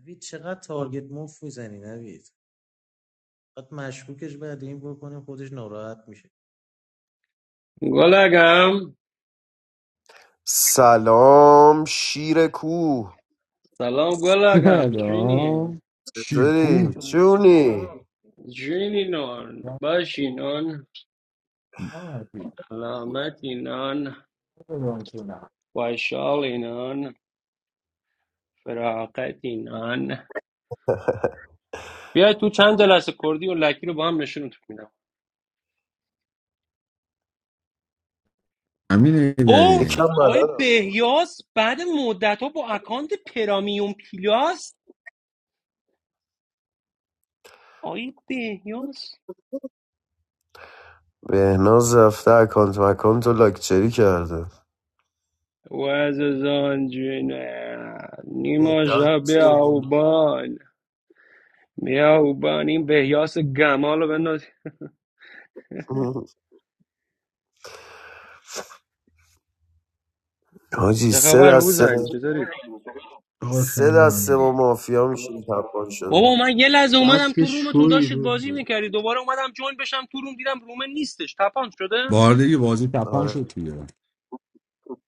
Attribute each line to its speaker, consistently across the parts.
Speaker 1: Every shot targets my face. Every time I'm in love, I'm falling for the person who doesn't notice.
Speaker 2: گلگم
Speaker 3: سلام شیر کوه
Speaker 2: سلام گلگم چینی
Speaker 4: سلام شیرکوب
Speaker 3: چطوری چونی
Speaker 2: چینی نان باشینان سلامتی نان خوشحالی نان بیا تو چند جلسه کردی و لکی رو با هم نشونتون میدم
Speaker 4: امین
Speaker 2: او
Speaker 4: ایدری
Speaker 3: یکم
Speaker 2: آقای
Speaker 3: بلدم
Speaker 2: بهیاس بعد مدت ها با اکانت پرامیوم پلاس آقای بهیاس
Speaker 3: بهناز رفته اکانت مکانت رو لاکچری کرده
Speaker 2: وززان جنه نیما شب بیاوبان بیاوبان این بهیاس گمال رو بنداز
Speaker 3: حاجی
Speaker 2: چه
Speaker 3: سه
Speaker 2: خبر هوزنی
Speaker 3: دسته
Speaker 2: چطورید
Speaker 5: آقا
Speaker 3: سه
Speaker 5: سلام
Speaker 3: دسته با
Speaker 5: همگی
Speaker 3: مافیا میشیم تبان
Speaker 2: بابا
Speaker 3: شده
Speaker 2: من یه لحظه اومدم
Speaker 5: بس که
Speaker 2: تو رومتون
Speaker 5: شوی
Speaker 2: داشتید
Speaker 5: روز
Speaker 2: بازی
Speaker 5: بود
Speaker 2: میکردی دوباره اومدم جوین بشم تو روم دیدم روم نیستش تپان شده
Speaker 4: باردگی بازی تپان شد
Speaker 3: آره
Speaker 4: توی ایران.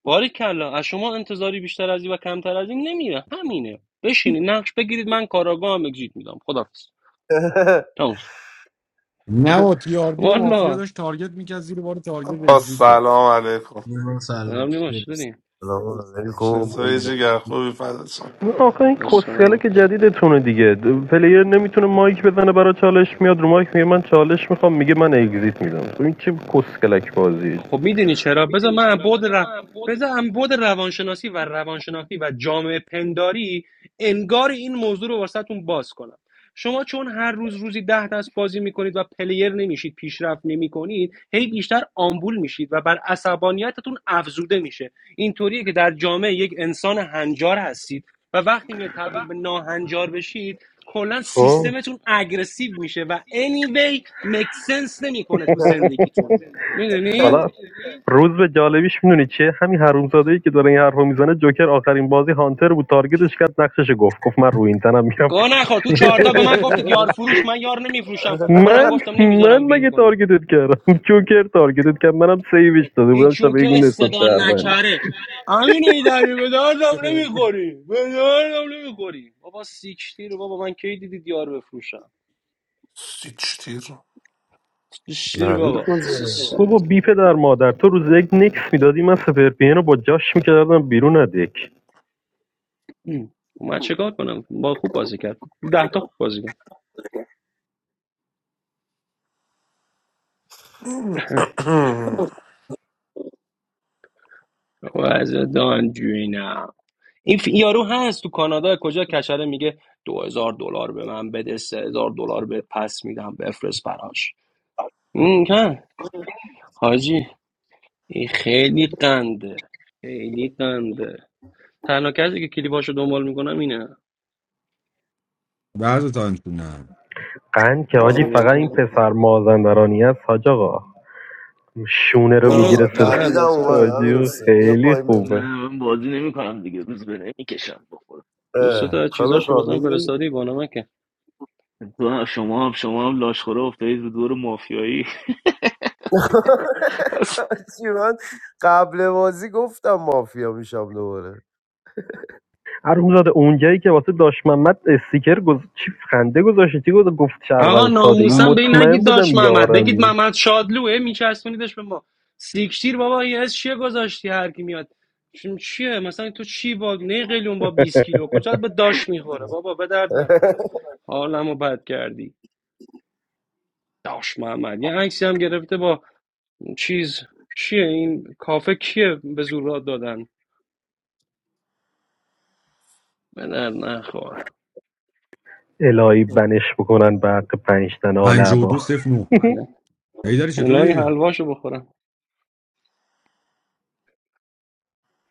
Speaker 2: باری کلا از شما انتظاری بیشتر از این و کمتر از این نمیره همینه بشینید نقش بگیرید من کاراگاه هم اگزییت میدم خدافظ تموم شد.
Speaker 4: نه با تیاردی رو مافیا
Speaker 2: والا
Speaker 4: داشت تارگت میکرد زیر بار تارگت اگزیته
Speaker 6: Assalamu alaikum.
Speaker 5: یه من سلام
Speaker 2: الان نیما چی
Speaker 5: چطوری؟
Speaker 2: داری
Speaker 3: سلام علیکم
Speaker 6: Shesu ishigah, khobi fadso.
Speaker 7: آخه این
Speaker 2: عشق منی
Speaker 7: کسخله که جدیدتونه دیگه د- پلیر نمیتونه مایک بزنه برای چالش میاد رو مایک میگه من چالش میخوام میگه من اگزیت میدم خب این چه کسکلک بازی
Speaker 2: خب میدونی چرا بذار من از بعد ر... بذار از بعد روانشناسی و روانشناختی و جامعه پنداری انگار این موضوع رو واسهتون باز کنم شما چون هر روز روزی ده دست بازی میکنید و پلیر نمیشید پیشرفت نمیکنید هی بیشتر آمبول میشید و بر عصبانیتتون افزوده میشه اینطوریه که در جامعه یک انسان هنجار هستید و وقتی میاد تبدیل به ناهنجار بشید کلا
Speaker 7: خب
Speaker 2: سیستمتون اگرسیو میشه و anyway make sense نمیکنه تو زندگیتون میدونی
Speaker 7: حالا روز به جالبیش میدونی چیه همین حرومزاده که داره این حرفو میزنه جوکر آخرین بازی هانتر بود تارگتش کرد نقشش گفت گفت من رو این تنم میرم
Speaker 2: گاه نخور تو چهارتا به من گفتید یار فروش من یار نمیفروشم منم
Speaker 7: من
Speaker 2: گفتم
Speaker 7: من
Speaker 2: نمیذارم وین
Speaker 7: مگه
Speaker 2: کنید
Speaker 7: تارگتت کردم جوکر تارگتت کرد منم سیوش داده
Speaker 2: این
Speaker 7: بودم شب یک
Speaker 2: جوکر
Speaker 7: میدونستم
Speaker 2: صدا
Speaker 7: شهر
Speaker 2: نکره امین ایدری به دردم نمیخوری به دردم نمیخوری بابا سیکشتیر بابا من کی دیدید یار بفروشم
Speaker 6: Sichtiro.
Speaker 2: سیکشتیر
Speaker 3: نوید
Speaker 2: بابا
Speaker 3: کجا
Speaker 2: سیکشتیر
Speaker 7: بابا بی پدر مادر تو روز یک نکس میدادی من سپر پی ان رو با جاش میکردم بیرون از
Speaker 2: ام. خب من چیکار کنم با خوب بازی کرد ده تا خوب بازی کرد وضع دانجوینم این ف- یارو هست تو کانادا کجا کشره میگه دو هزار دلار به من بده سه هزار دلار بهت پس میدم بفرست براش م، نه حاجی این خیلی قنده خیلی قنده تنها کسی که کلیپاشو دنبال میکنم اینه
Speaker 4: بعض تا نه
Speaker 7: قند که حاجی فقط این
Speaker 2: والا.
Speaker 7: پسر مازندرانی است حاج آقا شونه رو
Speaker 3: یا
Speaker 2: اونو
Speaker 3: آقا،
Speaker 7: میگیره صدا
Speaker 2: آره
Speaker 3: نویدم
Speaker 2: دو سه
Speaker 3: اومد
Speaker 2: تا
Speaker 7: حاجی
Speaker 3: امیر حسین بیا
Speaker 7: خیلی
Speaker 3: پایین بریم
Speaker 8: نه
Speaker 7: خوبه
Speaker 8: من بازی نمیکنم دیگه روز به نمیکشم بخورم
Speaker 2: تو سه تا
Speaker 3: اه،
Speaker 2: از
Speaker 3: خب
Speaker 2: چیزاش رو باسم
Speaker 8: بخورم
Speaker 3: خوابی
Speaker 2: فرستادی با نمکه
Speaker 8: تو هم شما هم شما هم لاشخوره افتادید به دور مافیایی اصلا
Speaker 3: چی من قبل بازی گفتم مافیا میشم دوباره
Speaker 7: عروم زاده اونجایی که واسه داش محمد استیکر گز... چی خنده گذاشتی چی گذاشت؟ گفت
Speaker 2: آقا
Speaker 7: شهروند ساده
Speaker 2: ناموسم به این نگید داش محمد بگید محمد شادلوه میچسبونیدش به ما سیکشتیر بابا یه از چیه گذاشتی هر کی میاد چون چیه مثلا تو چی با نه قلیون با 20 کیلو کجا به داش میخوره بابا به درد نخور حالمو بد کردی داش محمد یه عکسی هم گرفته با چیز چیه این کافه کیه به زور راه دادن به درد نخور
Speaker 7: الهی بنش بکنن به حق پنج تن آل
Speaker 4: پنج و دو
Speaker 7: عبا
Speaker 4: صف نو ایدری
Speaker 2: الهی
Speaker 4: چطوری؟
Speaker 2: حلواشو بخورم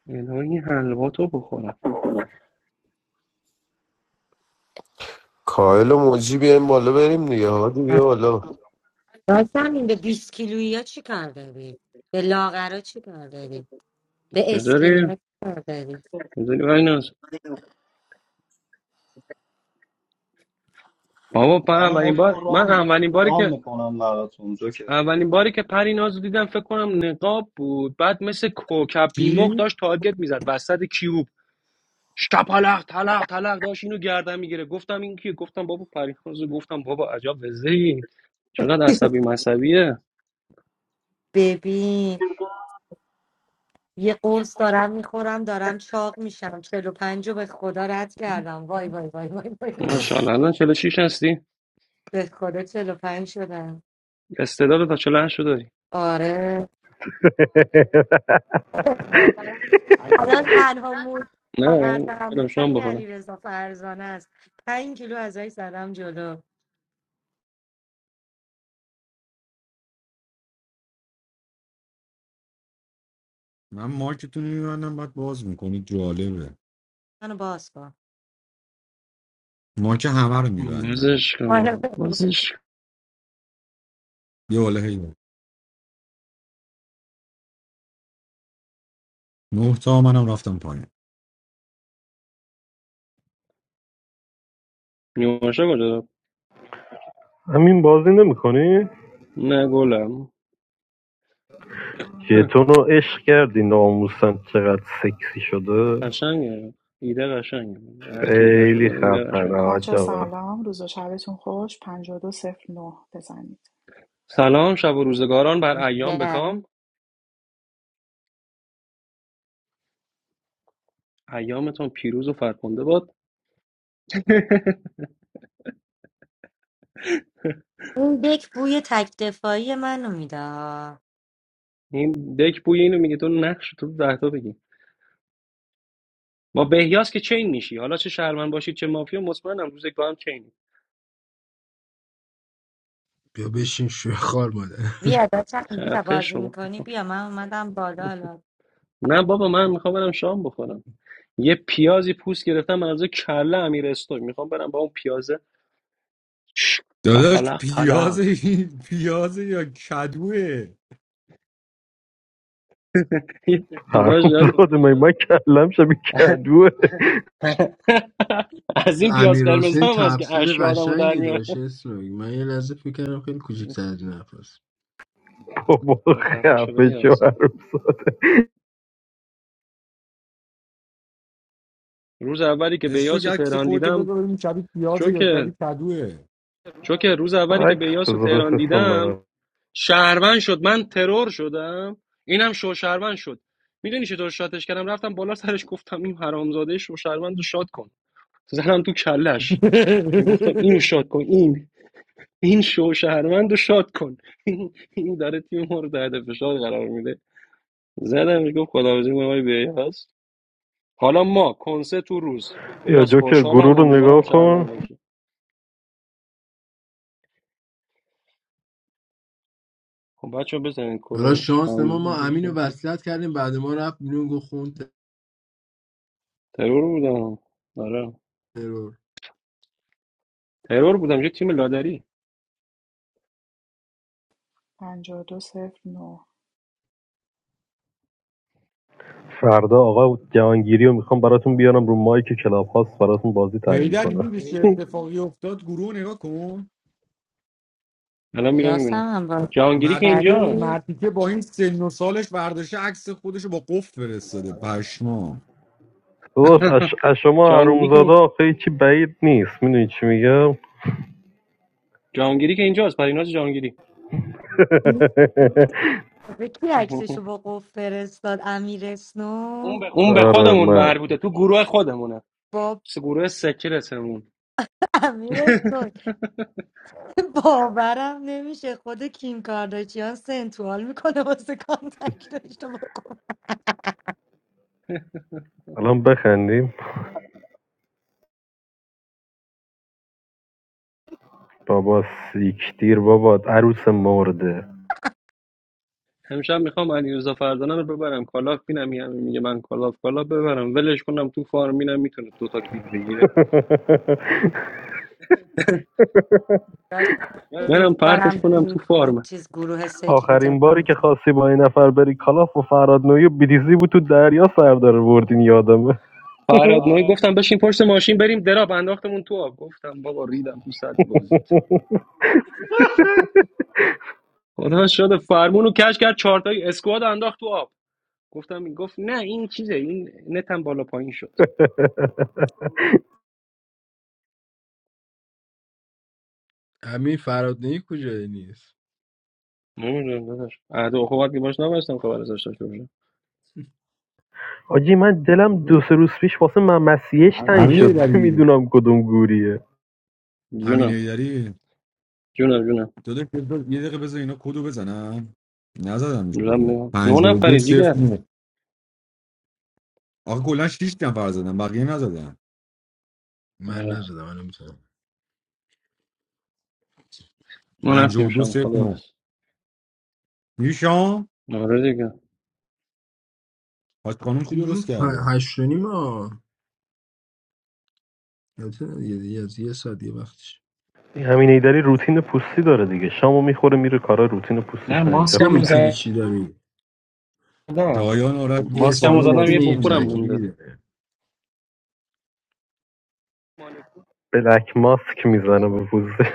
Speaker 2: الهی حلوا تو بخورم
Speaker 3: کایل و موجی بیایم بالا بریم دیگه هادی بیا بالا
Speaker 9: راستم این به 20 کیلویی ها چی کار داری؟ به لاغرا چی کار داری؟ به
Speaker 2: چطوری
Speaker 9: اسکینی ها چی کار داری؟
Speaker 2: چطوری پریناز بابا پر
Speaker 10: منو
Speaker 2: اولین
Speaker 10: مد
Speaker 2: بار
Speaker 10: کن
Speaker 2: من
Speaker 10: رام
Speaker 2: اولین باری
Speaker 10: رام
Speaker 2: که
Speaker 10: میکنم براتون جوکر
Speaker 2: اولین باری که پریناز رو دیدم فکر کنم نقاب بود بعد مثل کوکب بیمخ
Speaker 4: چی؟
Speaker 2: داشت تارگت میزد وسط کیو شپلق تلق تلق داشت اینو گردن میگیره گفتم این کیه گفتم بابا پریناز گفتم بابا عجب وزه این چقدر عصبی مصبیه
Speaker 9: ببین یه قرص دارم میخورم دارم چاق میشم 45 رو به خدا رد کردم وای وای وای وای وای, وای.
Speaker 2: ماشاءالله الان چهل و شیش هستی
Speaker 9: به خدا چهل و پنج شدم
Speaker 2: استعداد تا 48 رو داری
Speaker 9: آره الان تنها موج
Speaker 2: نه
Speaker 9: قلبم
Speaker 2: برم شام
Speaker 9: همین علی
Speaker 2: بخورم
Speaker 9: رضا فرزانه است 5 کیلو ازش زدم جلو
Speaker 4: من مارکتون رو میبندم بعد باز میکنید جالبه
Speaker 9: منو باز کن
Speaker 4: مارک همه رو میبندم
Speaker 2: بازش کن بازش کن
Speaker 4: یه والا هیدر نه تا منم رفتم پایین
Speaker 2: نیماشا کجا رفت؟
Speaker 7: همین بازی نمیکنی
Speaker 2: نه گلم
Speaker 7: شیطون رو عشق کردی ناموسن چقدر سکسی شده
Speaker 2: قشنگه ایده قشنگه هر کی ایده شده
Speaker 7: خیلی
Speaker 2: داره ایده
Speaker 7: خفنه
Speaker 2: قشنگه
Speaker 7: حاج
Speaker 11: بچه
Speaker 7: آقا
Speaker 11: سلام روز و شبتون خوش پنج دو صفر نه بزنید
Speaker 2: سلام شب و روزگاران بر ایام بکام ایامتون پیروز و فرخنده باد
Speaker 9: اون دک بوی تک دفاعی منو میده
Speaker 2: این دک بوی اینو میگه تو نقش تو ده تا بگی با بهیاس که چین میشی حالا چه شهرمن باشید چه مافیا مطمئنم روز یک با هم چینی
Speaker 5: بیا بشین شوی خار مادر
Speaker 9: بیا داشتم بیا
Speaker 2: خفه
Speaker 9: بازی
Speaker 2: شما
Speaker 9: میکنی بیا من اومدم بالا حالا
Speaker 2: نه بابا من میخوام برم شام بخورم یه پیازی پوست گرفتم من از کله امیر استوی میخوام برم با اون پیازه ش-
Speaker 4: داداش
Speaker 2: پلق
Speaker 4: پیاز
Speaker 2: پلق
Speaker 4: پیاز یا کدوه
Speaker 2: خدا
Speaker 7: حروم
Speaker 2: شد
Speaker 7: زاده من من کلم شبیه کدوه
Speaker 2: از این پیاز
Speaker 5: امیر
Speaker 2: قرمز
Speaker 5: حسین
Speaker 2: هم هست که
Speaker 5: تفسیر
Speaker 2: اشک آدمو در
Speaker 5: قشنگی
Speaker 2: میاره
Speaker 5: داشت اسلامی من یه لحظه فکر کردم خیلی کوچیک تر از این حرفاست
Speaker 7: بابا
Speaker 2: آه، خفه شو
Speaker 7: خفه شو
Speaker 2: بیاس
Speaker 7: عروس
Speaker 2: روز اولی که
Speaker 4: استوک
Speaker 2: بیاس رو
Speaker 4: عکس
Speaker 2: تهران
Speaker 4: خودتو
Speaker 2: دیدم
Speaker 4: بذار ببینیم شبیه پیازه یا
Speaker 2: چوکر
Speaker 4: شبیه کدوه
Speaker 2: چوکر روز اولی که
Speaker 7: عکس
Speaker 2: بیاس رو
Speaker 7: بذار
Speaker 2: تهران
Speaker 7: بفرستم
Speaker 2: دیدم
Speaker 7: برات
Speaker 2: شهروند شد من ترور شدم اینم شو شهروند شد میدونی چطور شاتش کردم رفتم بالا سرش گفتم این حرامزاده شو شهروند رو شات کن زدم تو کلش گفتم اینو شات کن این این شو شهروند رو شات کن این داره تیم ما رو تحت فشار قرار میده زدم گفت خداحافظی می‌کنم آقای بیاس حالا ما کنسه تو روز
Speaker 7: یا
Speaker 2: بیاس
Speaker 7: جوکر گروه
Speaker 2: خوشحالم
Speaker 7: رو
Speaker 2: امیدوارم
Speaker 7: نگاه
Speaker 2: شهروند
Speaker 7: کن
Speaker 2: باشه خب بچه بزنین
Speaker 5: حالا
Speaker 2: کدو
Speaker 5: شانس ما
Speaker 2: پنج
Speaker 5: ما
Speaker 2: دو،
Speaker 5: امین رو
Speaker 2: سه.
Speaker 5: وصلت کردیم بعد ما رفت بیرون گفت خوند
Speaker 2: ترور بودم آره
Speaker 5: ترور
Speaker 2: ترور بودم یه تیم لادری
Speaker 11: پنج دو صفر نه
Speaker 7: فردا آقا جهانگیری رو میخوام براتون بیارم رو مایک کلاب هاست براتون بازی تحلیل
Speaker 4: هیدر
Speaker 7: کنه.
Speaker 4: دیدی چه اتفاقی افتاد گروه نگاه کن
Speaker 2: الان میرم میبینم
Speaker 9: یاسم هم بازی
Speaker 2: جهانگیری که
Speaker 4: مرتیکه
Speaker 9: کردی
Speaker 2: اینجاست
Speaker 4: مرتیکه با این سن و سالش برداشته عکس خودش با قفل فرستاده پشمام
Speaker 7: داداش اش از شما
Speaker 2: جهانگیری
Speaker 7: حرومزاده
Speaker 2: که
Speaker 7: آخه هیچی بعید نیست میدونی چی میگم
Speaker 2: جهانگیری که اینجاست پریناز جهانگیری
Speaker 9: به کی عکسشو با قفل فرستاد امیر اسنو
Speaker 2: اون به
Speaker 7: آره
Speaker 2: خودمون
Speaker 7: من
Speaker 2: مربوطه تو گروه خودمونه
Speaker 9: با
Speaker 2: س- گروه سکرتمون
Speaker 9: امیر اسنو باورم نمیشه خود کیم کارداشیان سنتوال میکنه واسه کانتکت داشته با قفل.
Speaker 7: الان بخندیم بابا سیک دیر بابا عروس مرده
Speaker 2: امشب میخوام علیرضا فردانه رو ببرم کالاف بینم یعنی میگه من کالاف کالاف ببرم ولش کنم تو فارم اینم میتونه دو تا کیل بگیره
Speaker 9: داشتم
Speaker 2: منم
Speaker 9: دوست دارم
Speaker 2: پرتش کنم تو
Speaker 9: گروه گروه-
Speaker 2: فارم
Speaker 9: چیز گروه
Speaker 7: آخرین باری
Speaker 9: سیکرتتون
Speaker 7: که خواستی با این نفر بری کالاف و فراد نویو بیدیزی بود تو دریا سر داره بردین یادمه
Speaker 2: فراد نوعی گفتم بشین پشت ماشین بریم دراب انداختمون تو آب گفتم بابا ریدم تو سطح بازیت خدا شده فرمون رو کش کرد چهارتای اسکواد انداخت تو آب گفتم گفت نه این چیزه این نتم بالا پایین شد
Speaker 5: امین فرادنی کجای نیست
Speaker 2: نمیدونم داداش عهد و خوبت که باش نبستم خبر ازش داشته باشم
Speaker 7: آجی من دلم دو سه روز پیش واسه ممسیش تنگ
Speaker 4: امین
Speaker 7: شد
Speaker 4: هیدری
Speaker 7: نمیدونم کدوم گوریه
Speaker 4: امین
Speaker 2: جونم
Speaker 4: هیدری
Speaker 2: جونم جونم
Speaker 4: داداش بذار- یه دقیقه بذار اینا کدو بزنم نزدمش
Speaker 2: دارم
Speaker 4: کدوم
Speaker 2: میام. نه
Speaker 4: 52
Speaker 2: نفری
Speaker 4: صفر
Speaker 2: دیگر
Speaker 4: نه آقا کلا 6 نفر زدن بقیه نزدن
Speaker 5: من
Speaker 2: آره.
Speaker 5: نزدم من میتونم
Speaker 2: ما رفتیم
Speaker 4: 52
Speaker 2: شام
Speaker 4: صفر
Speaker 2: خداحافظ
Speaker 4: میشام
Speaker 2: آره دیگه
Speaker 4: حاج خانم که
Speaker 5: خب زود
Speaker 4: درست
Speaker 5: ه-
Speaker 4: کرده
Speaker 5: هشت و نیم ها. البته یه دیگه از یه ساعت دیگه وقتش
Speaker 7: این همین ایدری روتین پوستی داره دیگه شامو میخوره میره کارا روتین پوستیش
Speaker 2: نه
Speaker 7: رو انجام
Speaker 5: تو
Speaker 2: ماسکم رو
Speaker 5: روتین
Speaker 2: زدم
Speaker 5: چی داری؟
Speaker 4: شایان آرش
Speaker 5: یه
Speaker 4: بیاد
Speaker 5: اسم
Speaker 2: ماسکم
Speaker 4: بالا
Speaker 2: رو زدم
Speaker 5: روتین
Speaker 4: بازی
Speaker 2: یه
Speaker 5: یه
Speaker 4: کنیم
Speaker 2: بخورم
Speaker 4: دیگه
Speaker 5: ترکیبی
Speaker 2: مونده
Speaker 5: داره.
Speaker 7: بلک ماسک میزنه به پوسته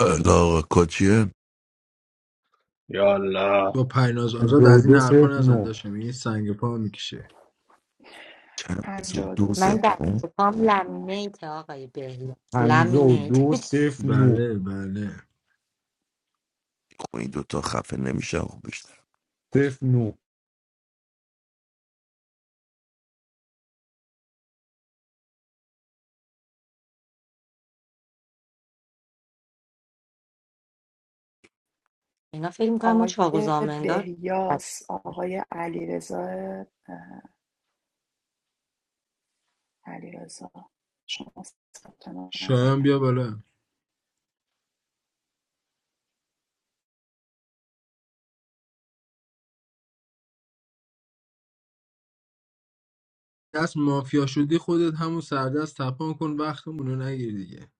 Speaker 12: علاقه کاچیه
Speaker 2: یالا
Speaker 5: با پریناز آزاد از این
Speaker 4: 52
Speaker 5: حرفا
Speaker 4: صفر
Speaker 5: نزن
Speaker 4: 9
Speaker 5: داشتم این سنگ پا میکشه
Speaker 12: چند
Speaker 11: پنج
Speaker 12: سو دو
Speaker 11: دو
Speaker 9: من
Speaker 11: صفر
Speaker 9: دست
Speaker 12: سفرون
Speaker 9: و پام
Speaker 11: نه.
Speaker 9: لامینیت آقای بهلی لامینیت
Speaker 4: 52 صفر 9
Speaker 5: بله بله
Speaker 12: این دوتا خفه نمیشه خب بیشتر
Speaker 4: صفر 9
Speaker 9: اینا فکر میکنم ما
Speaker 11: آقای
Speaker 9: چاقوزامندار
Speaker 11: بهیاس آقای علیرضا اه، علیرضا شما ثبت نام
Speaker 5: شایان بیا
Speaker 11: کردین
Speaker 5: بالا دست مافیا شدی خودت همون سردست تپان کن وقتمون رو نگیر دیگه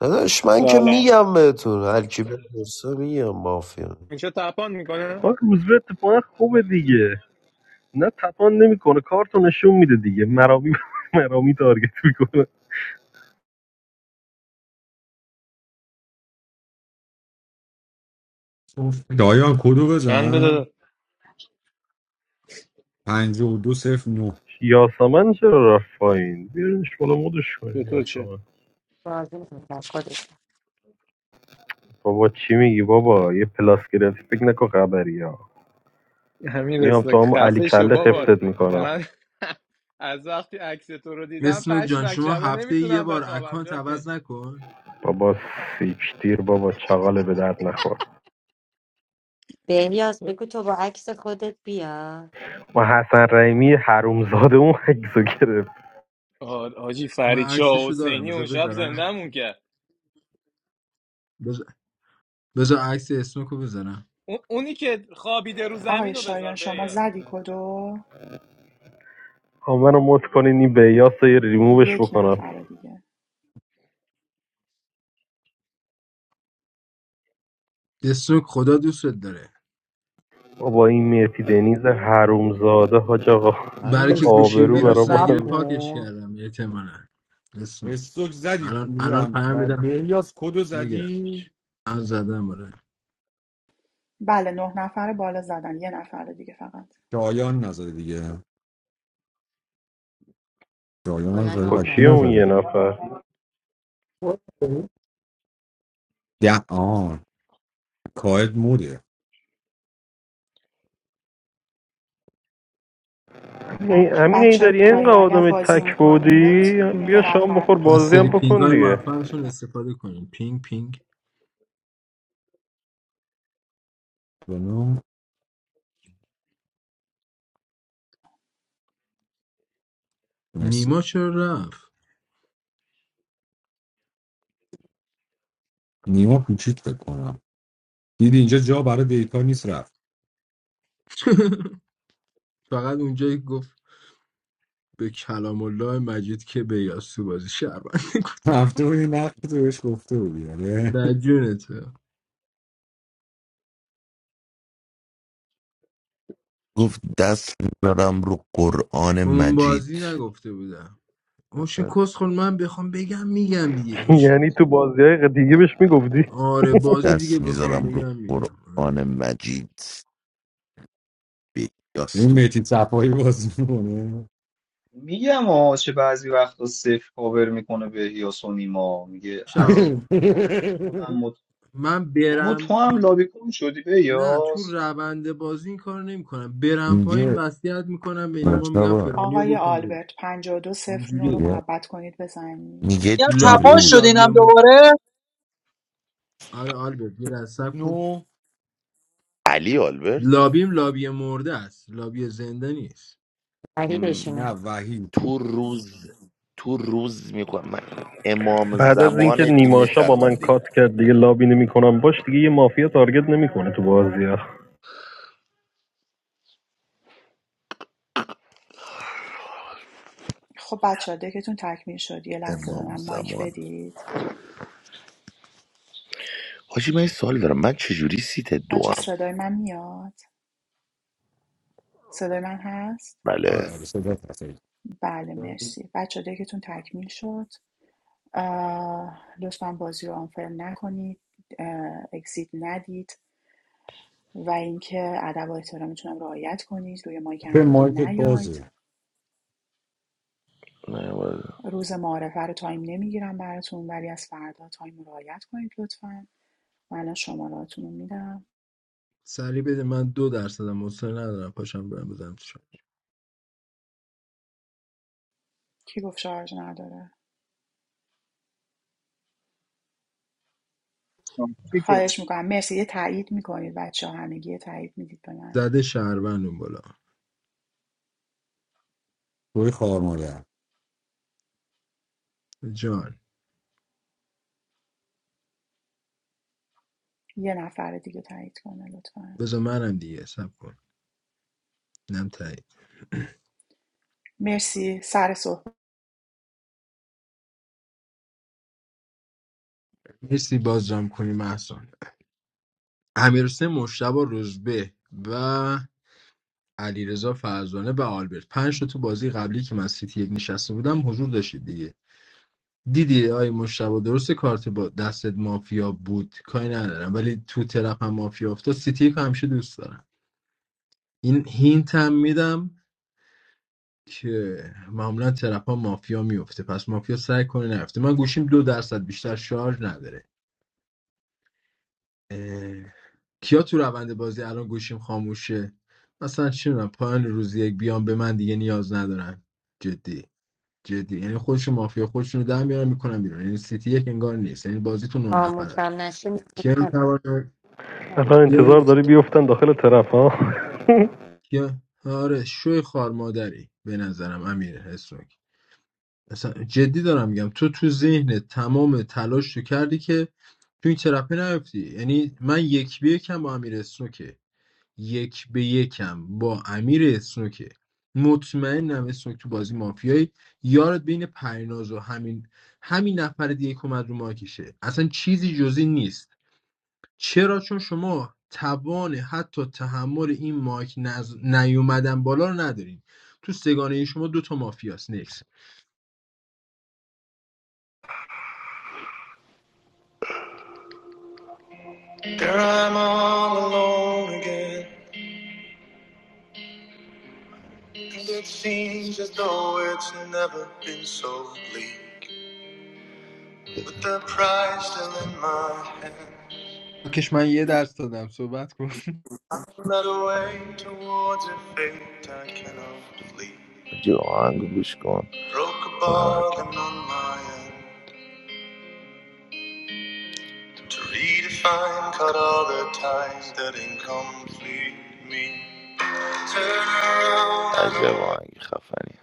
Speaker 3: داداش من که
Speaker 13: سلام
Speaker 3: میگم بهتون هر کی بپرسه میگم مافیا
Speaker 13: اینجا تپان میکنه
Speaker 7: آه روزبه اتفاقا خوبه دیگه نه تپان نمیکنه کارتو نشون میده دیگه مرامی مرامی تارگت میکنه
Speaker 4: شایان کدو
Speaker 13: چند
Speaker 4: بزن
Speaker 13: داده
Speaker 4: 52 صفر 9
Speaker 7: یاسمن چرا رفت پایین بیارینش بالا مدش کنین
Speaker 13: به تو چه
Speaker 7: یاسمن
Speaker 9: بازی میکنم خودش
Speaker 7: بابا چی میگی بابا یه پلاس گرفتی فکر نکن خبری ها
Speaker 13: همین
Speaker 7: میام
Speaker 13: رسونه
Speaker 7: تو همون علی
Speaker 13: خفه شو
Speaker 7: کله
Speaker 13: بابا
Speaker 7: متعسد میکنم
Speaker 13: من از وقتی عکس تو رو دیدم
Speaker 5: اسنوک جان
Speaker 13: پشمک
Speaker 5: شما
Speaker 13: شبا
Speaker 5: هفته یه
Speaker 13: نمیتونم
Speaker 5: بار
Speaker 13: بخوابم
Speaker 5: اکانت
Speaker 13: جاکش
Speaker 5: عوض نکن
Speaker 7: بابا سیکتیر بابا چغاله به درد نخور
Speaker 9: بهیاز بگو تو با عکس خودت بیا
Speaker 7: ما حسن رحیمی حرومزاده اون عکسو گرفت
Speaker 13: آه، حاجی
Speaker 5: من
Speaker 13: فرید شاه
Speaker 5: عکسشو دارم
Speaker 13: حسینی اون
Speaker 5: بذار
Speaker 13: شب
Speaker 5: بذارم
Speaker 13: زندهمون کرد
Speaker 5: بذار بذار عکس اسنوک رو بذارم
Speaker 13: اون اونی که خوابیده رو زمین
Speaker 11: آقای
Speaker 13: رو
Speaker 11: شایان
Speaker 13: بذار
Speaker 11: شما
Speaker 13: بیاس
Speaker 11: زدی کدو
Speaker 7: ها منو مت کنین این بیاس رو یه ریمووش
Speaker 11: یک
Speaker 7: بکنم
Speaker 11: نفر دیگه
Speaker 5: اسنوک خدا دوستت داره
Speaker 7: بابا این مرتی دنیز حرومزاده حاج آقا
Speaker 4: امیر
Speaker 5: برای که
Speaker 4: استوک یه
Speaker 5: گوشیم
Speaker 7: آبرو
Speaker 4: دقیقه
Speaker 7: برا
Speaker 5: ویروس
Speaker 7: ما
Speaker 4: سب
Speaker 5: نگیره پاکش
Speaker 4: کن
Speaker 5: کردم اعتمالا اسنوک
Speaker 4: استوک زدی
Speaker 5: الان الان
Speaker 4: میگم
Speaker 5: پیام
Speaker 4: و
Speaker 5: میدم
Speaker 4: بهیاز کدو
Speaker 5: میگیرم
Speaker 4: زدی
Speaker 5: الان زدم آره.
Speaker 11: بله نه نفر بالا زدن یه نفر دیگه فقط
Speaker 4: شایان نزده دیگه شایان هم
Speaker 9: کلا
Speaker 4: زده
Speaker 7: خب
Speaker 9: نه
Speaker 4: پکی
Speaker 9: نفر
Speaker 7: کیه اون یه
Speaker 4: نزده
Speaker 7: نفر
Speaker 4: ده آن کاهد موده
Speaker 7: ای- امین ای
Speaker 11: بچه های
Speaker 7: داری اینقدر
Speaker 11: پایین اگر
Speaker 7: آدم
Speaker 11: بازی
Speaker 7: تک
Speaker 11: میکنید
Speaker 7: بودی
Speaker 11: یه
Speaker 7: بیا شام
Speaker 11: نفر
Speaker 7: بخور
Speaker 11: میخوایم
Speaker 5: از
Speaker 7: بازی هم
Speaker 5: سری
Speaker 11: فقط
Speaker 5: پینگ
Speaker 7: بکن
Speaker 5: های
Speaker 7: دیگه
Speaker 5: موفقشون استفاده کنیم پینگ پینگ
Speaker 4: دونو مرسی
Speaker 5: نیما چرا رفت
Speaker 4: نیما پیچید بکنم دیدی اینجا جا برای دیتا نیست رفت
Speaker 5: فقط اونجایی که گفت به کلام الله مجید که به یاسو بازی شعبن
Speaker 4: رفته بودی نقش تو بهش گفته بودی آره
Speaker 5: نه جونته
Speaker 12: گفت دست میذارم رو قرآن
Speaker 5: اون
Speaker 12: مجید
Speaker 5: بازی نگفته بودم اوش کس خون من بخوام بگم میگم دیگه
Speaker 7: یعنی تو بازی های دیگه بهش میگفتی
Speaker 5: آره
Speaker 12: گفت
Speaker 5: بازی دیگه
Speaker 12: دست
Speaker 5: بخوام
Speaker 12: میذارم رو
Speaker 5: بگم میگم
Speaker 12: قرآن
Speaker 5: آره.
Speaker 12: مجید به
Speaker 4: این
Speaker 12: یاستو
Speaker 4: میتی صفایی بازی میکنه
Speaker 10: میگم آه چه بعضی وقتا صفر کاور میکنه به هیاس و نیما میگه
Speaker 5: شب
Speaker 10: از کار تو خودم مد
Speaker 5: من
Speaker 10: بابا
Speaker 5: برم
Speaker 10: تو هم
Speaker 5: پا-
Speaker 10: لابی کن شدی به
Speaker 5: نه تو
Speaker 10: یاس
Speaker 5: روند بازی این کارو نمیکنم برم پایین
Speaker 12: میگه
Speaker 5: وصیت میکنم به نیما میگم
Speaker 12: مجتبا
Speaker 11: آقای
Speaker 5: فرانیو بکن
Speaker 11: آلبرت ۵۲۰۹
Speaker 5: بیرون
Speaker 11: رو
Speaker 12: میگه
Speaker 11: محبت کنید بزنید
Speaker 12: میگه
Speaker 14: میگم
Speaker 12: تو
Speaker 5: لابیم
Speaker 14: تپاش
Speaker 12: روز
Speaker 14: شد
Speaker 5: لابی
Speaker 14: اینم
Speaker 5: م...
Speaker 14: دوباره
Speaker 5: آره آلبرت یه لحظه صبر کن
Speaker 4: نو
Speaker 12: علی آلبرت
Speaker 5: لابیم لابی مرده است لابی زنده نیست
Speaker 12: م،
Speaker 4: نه
Speaker 9: قریبشونه
Speaker 4: وحید
Speaker 12: تو روز تو روز میکنم من امام
Speaker 7: بعد از اینکه
Speaker 12: زمان تیم
Speaker 7: نیماشا با من
Speaker 12: شهروندی
Speaker 7: کات کرد دیگه لابی نمیکنم باش دیگه یه مافیا تارگت نمیکنه تو بازی ها
Speaker 11: خب بچه ها دکتون تکمیل شد یه لحظه به
Speaker 12: امام
Speaker 11: من مایک
Speaker 12: زمان
Speaker 11: بدید
Speaker 12: حاجی من یه سوال دارم من چجوری سیت دو
Speaker 11: بچه صدای من میاد صدای من هست
Speaker 12: Right there.
Speaker 4: آره آره صدا هست
Speaker 11: بله مرسی بچه ها دکتون تکمیل شد لطفا بازی رو آنفر نکنید اه، اگزیت ندید و اینکه ادب و احترامتون هم رعایت کنید روی مایک هم
Speaker 4: به
Speaker 11: دیگه
Speaker 4: مایکت
Speaker 11: نیاید
Speaker 4: بازه
Speaker 12: Man, what is
Speaker 11: روز معارفه رو تایم نمیگیرم براتون ولی از فردا تایم رو رعایت کنید لطفا. من الان شماراتون رو میدم
Speaker 5: سریع بده من دو درصدم مصر ندارم پاشم برم بزنم تو شام
Speaker 11: کی گفت شارژ نداره
Speaker 14: چیکه؟
Speaker 11: خواهش میکنم مرسی یه تایید میکنید بچه ها همگی یه تایید میدید به من
Speaker 5: زده شهروند اون بالا
Speaker 4: توی خوار مادر
Speaker 5: جان
Speaker 11: یه نفر دیگه تایید کنه لطفا
Speaker 5: بذار منم دیگه سب کن نم تایید
Speaker 11: مرسی سر صحبت
Speaker 5: مرسی بازرم کنی محسان امیرسه مشتبا روزبه و علیرضا فرزانه و آلبرت پنج تا تو بازی قبلی که من سیتی یک نشسته بودم حضور داشتید دیگه دیدی آی مشتبه درست کارت با دستت مافیا بود کاری ندارم ولی تو طرف هم مافیا افتاد سیتی یک همیشه دوست دارم این هینت هم میدم که معمولا طرف ها مافیا میفته پس مافیا سعی کنه نرفته من گوشیم دو درصد بیشتر شارژ نداره اه، کیا تو روند بازی الان گوشیم خاموشه مثلا چی می‌دونم، پایان روزی یک بیان به من دیگه نیاز ندارن جدی جدی یعنی خودشون مافیا خودشون رو در میارن میکنن بیرون یعنی سیتی یک انگار نیست یعنی بازی تو نه نفر
Speaker 9: آموزم نشه
Speaker 5: کیا
Speaker 9: می‌خواستم.
Speaker 5: میتواند
Speaker 7: الان
Speaker 5: کیا
Speaker 7: انتظار داری بیفتن داخل طرف ها
Speaker 5: کیا آره شوی خار مادری به نظرم امیر حسوک اصلا جدی دارم میگم تو تو ذهنت تمام تلاش تو کردی که تو این ترپه نیفتی یعنی من یک به یکم با امیر اسنوکه یک به یکم با امیر اسنوکه مطمئنم اسنوک تو بازی مافیایی یارت بین پریناز و همین همین نفر دیگه که اومد رو ماکیشه اصلا چیزی جزی نیست چرا چون شما توان حتی تحمل این ماک نز... نیومدن بالا رو ندارین تو سگانه شما دوتا تا مافیاس نکس
Speaker 12: it? Girl, I'm all alone again. And it seems as though it's never been so bleak. With the prize still in my hand.
Speaker 5: کش من یه درس دادم صحبت کن
Speaker 12: Led away towards a fate I cannot flee. Acı o hangi kuş Broke a bargain on my end. To redefine, cut all the ties that incomplete me. Turn around, I Acaba know. hangi kafani?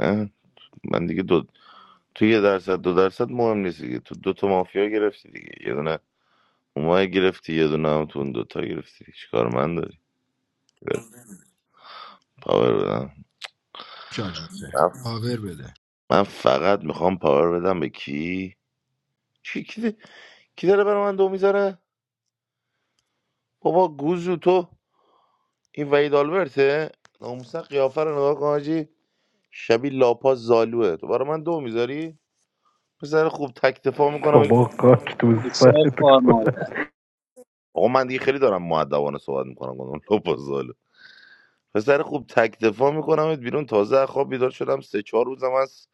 Speaker 12: Ha? تو یه درصد دو درصد مهم نیست دیگه تو دو تا مافیا گرفتی دیگه یه دونه اومای گرفتی یه دونه هم تو اون دوتا گرفتی چیکار من داری پاور بدم
Speaker 5: چالشه
Speaker 12: من
Speaker 5: پاور بده
Speaker 12: من فقط میخوام پاور بدم به کی چی کی, ده- کی داره برای من دو میذاره بابا گوزو تو این وحید آلبرته ناموسا قیافه رو نگاه کن حاجی شبیه لاپا زالوه تو برای من دو میذاری پسر خوب تک دفاع
Speaker 7: بابا
Speaker 12: میکنم
Speaker 7: کاک تو
Speaker 14: شاید
Speaker 7: سرت
Speaker 14: کار ماله.
Speaker 7: کنه
Speaker 12: آقا من دیگه خیلی دارم معدبانه صحبت میکنم پسر خوب تک دفاع میکنمت بیرون تازه از خواب بیدار شدم سه چهار روزم از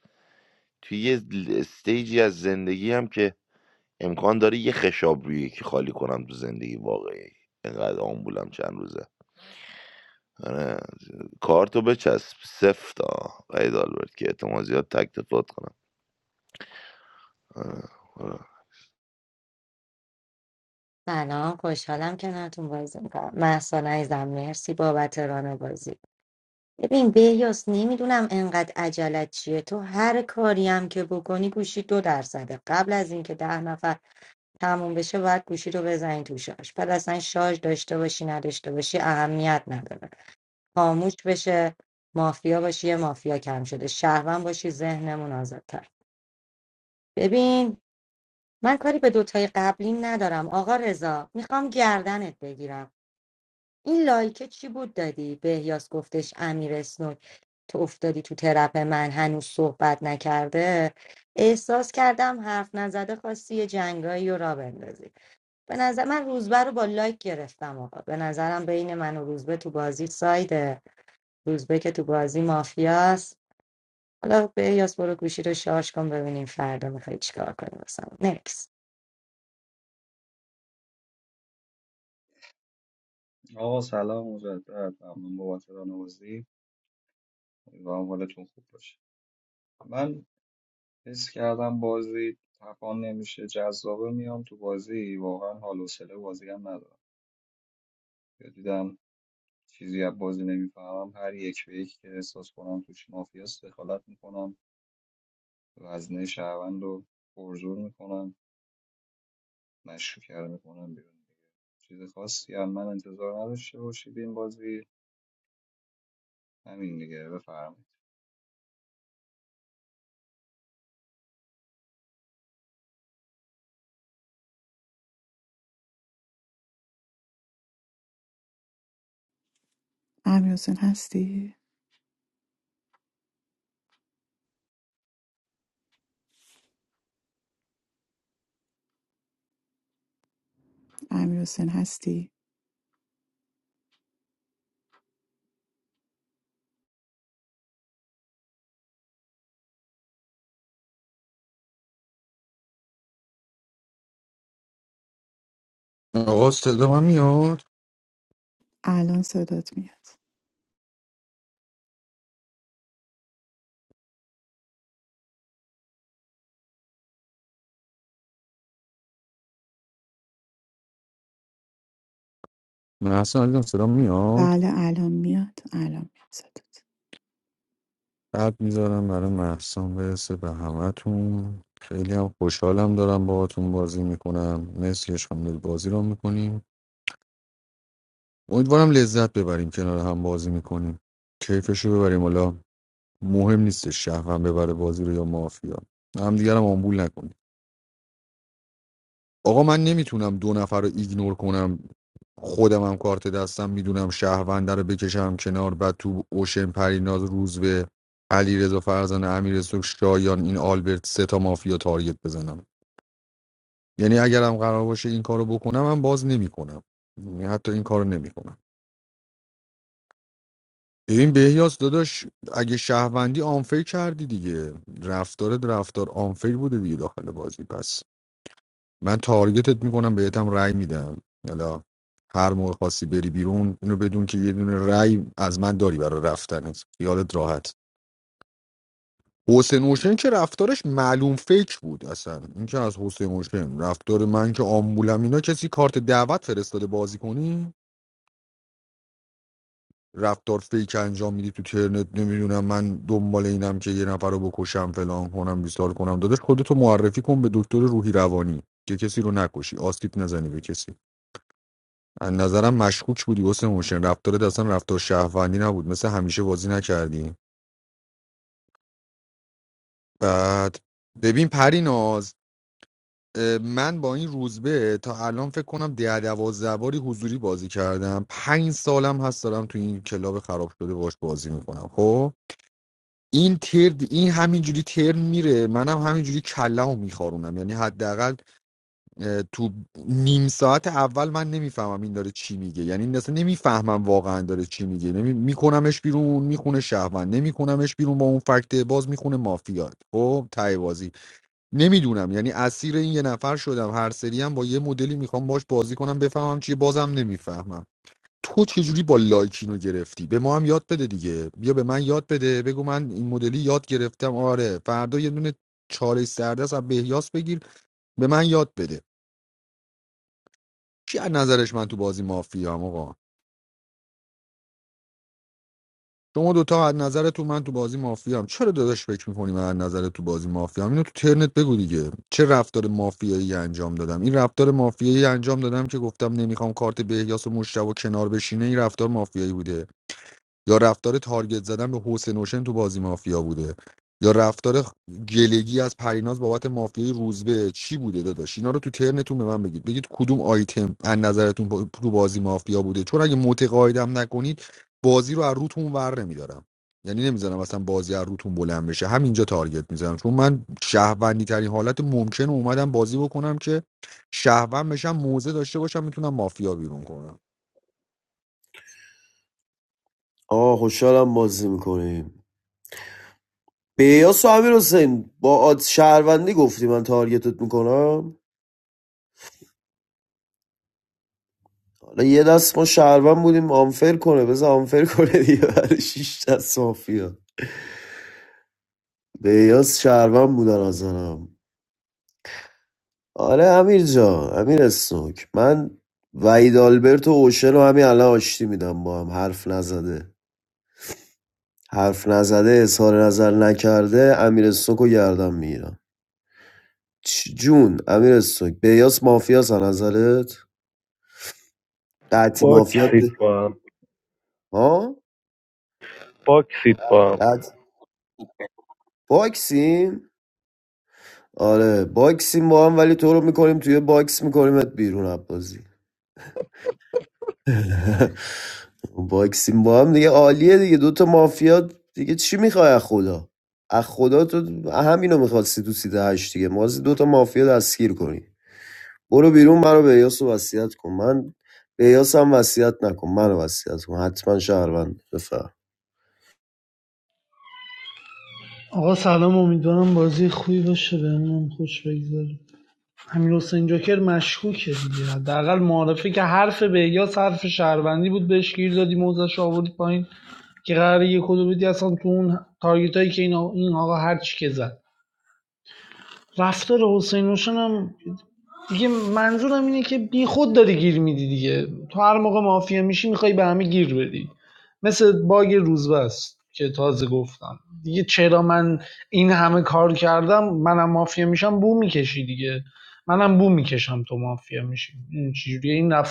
Speaker 12: توی یه استیجی از زندگی هم که امکان داره یه خشاب روی یکی خالی کنم تو زندگی واقعی اینقدر آمبولم چند روزه آره کارتو بچسب سفتا قید آلبرت که اعتماد زیاد تک دفاعت کنم آره. آره.
Speaker 9: سلام خوشحالم کنارتون بازی میکنم محسان عزیزم مرسی بابت ران بازی ببین بهیاس نمیدونم انقدر عجلت چیه تو هر کاری هم که بکنی گوشی دو درصده قبل از اینکه ده نفر تموم بشه باید گوشی رو بزنی تو شارژ بعد اصلا شارژ داشته باشی نداشته باشی اهمیت نداره خاموش بشه مافیا باشی یه مافیا کم شده شهروند باشی ذهنمون آزادتر ببین من کاری به دوتای قبلی ندارم آقا رضا میخوام گردنت بگیرم این لایکه چی بود دادی بهیاس گفتش امیر اسنوک تو افتادی تو ترپ من هنوز صحبت نکرده احساس کردم حرف نزده خواستی یه جنگایی رو را بندازی به نظر من روزبه رو با لایک گرفتم آقا به نظرم بین من و روزبه تو بازی سایده روزبه که تو بازی مافیاست حالا به یاس برو گوشی رو شارژ کن ببینیم فردا میخوای چیکار کنی مثلا نکس
Speaker 10: آقا سلام مجدد ممنون بابت رانوازی امیدوارم حالتون خوب باشه من حس کردم بازی تفان نمیشه جذابه میام تو بازی واقعا حال و حوصله بازی هم ندارم دیدم چیزی از بازی نمیفهمم هر یک به یک که احساس کنم توش مافیاست دخالت میکنم وزنه شهروند رو پرزور میکنم مشروکر میکنم بیرون دیگه چیز خاصی هم من انتظار نداشته باشید این بازی همین دیگه بفرمایید
Speaker 11: امیر هستی؟ امیر هستی؟
Speaker 4: آقا صدا من میاد
Speaker 11: الان صدات میاد
Speaker 4: محسن علی جان، صدا میاد
Speaker 11: بله الان میاد الان میاد
Speaker 4: قد میذارم برای محسن برسه به همتون خیلی هم خوشحالم دارم باهاتون بازی میکنم مرسی که شامل بازی رو میکنیم امیدوارم لذت ببریم کنار هم بازی میکنیم کیفشو ببریم حالا مهم نیست شهرم ببره بازی رو یا مافیا هم دیگرم آمبول نکنیم آقا من نمیتونم دو نفر رو ایگنور کنم خودم هم کارت دستم میدونم شهرونده رو بکشم کنار بعد تو اوشن پریناز روزبه به علی رضا فرزان امیر شایان این آلبرت سه تا مافیا تارگت بزنم یعنی اگرم قرار باشه این کارو بکنم من باز نمیکنم حتی این کارو نمیکنم این بهیاس داداش اگه شهروندی آنفیر کردی دیگه رفتار رفتار آنفیر بوده دیگه داخل بازی پس من تارگتت میکنم بهتم رأی میدم حالا هر موقع خاصی بری بیرون اینو بدون که یه دونه رأی از من داری برای رفتنت خیالت راحت حسین اوشن که رفتارش معلوم فکر بود اصلا این که از حسین اوشن رفتار من که آمبولم اینا کسی کارت دعوت فرستاده بازی کنی رفتار فیک انجام میدی تو ترنت نمیدونم من دنبال اینم که یه نفر رو بکشم فلان کنم بیسار کنم داداش خودتو معرفی کن به دکتر روحی روانی که کسی رو نکشی آسیب نزنی به کسی از نظرم مشکوک بودی واسه موشن رفتارت اصلا رفتار شهروندی نبود مثل همیشه بازی نکردی بعد ببین پریناز من با این روزبه تا الان فکر کنم ده دوازده باری حضوری بازی کردم پنج سالم هست دارم تو این کلاب خراب شده باش بازی میکنم خب این تر این همینجوری ترن میره منم هم همینجوری کلمو میخارونم یعنی حداقل اه، تو نیم ساعت اول من نمیفهمم این داره چی میگه یعنی اصلا نمیفهمم واقعا داره چی میگه نمی... میکنمش بیرون میخونه شهروند نمیکنمش بیرون با اون فکت باز میخونه مافیا. خب ته بازی نمیدونم یعنی اسیر این یه نفر شدم هر سری هم با یه مدلی میخوام باش بازی کنم بفهمم چیه بازم نمیفهمم تو چجوری با لایکینو گرفتی به ما هم یاد بده دیگه بیا به من یاد بده بگو من این مدلی یاد گرفتم آره فردا یه دونه چاله سردست از بهیاس بگیر به من یاد بده کی از نظرش من تو بازی مافیا مافیام آقا شما دوتا از نظر تو من تو بازی مافیا مافیام چرا داداش فکر میکنی من از نظر تو بازی مافیا مافیام اینو تو ترنت بگو دیگه چه رفتار مافیایی انجام دادم این رفتار مافیایی انجام دادم که گفتم نمیخوام کارت بهیاس و مشتبه کنار بشینه این رفتار مافیایی بوده یا رفتار تارگت زدن به حسین اوشن تو بازی مافیا بوده یا رفتار گلگی از پریناز بابت مافیای روزبه چی بوده داداش اینا رو تو ترنتون به من بگید بگید کدوم آیتم از نظرتون با- تو بازی مافیا بوده چون اگه متقاعدم نکنید بازی رو از روتون ور نمیدارم یعنی نمیذارم اصلا بازی از روتون بلند بشه همینجا تارگت میزنم چون من شهروندی ترین حالت ممکن رو اومدم بازی بکنم که شهروند بشم موزه داشته باشم میتونم مافیا بیرون کنم
Speaker 3: آه خوشحالم بازی میکنیم بیاس و امیر حسین با آد شهروندی گفتی من تارگتت میکنم حالا یه دست ما شهروند بودیم آنفر کنه بذار آنفر کنه دیگه برای شیش دست مافیا بیاس شهروند بودن از نظرم. آره امیر جان امیر سوک من وحید آلبرت و اوشن رو همین الان آشتی میدم با هم حرف نزده حرف نزده اظهار نظر نکرده امیر سوک رو گردم میگیرم جون امیر سوک بیاس مافیاس از نظرت قطی مافیات
Speaker 7: باکسید
Speaker 3: به-
Speaker 7: با هم
Speaker 3: ها
Speaker 7: باکسید با
Speaker 3: قط باکسیم آره باکسیم با هم ولی تو رو میکنیم توی باکس میکنیمت بیرون از بازی باکسیم با هم دیگه عالیه دیگه دوتا مافیا دیگه چی میخوای از خدا از خدا تو همینو میخواستی تو سیده هشت دیگه ما دوتا مافیا دستگیر کنی برو بیرون منو به یاس رو وصیت کن من به یاس هم وصیت نکن منو وصیت کن حتما شهروند بفهم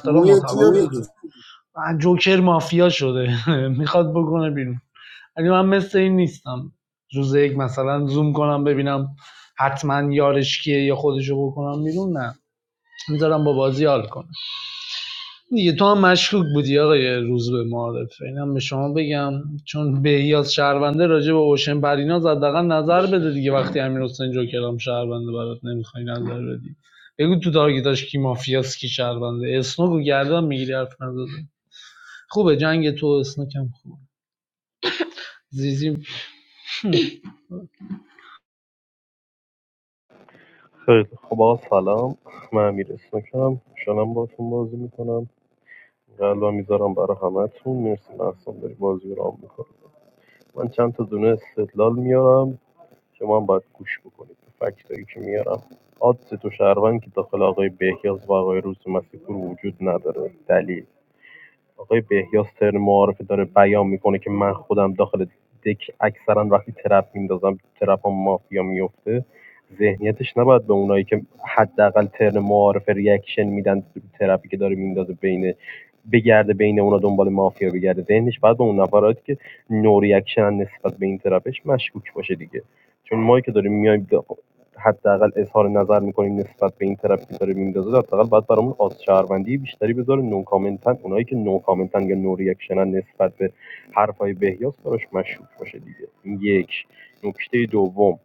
Speaker 3: موی کیو میدی
Speaker 7: خیلی خب آقا سلام من امیر اسمکم شنم باتون بازی میکنم قلبا میذارم برای همتون مرسی محسن داری بازی رو رام میکنم من چند تا دونه استدلال میارم شما هم باید گوش بکنید به فکتایی که میارم آدز تو شهروند که داخل آقای بهیاز و آقای روز مسیحپور وجود نداره دلیل آقای بهیاس ترن معارفه داره بیان میکنه که من خودم داخل دک اکثرا وقتی ترپ میندازم ترپ هم مافیا میفته ذهنیتش نباید به اونایی که حداقل ترن معارفه ریاکشن میدن ترپی که داره میندازه بین بگرده بین اونا دنبال مافیا بگرده ذهنش باید به اون نفراتی که نو ریاکشن نسبت به این ترپش مشکوک باشه دیگه چون ما که داریم میایم حداقل اظهار نظر می‌کنیم نسبت به این طرفی که داره میندازه حداقل باید برامون آز شهروندی بیشتری بذاره نو کامنتن اونایی که نو کامنتن یا نو ریاکشنن نسبت به حرفای بهیاس براش مشکوک باشه دیگه این یک نکته دوم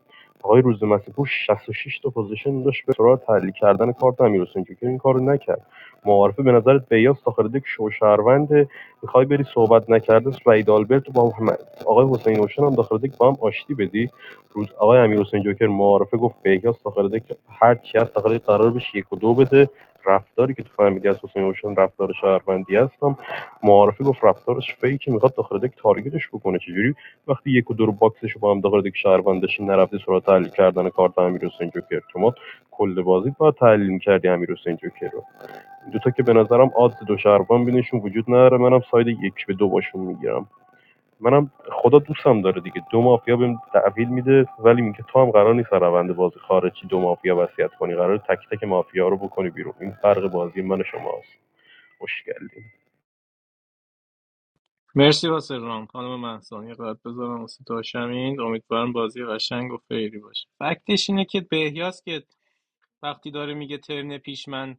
Speaker 7: آقای روز مسیپور 66 تا پوزیشن داشت به سراغ تحلیل کردن کارت امیرحسین که این کارو نکرد معارفه به نظرت بهیاس داخل دک شوشهروند میخوای بری صحبت نکرده سعید آلبرت با هم- آقای حسین اوشن هم داخل دک با هم آشتی بدی روز آقای امیر حسین جوکر معارفه گفت بهیاس داخل دک هر چی هست داخل دک قرار بشه یک و دو بده رفتاری که تو فهمیدی از حسین اوشن رفتار شهروندی هستم معارفه گفت رفتارش فیکی میخواد داخل دک تارگتش بکنه چجوری وقتی یک و دو رو باکسش با هم داخل دک شهروندش نرفتی سراغ تحلیل کردن کارت امیر حسین جوکر شما کل بازی باید تحلیل میکردی امیر حسین جوکر رو دو تا که به نظرم آدز دو شهروند بینشون وجود نداره منم ساید یک به دو باشون میگیرم منم خدا دوستم داره دیگه دو مافیا بهم تحویل میده ولی میگه تو هم قرار نیست از روند بازی خارجی دو مافیا وصیت کنی قرار تک تک مافیا رو بکنی بیرون این فرق بازی من و شماست خوشگلی
Speaker 13: مرسی واسه رام خانم محسان یه قد بذارم واسه داشمین امیدوارم بازی قشنگ و فیری باشه فکتش اینه که بهیاس که وقتی داره میگه ترن پیش من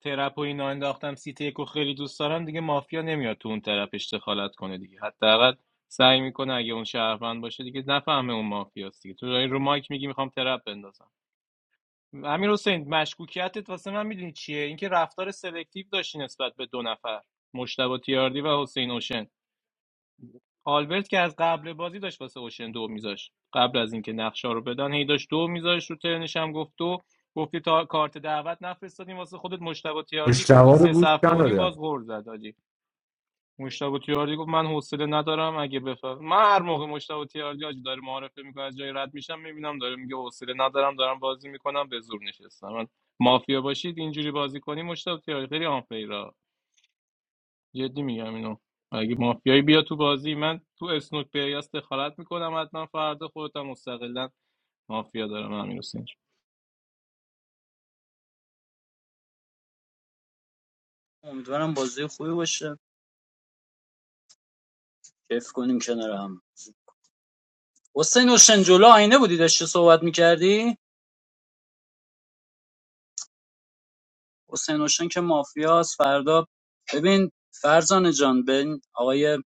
Speaker 13: ترپ و اینا انداختم سیت یکو خیلی دوست دارم دیگه مافیا نمیاد تو اون طرف دخالت کنه دیگه حداقل سعی میکنه اگه اون شهروند باشه دیگه نفهمه اون مافیاست دیگه تو داری رو مایک میگی میخوام ترپ بندازم امیر حسین مشکوکیتت واسه من میدونی چیه اینکه رفتار سلکتیو داشتی نسبت به دو نفر مشتبه تیاردی و حسین اوشن آلبرت که از قبل بازی داشت واسه اوشن دو میذاشت قبل از اینکه نقشه رو بدن هی داشت دو میذاشت رو ترنش هم گفت دو گفتی تا کارت دعوت نفرستادیم واسه خودت مشتبه تیاردی
Speaker 4: مشتوا رو
Speaker 13: سه
Speaker 4: گوش
Speaker 13: صفحه و نیم
Speaker 4: ندادم.
Speaker 13: باز غور زد آجی مشتبه تیاردی گفت من حوصله ندارم اگه بفهم من هر موقع مشتبه تیاردی آجی داره معارفه میکنه از جای رد میشم میبینم داره میگه حوصله ندارم دارم بازی میکنم به زور نشستم من مافیا باشید اینجوری بازی کنی مشتبه تیاردی خیلی آنفیرا جدی میگم اینو اگه مافیایی بیا تو بازی من تو اسنوک بیاس دخالت میکنم حتما فردا خودتم مستقلا مافیا دارم امیر حسین جون.
Speaker 14: امیدوارم بازی خوبی باشه کیف کنیم کنار هم حسین اوشن جلو آینه بودی داشتی صحبت میکردی حسین اوشن که مافیاس فردا ببین فرزانه جان به این آقای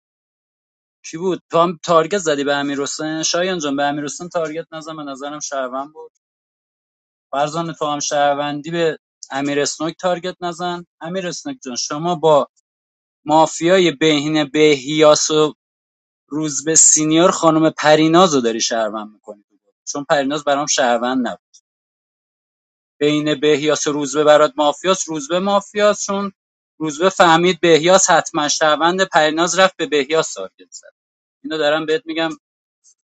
Speaker 14: کی بود تو هم تارگت زدی به امیر حسین شایان جان به امیر حسین تارگت نزن به نظرم شهروند بود فرزانه تو هم شهروندی به امیر اسنوک تارگت نزن امیر اسنوک جان شما با مافیای بهینه بهیاس و روزبه سینیور خانم پرینازو داری شهروند میکنی تو بازی چون پریناز برام شهروند نبود بین بهیاس و روزبه برات مافیاس روزبه مافیاس چون روزبه فهمید بهیاس حتما شهروند پریناز رفت به بهیاس تارگت زد اینو دارم بهت میگم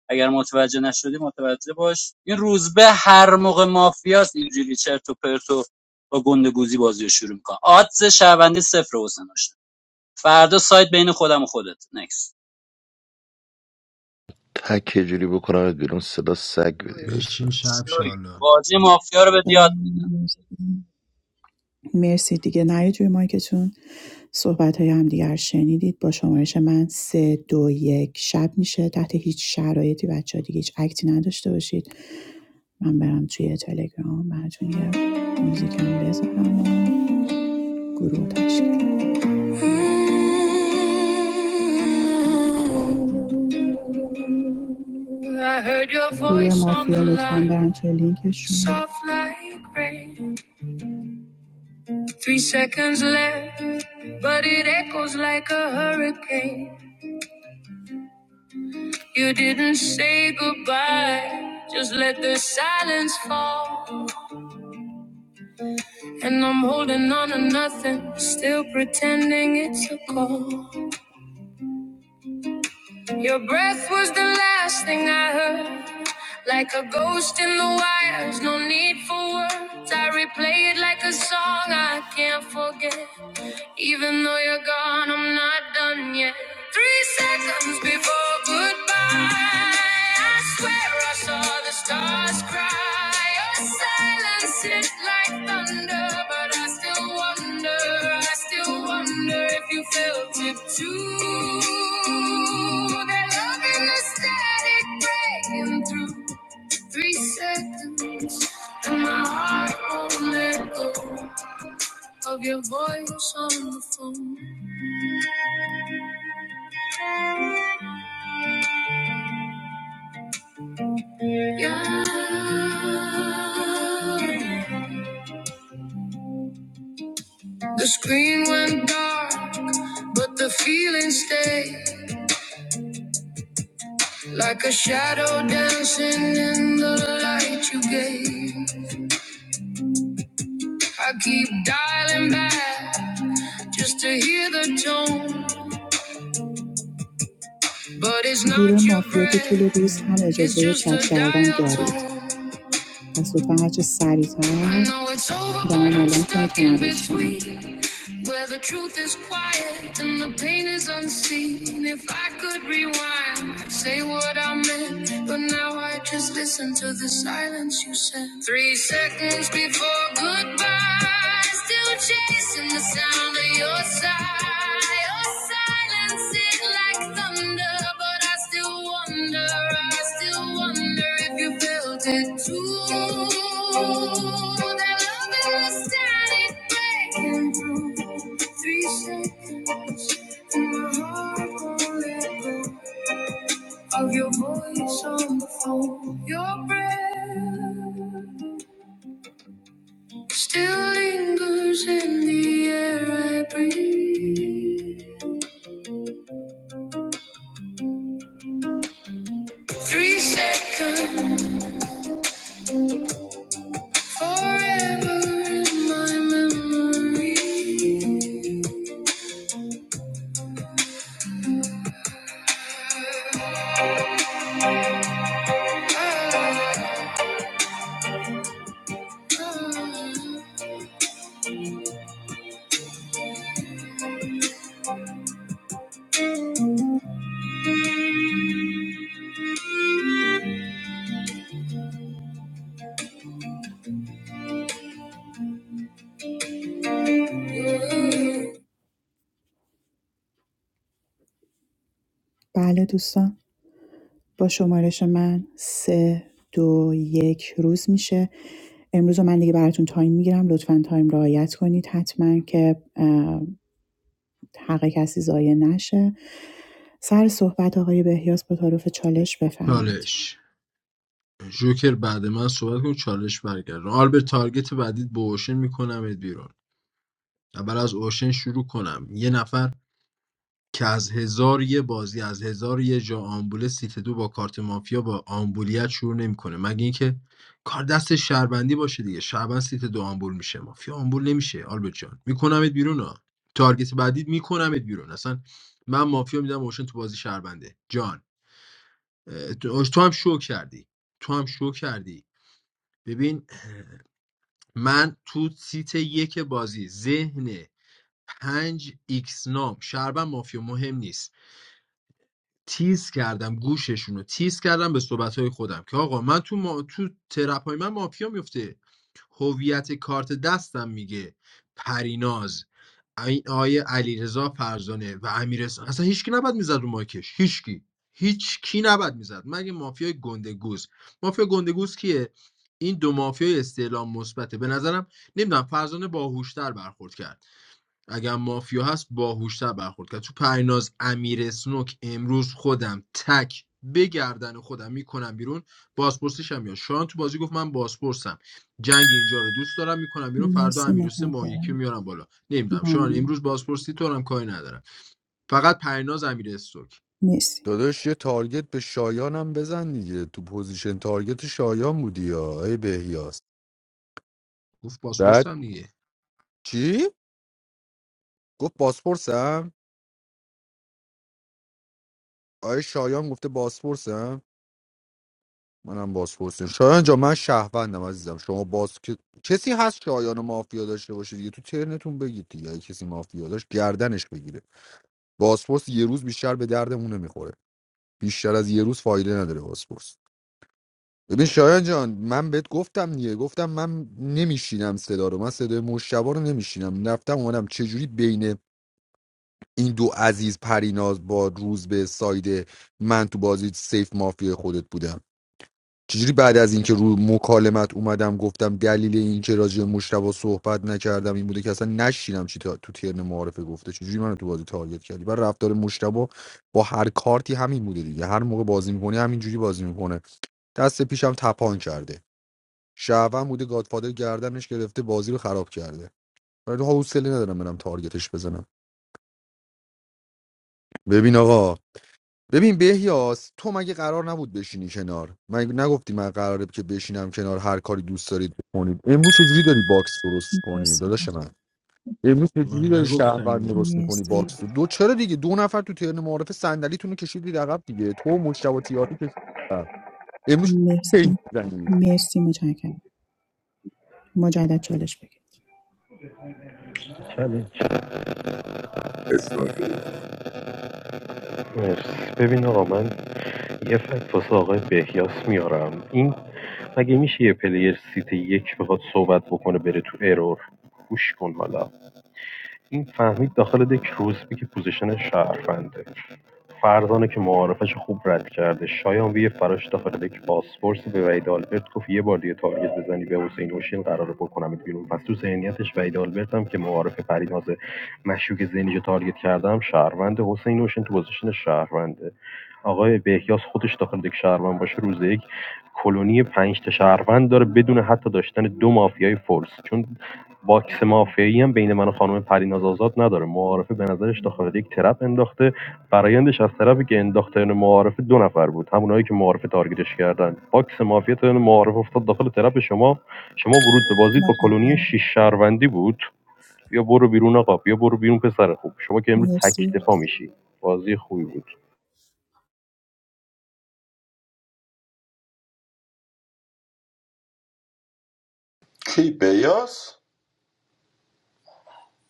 Speaker 14: اگر متوجه نشدی متوجه باش این روزبه هر موقع مافیاس اینجوری چرت و پرت و با گندگوزی بازی رو شروع میکنه آدز شهروندی صفر حسین داشتم فردا سایت بین خودم و خودت نکس
Speaker 12: تک یه جوری بکنمت بیرون صدا سگ بدی بسه
Speaker 5: بشین شب شالا
Speaker 14: بازی مافیا رو به دیاد
Speaker 11: صدات مرسی دیگه نیاید روی مایکتون صحبت های همدیگر شنیدید با شمارش من سه دو یک شب میشه تحت هیچ شرایطی بچه ها دیگه هیچ اکتی نداشته باشید من برم توی تلگرام براتون یه موزیکم بذارم و گروه تشکیل بدم. I heard گروه مافیا لطفا line. برم توی لینکشون like three seconds left, but it echoes like a hurricane. You didn't say goodbye, just let the silence fall. And I'm holding on to nothing, still pretending it's a call. Your breath was the last thing I heard, like a ghost in the wires, no need for words. I replay it like a song I can't forget. Even though you're gone, I'm not done yet. Three seconds before goodbye, I swear I saw the stars cry. Your silence hit like thunder, but I still wonder, I still wonder if you felt it too. That love in the static breaking through. Three seconds, and my heart won't let go of your voice on the phone. Yeah. The screen went dark, but the feeling stayed like a shadow dancing in the light you gave. I keep dialing back just to hear the tone, but it's گروه not گروه your مافیا که طول breath, طول روز هم it's اجازه just چت a کردن dial دارید tone. پس لطفا هرچه سریعتر I know it's over, به من I'm اعلام کنید stuck که in من between. Where the truth is quiet and the pain is unseen. If I could rewind, I'd say what I meant. But now I just listen to the silence you sent. Three seconds before goodbye, still chasing the sound of your sigh. Your silence is like thunder, but I still wonder, I still wonder if. You built it too. That love is steady breaking through. Three seconds, and my heart won't let go of your voice on the phone. Your breath still lingers in the air I breathe. Three seconds, forever in my memory. Ah. بله دوستان با شمارش من سه دو یک روز میشه امروز رو من دیگه براتون تایم میگیرم لطفاً تایم رعایت کنید حتما که اه، حق کسی ضایع نشه سر صحبت آقای بهیاس با تعارف چالش بفرمایید
Speaker 5: چالش جوکر بعد من صحبت کن چالش برگردم آلبرت تارگت بعدید با اوشن میکنم بیرون اول از اوشن شروع کنم یه نفر که از هزار یه بازی از هزار یه جا آمبوله سیت دو با کارت مافیا با آمبولیت شروع نمیکنه مگه اینکه کار دست شهروندی باشه دیگه شهروند سیت دو آمبول میشه مافیا آمبول نمیشه آلبرت جان میکنمت بیرون ها تارگت بعدی میکنمت بیرون اصلا من مافیا میدم اوشن تو بازی شهرونده جان اه، تو تو هم شو کردی تو هم شو کردی ببین من تو سیت یک بازی ذهن پنج ایکس نام شهروند مافیا مهم نیست تیز کردم گوششون رو تیز کردم به صحبتهای خودم که آقا من تو, ما... تو ترپای من مافیا میفته هویت کارت دستم میگه پریناز این آیه علیرضا فرزانه و امیرحسین اصلا هیچکی نباید میزد رو ماکش هیچکی هیچ کی نباید میزد مگه مافیای گندگوز مافیا گندگوز کیه این دو مافیای استعلام مثبته به نظرم نمیدونم فرزانه باهوشتر برخورد کرد اگر مافیا هست باهوشتر برخورد کرد تو پریناز امیر سنوک امروز خودم تک بگردن خودم میکنم بیرون بازپرسیش هم یا شان تو بازی گفت من بازپرسم جنگ اینجا رو دوست دارم میکنم بیرون فردا
Speaker 11: مرسی
Speaker 5: امیر حسین ما
Speaker 11: متشکرم
Speaker 5: یکی میارم بالا نمیدونم شان
Speaker 11: ممنون.
Speaker 5: امروز بازپرسی تو هم کاری ندارم فقط پریناز امیر سنوک
Speaker 11: مرسی
Speaker 4: داداش یه تارگت به شایانم هم بزن دیگه تو پوزیشن تارگت شایان بودی یا ای بهیاس
Speaker 5: گفت
Speaker 4: بعد
Speaker 5: بازپرسم دیگه
Speaker 4: چی گفت باسپورسم آیا شایان گفته باسپورسم منم باسپورسم شایان جا من شهروندم عزیزم شما باز کسی هست شایان و مافیا داشته باشه دیگه تو ترنتون بگید دیگه اگه کسی مافیا داشت گردنش بگیره باسپورس یه روز بیشتر به دردمون نمیخوره بیشتر از یه روز فایده نداره باسپورس ببین شایان جان من بهت گفتم دیگه گفتم من نمیشینم صدا رو من صدای مشتبه رو نمیشینم رفتم اومدم چجوری بین این دو عزیز پریناز با روز به ساید من تو بازی سیف مافیا خودت بودم چجوری بعد از اینکه رو مکالمت اومدم گفتم دلیل اینکه راجع به مشتبه صحبت نکردم این بوده که اصلا نشینم چی تا تو ترن معارفه گفته چجوری منو تو بازی تارگت کردی بر رفتار مشتبه با هر کارتی همین بوده دیگه هر موقع بازی میکنه همینجوری بازی میکنه دست پیشم تپان کرده شهروند بوده گادفادر گردنش گرفته بازی رو خراب کرده ولی حوصله ندارم برم تارگتش بزنم ببین آقا ببین بهیاس تو مگه قرار نبود بشینی کنار من نگفتی من قراره که بشینم کنار هر کاری دوست دارید بکنید امروز چجوری داری باکس درست کنی
Speaker 11: مرسی
Speaker 4: داداش من امروز چجوری
Speaker 5: من
Speaker 4: داری
Speaker 5: نگفتم
Speaker 4: شهروند
Speaker 5: اینو
Speaker 4: درست میکنی باکس
Speaker 11: مرسی
Speaker 4: تو دو چرا دیگه دو نفر تو ترن معارف صندلیتون رو کشیدید عقب دیگه تو و مجتبی تیاری کشیدید عقب. امروز کی
Speaker 11: مرسی
Speaker 4: میزنی
Speaker 11: مرسی متشکرم مجدد چالش بگیرید
Speaker 7: چلنج
Speaker 12: اسنایپر.
Speaker 7: مرسی ببین آقا من یه فکت واسه آقای بهیاس میارم این مگه میشه یه پلیر سیت یک بخواد صحبت بکنه بره تو ارور گوش کن حالا این فهمید داخل دک روزبی که پوزیشن شهرفنده فرزانه که معارفش خوب رد کرده شایان وی فراش داخل دک پاسپورس به وحید آلبرت گفت یه بار دیگه تارگت بزنی به حسین اوشین قراره بکنم بیرون پس تو ذهنیتش وحید آلبرت هم که معارف پریناز مشکوک ذهنی رو تارگت کردم شهروند حسین اوشین تو پوزیشن شهرونده آقای بهیاس خودش داخل دک شهروند باشه روز یک کلونی پنج تا شهروند داره بدون حتی داشتن دو مافیای فورس چون باکس مافیایی هم بین من و خانم پریناز آزاد نداره معارفه به نظرش داخل یک ترپ انداخته برایندش از طرفی که انداخته یعنی معارفه دو نفر بود همونایی که معارفه تارگتش کردن باکس مافیا تا یعنی معارفه افتاد داخل ترپ شما شما ورود به بازی با کلونی
Speaker 11: متشکرم
Speaker 7: شیش شهروندی بود یا برو بیرون آقا یا برو بیرون پسر خوب شما که امروز تک
Speaker 11: مرسی
Speaker 7: دفاع میشی بازی خوبی بود
Speaker 12: کی بیاس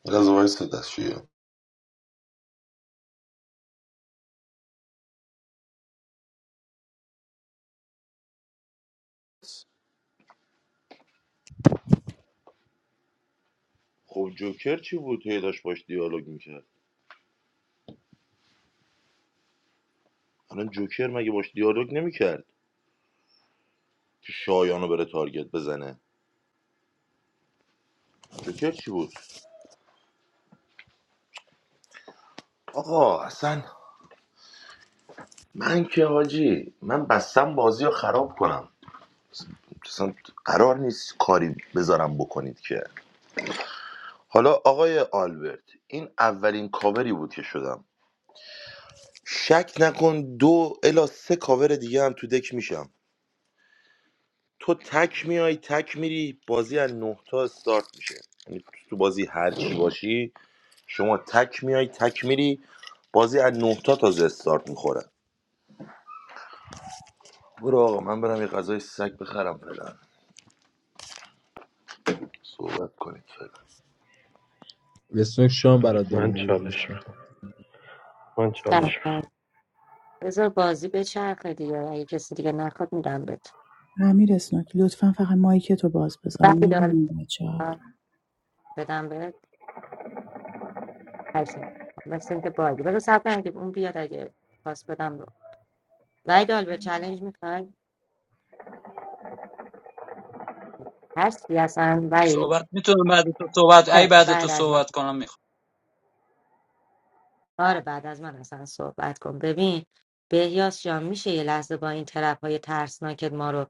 Speaker 12: رضا وایس دستشویی خب جوکر چی بود هی داشت باش دیالوگ میکرد حالا جوکر مگه باش دیالوگ نمیکرد که شایانو بره تارگت بزنه جوکر چی بود آقا اصلا من که حاجی من بستم بازی رو خراب کنم اصلا قرار نیست کاری بذارم بکنید که حالا آقای آلبرت این اولین کاوری بود که شدم شک نکن دو الا سه کاور دیگه هم تو دک میشم تو تک میای تک میری بازی از نه تا استارت میشه یعنی تو بازی هر چی باشی شما تک میای تک میری بازی از نه تا تازه استارت میخوره برو آقا من برم یه غذای سگ بخرم فعلا صحبت کنید فعلا
Speaker 5: اسنوک شان برات
Speaker 7: چالش
Speaker 5: داره
Speaker 7: من
Speaker 5: میگیره
Speaker 7: چالش
Speaker 5: باشه
Speaker 7: می‌خوام. من چالش می‌خوام.
Speaker 9: بذار بازی به چرخه دیگه اگه کسی دیگه نخواد میدم بهت
Speaker 11: امیر اسنوک لطفا فقط مایکتو باز بذار
Speaker 9: بعد دار
Speaker 11: میبینیم بچه ها
Speaker 9: بدم بهت هشم مثل اینکه بازی بذار سب کنم که اون بیاد اگه خواست بدم رو ویدال به چلنج میخوای هستی اصلا وید
Speaker 14: صحبت میتونم بعد تو صحبت ای
Speaker 9: خب
Speaker 14: بعد تو
Speaker 9: بعد از من
Speaker 14: صحبت کنم میخوام
Speaker 9: آره بعد از من اصلا صحبت کن ببین بهیاس جان میشه یه لحظه با این طرف های ترسناکت ما رو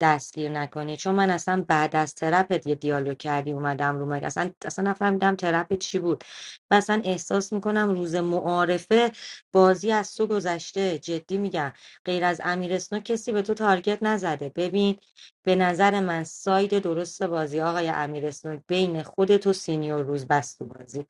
Speaker 9: دستگیر نکنی چون من اصلا بعد از ترپت یه دیالوگ کردی اومدم رو مگه اصلا اصلا نفهمیدم ترپت چی بود و اصلا احساس میکنم روز معارفه بازی از تو گذشته جدی میگم غیر از امیر اسنو کسی به تو تارگت نزده ببین به نظر من ساید درست بازی آقای امیر اسنو بین خودت و سینیور روز بست تو بازی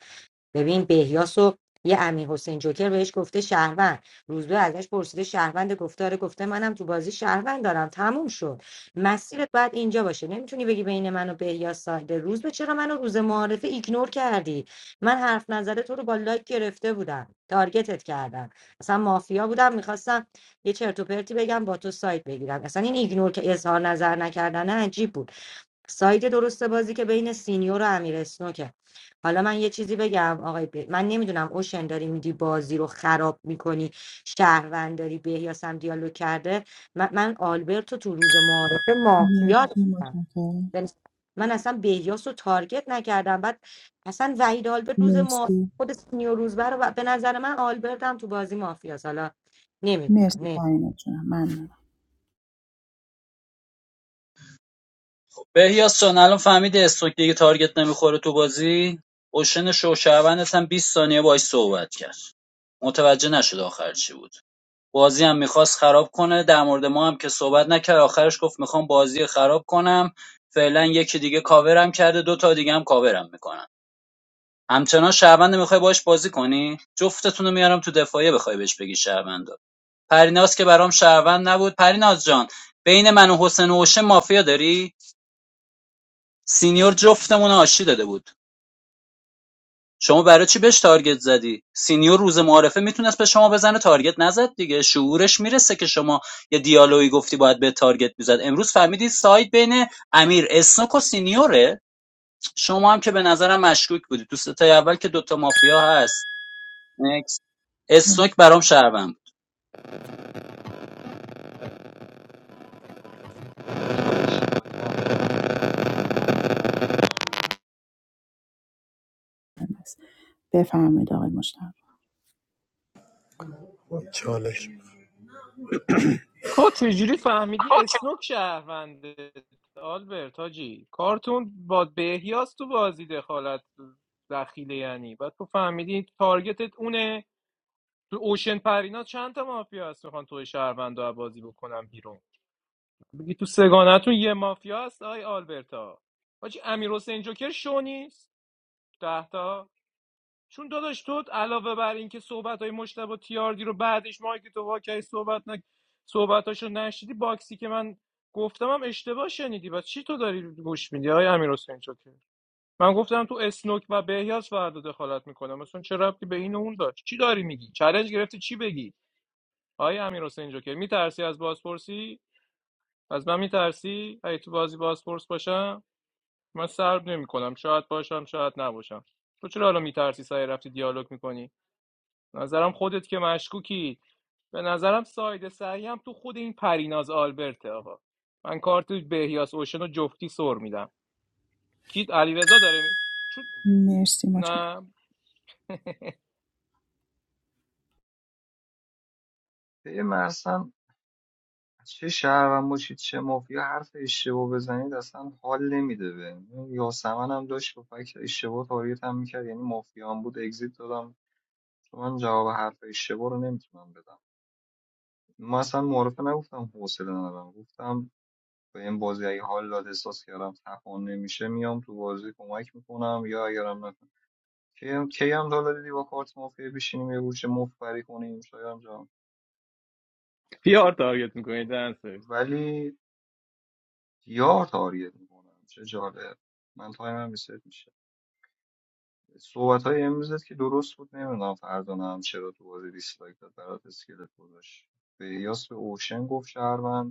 Speaker 9: ببین بهیاس و یه امیر حسین جوکر بهش گفته شهروند روزبه ازش پرسیده شهروند گفته آره گفته منم تو بازی شهروند دارم تموم شد مسیرت باید اینجا باشه نمیتونی بگی بین من و بهیاس سایده روزبه چرا منو روز معارفه ایگنور کردی من حرف نظر تو رو با لایک گرفته بودم تارگتت کردم اصلا مافیا بودم میخواستم یه چرت و پرتی بگم با تو سایت بگیرم اصلا این ایگنور که اظهار نظر نکردن عجیب بود ساید درست بازی که بین سینیور و امیر اسنوکه حالا من یه چیزی بگم آقای بی... من نمیدونم اوشن داری میدی بازی رو خراب میکنی شهروند داری بهیاس هم دیالوگ کرده من, من آلبرتو تو روز معارفه مافیا
Speaker 11: مرسی متشکرم
Speaker 9: دونستم. من اصلا بهیاس رو تارگت نکردم بعد اصلا وحید آلبرت روز ما
Speaker 11: مرسی
Speaker 9: خود سینیور روزبر و به نظر من آلبرت هم تو بازی مافیاس حالا
Speaker 11: مرسی
Speaker 9: نمیدونم
Speaker 11: پرینات جونم ممنونم
Speaker 14: بهیاس جان الان فهمیدی استوک دیگه تارگت نمیخوره تو بازی اوشن شوشوندت هم 20 ثانیه باش صحبت کرد متوجه نشد آخر چی بود بازی هم میخواست خراب کنه در مورد ما هم که صحبت نکرد آخرش گفت میخوام بازی خراب کنم فعلا یکی دیگه کاورم کرده دو تا دیگه هم کاورم میکنن. همچنان شهروند میخوای باش بازی کنی جفتتون رو میارم تو دفاعیه بخوای بهش بگی شهروند پریناز که برام شهروند نبود پریناز جان بین من و حسین اوشه مافیا داری سینیور جفتمون آشی داده بود شما برای چی بهش تارگت زدی سینیور روز معارفه میتونست به شما بزنه تارگت نزد دیگه شعورش میرسه که شما یه دیالوگی گفتی باید به تارگت میزد امروز فهمیدی سایت بین امیر اسنوک و سینیوره شما هم که به نظرم مشکوک بودی تو ستای اول که دوتا مافیا هست نکس
Speaker 11: ممنونم
Speaker 14: اسنوک برام شهروند
Speaker 10: آرش شایان
Speaker 11: بس بفرمایید آقای مشتاق
Speaker 13: تو چجوری فهمیدی اسنوک شهرونده آلبرت حاجی کارتون با بهیاس تو بازی دخالت دخیله یعنی بعد تو فهمیدی تارگتت اونه تو اوشن پرینا چند تا مافیا هست میخوان توی شهروند رو بازی بکنم بیرون بگی تو سگانتون یه مافیا هست آی آلبرتا حاجی امیر حسین جوکر شو نیست ده تا چون داداش تو علاوه بر اینکه صحبت های مشتبه تیاردی رو بعدش ما تو واکه صحبت نه صحبتاشو نشدیدی باکسی که من گفتمم اشتباه شنیدی بس چی تو داری گوش میدی های امیر حسین چوکه من گفتم تو اسنوک و بهیاس فردا دخالت میکنم مثلا چه ربطی به این و اون داشت چی داری میگی چالش گرفتی چی بگی های امیر حسین جوکر میترسی از بازپرسی از من میترسی اگه تو بازی بازپرس باشم من سرب نمیکنم شاید باشم شاید نباشم تو چرا حالا میترسی سعی رفتی دیالوگ میکنی نظرم خودت که مشکوکی به نظرم ساید سعی هم تو خود این پریناز آلبرته آقا من کارت بهیاس اوشن رو جفتی سر میدم کیت علیرضا داره می... چون...
Speaker 11: مرسی متشکرم
Speaker 13: نه
Speaker 10: به مثلا چه شهروند باشید چه مافیا حرف اشتباه بزنید اصلا حال نمیده به یاسمن هم داشت با فکر اشتباه تاریت هم میکرد یعنی مافیا هم بود اگزیت دادم چون من جواب حرف اشتباه رو نمیتونم بدم ما اصلا معرفه نگفتم حوصله ندارم گفتم به این بازی اگه حال داد احساس کردم تپان نمیشه میام تو بازی کمک میکنم یا اگرم نکنم کی هم کی هم دالا دیدی با کارت مافیا بشینیم یه گوشه مفبری کنیم شایان جان
Speaker 13: پیار تارگت میکنی دنسرز
Speaker 10: ولی یار تاریت میکنم چه جالب من تایم هم ریست میشه صحبت های امروزت که درست بود نمیدونم فرزانه هم چرا تو بازی دیسلایک داد برات اسکلت گذاشت به یاس به اوشن گفت شهروند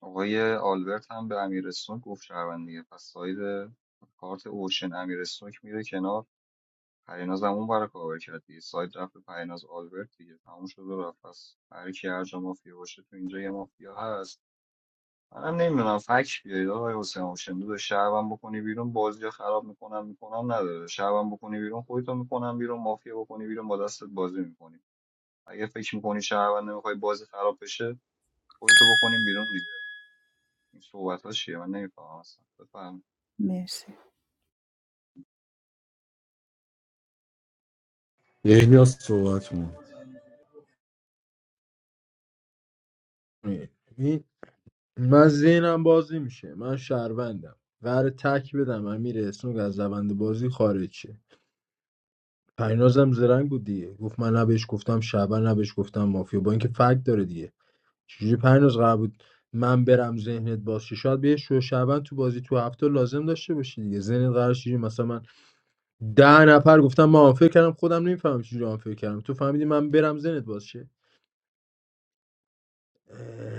Speaker 10: آقای آلبرت هم به امیر سوک گفت شهروند دیگه پس ساید کارت اوشن امیر سوک میره کنار پریناز هم اون برای کاور کرد دیگه ساید رفت به پریناز آلبرت دیگه تموم شد و رفت پس هر کی هر جا مافیا باشه تو اینجا یه مافیا هست منم نمیدونم فک بیارید آقای حسین اوشن دو شهروند بکنی بیرون بازی رو خراب میکنم میکنم نداره شهروند بکنی بیرون خودتو میکنم بیرون مافیا بکنی بیرون با دستت بازی میکنی اگه فکر میکنی شهروند نمیخوای بازی خراب بشه خودتو بکنیم بیرون این صحبتاش چیه من نمیفهمم اصلا بفهم
Speaker 11: مرسی
Speaker 4: احیا صحبت کن.
Speaker 5: این من ذهنم باز نمیشه من شهروندم قرار تک بدم امیر اسنوگ از روند بازی خارج شه پرینازم زرنگ بود دیگه گفت من نه بهش گفتم شعبان نه بهش گفتم مافیا با اینکه فکت داره دیگه چجوری پریناز قرار بود من برم ذهنت باز شه شاید بهش شو شعبان تو بازی تو هفته لازم داشته باشی دیگه ذهنت قرار چجوری مثلا من ده نفر گفتم من آنفر کردم خودم نمیفهمم چجوری آنفر کردم تو فهمیدی من برم ذهنت باز شه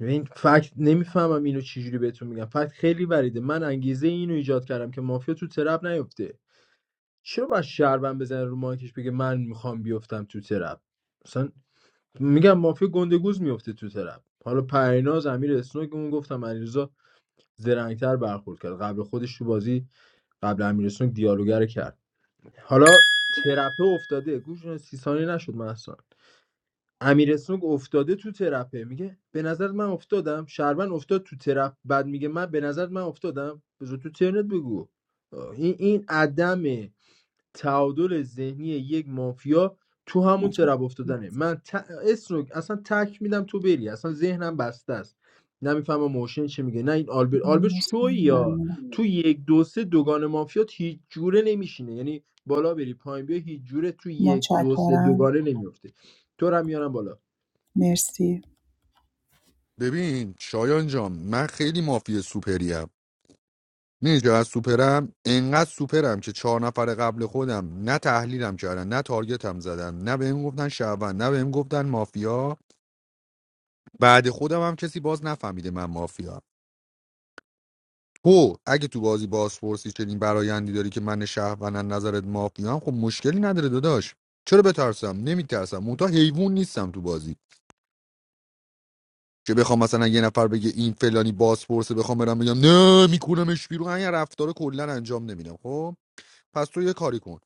Speaker 5: ببین فکت نمیفهمم اینو چجوری بهتون میگم فکت خیلی وریده من انگیزه اینو ایجاد کردم که مافیا تو ترپ نیفته چرا باید شربن بزنه رو مایکش بگه من میخوام بیفتم تو ترپ مثلا میگم مافیا گندگوز میفته تو ترپ حالا پریناز امیر اسنوک اون گفتم علیرضا زرنگتر برخورد کرد قبل خودش تو بازی قبل امیر اسنوک دیالوگر کرد حالا ترپه افتاده گوش سی ثانیه نشد من اصلا امیر اسنوگ افتاده تو ترپه میگه به نظر من افتادم شهروند افتاد تو ترپ بعد میگه من به نظر من افتادم بذار تو ترنت بگو این این عدم تعادل ذهنی یک مافیا تو همون
Speaker 11: متشکرم
Speaker 5: ترپ افتادنه من ت... اسنوگ اصلا تک میدم تو بری اصلا ذهنم بسته است نمیفهمم موشن چه میگه نه این آلبرت آلبرت
Speaker 11: مرسی
Speaker 5: شوی یا
Speaker 11: ممنونم
Speaker 5: تو یک دو سه دوگان مافیا هیچ جوره نمیشینه یعنی بالا بری پایین بیا هیچ جوره تو یک دو سه
Speaker 11: متشکرم
Speaker 5: دوگانه نمیفته تو رو هم میارم بالا
Speaker 11: مرسی
Speaker 4: ببین شایان جان من خیلی مافی سوپریم میدونی چرا از سوپرم انقدر سوپرم که چهار نفر قبل خودم نه تحلیلم کردن نه تارگتم زدن نه بهم گفتن شعبان نه بهم گفتن مافیا بعد خودم هم کسی باز نفهمیده من مافیا تو اگه تو بازی بازپرسی چنین برایندی داری که من شهروند از نظرت مافیام خب مشکلی نداره داداش چرا بترسم نمیترسم منتها حیوان نیستم تو بازی که بخوام مثلا یه نفر بگه این فلانی بازپرسه بخوام برم بگم نه میکنمش بیرون این رفتار کلا انجام نمیدم خب پس تو یه کاری کن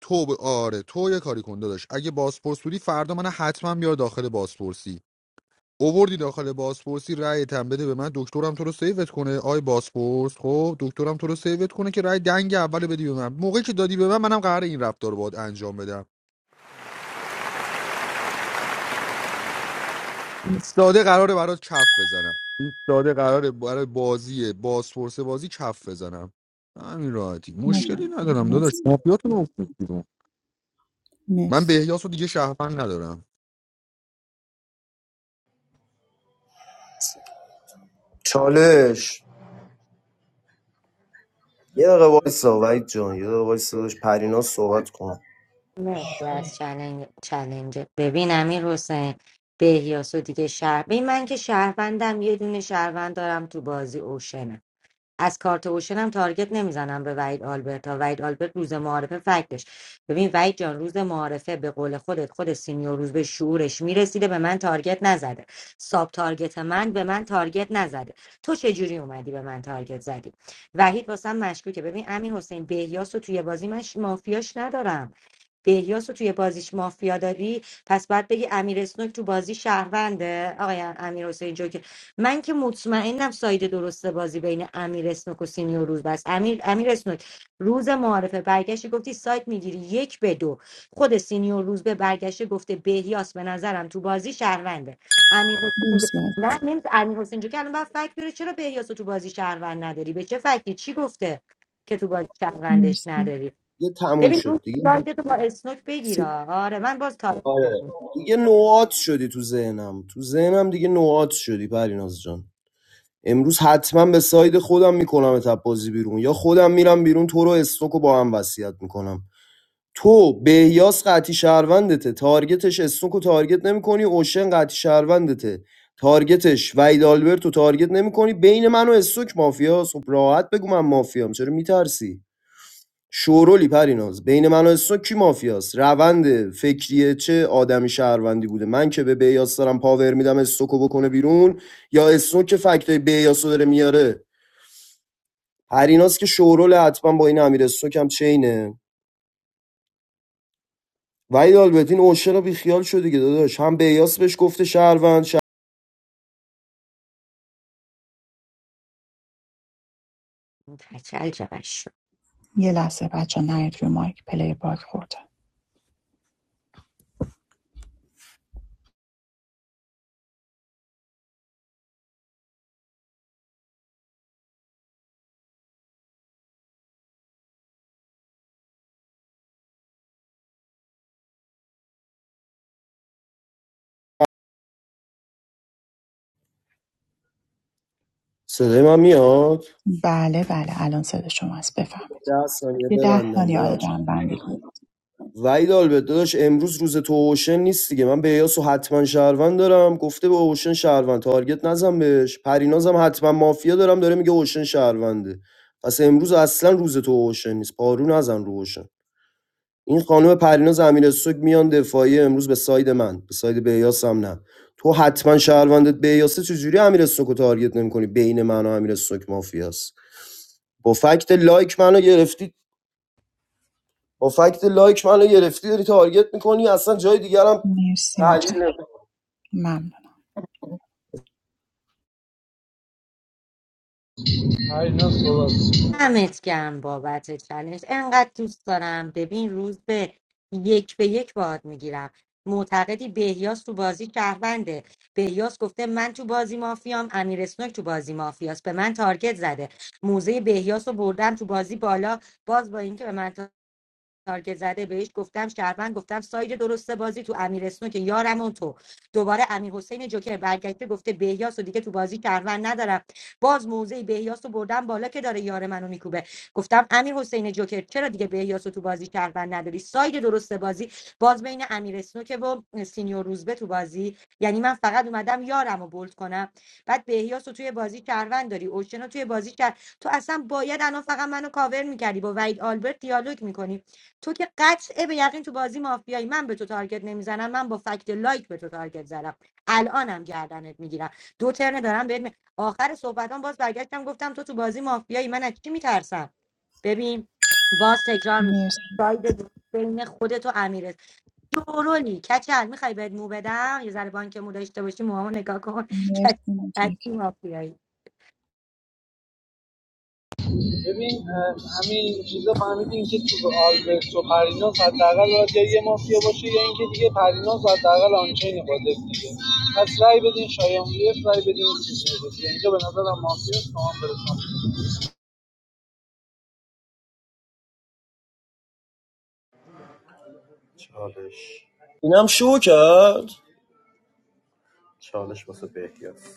Speaker 4: تو ب... آره تو یه کاری کن داداش اگه بازپرس بودی فردا من حتما بیار داخل بازپرسی اووردی داخل بازپرسی رأی تن بده به من دکترم تو رو سیوت کنه آی بازپرس خب دکترم تو رو سیوت کنه که رأی دنگ اول بدی به من موقعی که دادی به من منم قرار این رفتار رو باید انجام بدم ایستاده قراره برات کف بزنم ایستاده قراره برای بازی بازپرس بازی کف بزنم همین راحتی مشکلی
Speaker 11: متشکرم
Speaker 4: ندارم داداش
Speaker 11: مرسی مرسی
Speaker 4: مافیاتون رو افتاد بیرون من
Speaker 11: مرسی
Speaker 4: بهیاس رو دیگه شهروند ندارم
Speaker 3: چالش یه دقیقه وایسا وحید جان یه دقیقه وایسا داشت پریناز صحبت کن
Speaker 9: مرسی از چلنج چلنج ببین امیر حسین بهیاس و دیگه شهر ببین من که شهروندم یه دونه شهروند دارم تو بازی اوشنه از کارت اوشنم تارگت نمیزنم به وحید آلبرت ها وحید آلبرت روز معارفه فکتش ببین وحید جان روز معارفه به قول خودت خود سینیور روز به شعورش میرسیده به من تارگت نزده ساب تارگت من به من تارگت نزده تو چجوری اومدی به من تارگت زدی وحید واسم مشکوکه ببین امین حسین بهیاس رو توی بازی من ش- مافیاش ندارم بهیاس رو توی بازیش مافیا داری پس باید بگی امیر اسنوک تو بازی شهرونده آقای امیر حسین جو که من که مطمئنم ساید درست بازی بین امیر اسنوک و سینیور روز بس امیر امیر اسنوک روز معارفه برگشتی گفتی سایت میگیری یک به دو خود سینیور روز به برگشته گفته بهیاس به نظرم تو بازی شهرونده امیر حسین
Speaker 11: عزیز.
Speaker 9: نه نمیز امیر حسین جو که الان باید فکر بره چرا بهیاس رو تو بازی شهروند نداری به چه فکری چی گفته که تو بازی شهروندش
Speaker 11: مرسی
Speaker 9: نداری
Speaker 3: دیگه تموم
Speaker 9: ببین روز
Speaker 3: شد دیگه
Speaker 9: سایده تو با اسنوک
Speaker 11: مرسی.
Speaker 9: بگیرا آره من باز تاریخ
Speaker 3: آره دیگه نوعات شدی تو ذهنم تو ذهنم دیگه نوعات شدی پریناز جان امروز حتما به ساید خودم میکنم تپ بازی بیرون یا خودم میرم بیرون تو رو استوک رو با هم وصیت میکنم تو بهیاس قطی شهروندته تارگتش استوک و تارگت نمیکنی اوشن قطی شهروندته تارگتش وید آلبرت رو تارگت نمیکنی بین من و استوک مافیاس خب راحت بگو من مافیام چرا میترسی شورولی پریناز بین من و حسون کی مافیاست روند فکریه چه آدمی شهروندی بوده من که به بیاس دارم پاور میدم استوکو بکنه بیرون یا استون که فکتای بیاس رو داره میاره پریناز که شورول حتما با این امیر استوک هم چینه وحید آلبرتین اوشه رو بیخیال شد دیگه داداش هم بیاس بهش گفته شهروند شه-
Speaker 9: تچل چقدر شد
Speaker 11: یه لحظه بچه ها نرید روی مایک پلی باگ خورده
Speaker 3: صدای من میاد
Speaker 11: بله بله الان صدا شما است بفرمایید
Speaker 3: ده ثانیه
Speaker 11: یه ده
Speaker 3: ببندم
Speaker 11: ثانیه
Speaker 3: ببخشید
Speaker 11: آره جمع بندی کن
Speaker 3: وحید آلبرت داداش امروز روز تو اوشن نیست دیگه من به یاسو حتما شهروند دارم گفته به اوشن شهروند تارگت نزن بهش پرینازم حتما مافیا دارم داره میگه اوشن شهرونده پس امروز اصلا روز تو اوشن نیست پارو نزن رو اوشن این خانم پریناز امیر سوگ میان دفاعی امروز به ساید من به ساید بیاس هم نه تو حتما شهروندت بیاسه چجوری امیر سوگ رو تارگت نمیکنی بین من و امیر مافیاست با فکت لایک منو گرفتی با فکت لایک منو گرفتی داری تارگت میکنی اصلا جای دیگرم
Speaker 11: مرسی مچک
Speaker 3: تحلیل نمی‌کنی.
Speaker 11: ممنون
Speaker 9: همت گم بابت چالش انقدر دوست دارم ببین روز به یک به یک باهات میگیرم معتقدی بهیاس تو بازی شهرونده بهیاس گفته من تو بازی مافیام امیر اسنوک تو بازی مافیاست به من تارگت زده موزه بهیاس رو بردم تو بازی بالا باز با اینکه به من تارگت زده بهش گفتم شهروند گفتم ساید درسته بازی تو امیر اسنو که یارم اون تو دوباره امیر حسین جوکر برگشته گفته بهیاس و دیگه تو بازی شهروند ندارم باز موزه بهیاس رو بردم بالا که داره یار منو میکوبه گفتم امیر حسین جوکر چرا دیگه بهیاس رو تو بازی شهروند نداری ساید درسته بازی باز بین امیر اسنو که و سینیور روزبه تو بازی یعنی من فقط اومدم یارم رو بولد کنم بعد بهیاس رو توی بازی شهروند داری اوشن توی بازی شهر... تو اصلا باید الان فقط منو کاور میکردی با وحید آلبرت دیالوگ میکنی تو که قطعه به یقین تو بازی مافیایی من به تو تارگت نمیزنم من با فکت لایک به تو تارگت زدم الانم گردنت میگیرم دو ترن دارم بهت می- آخر صحبتام باز برگشتم گفتم تو تو بازی مافیایی من از چی میترسم ببین باز تکرار میکنم
Speaker 11: مرسی
Speaker 9: ساید بین خودت و امیرت جورولی کچل میخوای بهت مو بدم یه ذره بانک مو داشته باشی موهامو نگاه کن کچل
Speaker 11: مرسی مچک
Speaker 9: قطعی مافیایی
Speaker 7: چالش
Speaker 3: اینم شو کرد
Speaker 7: چالش واسه بهیاد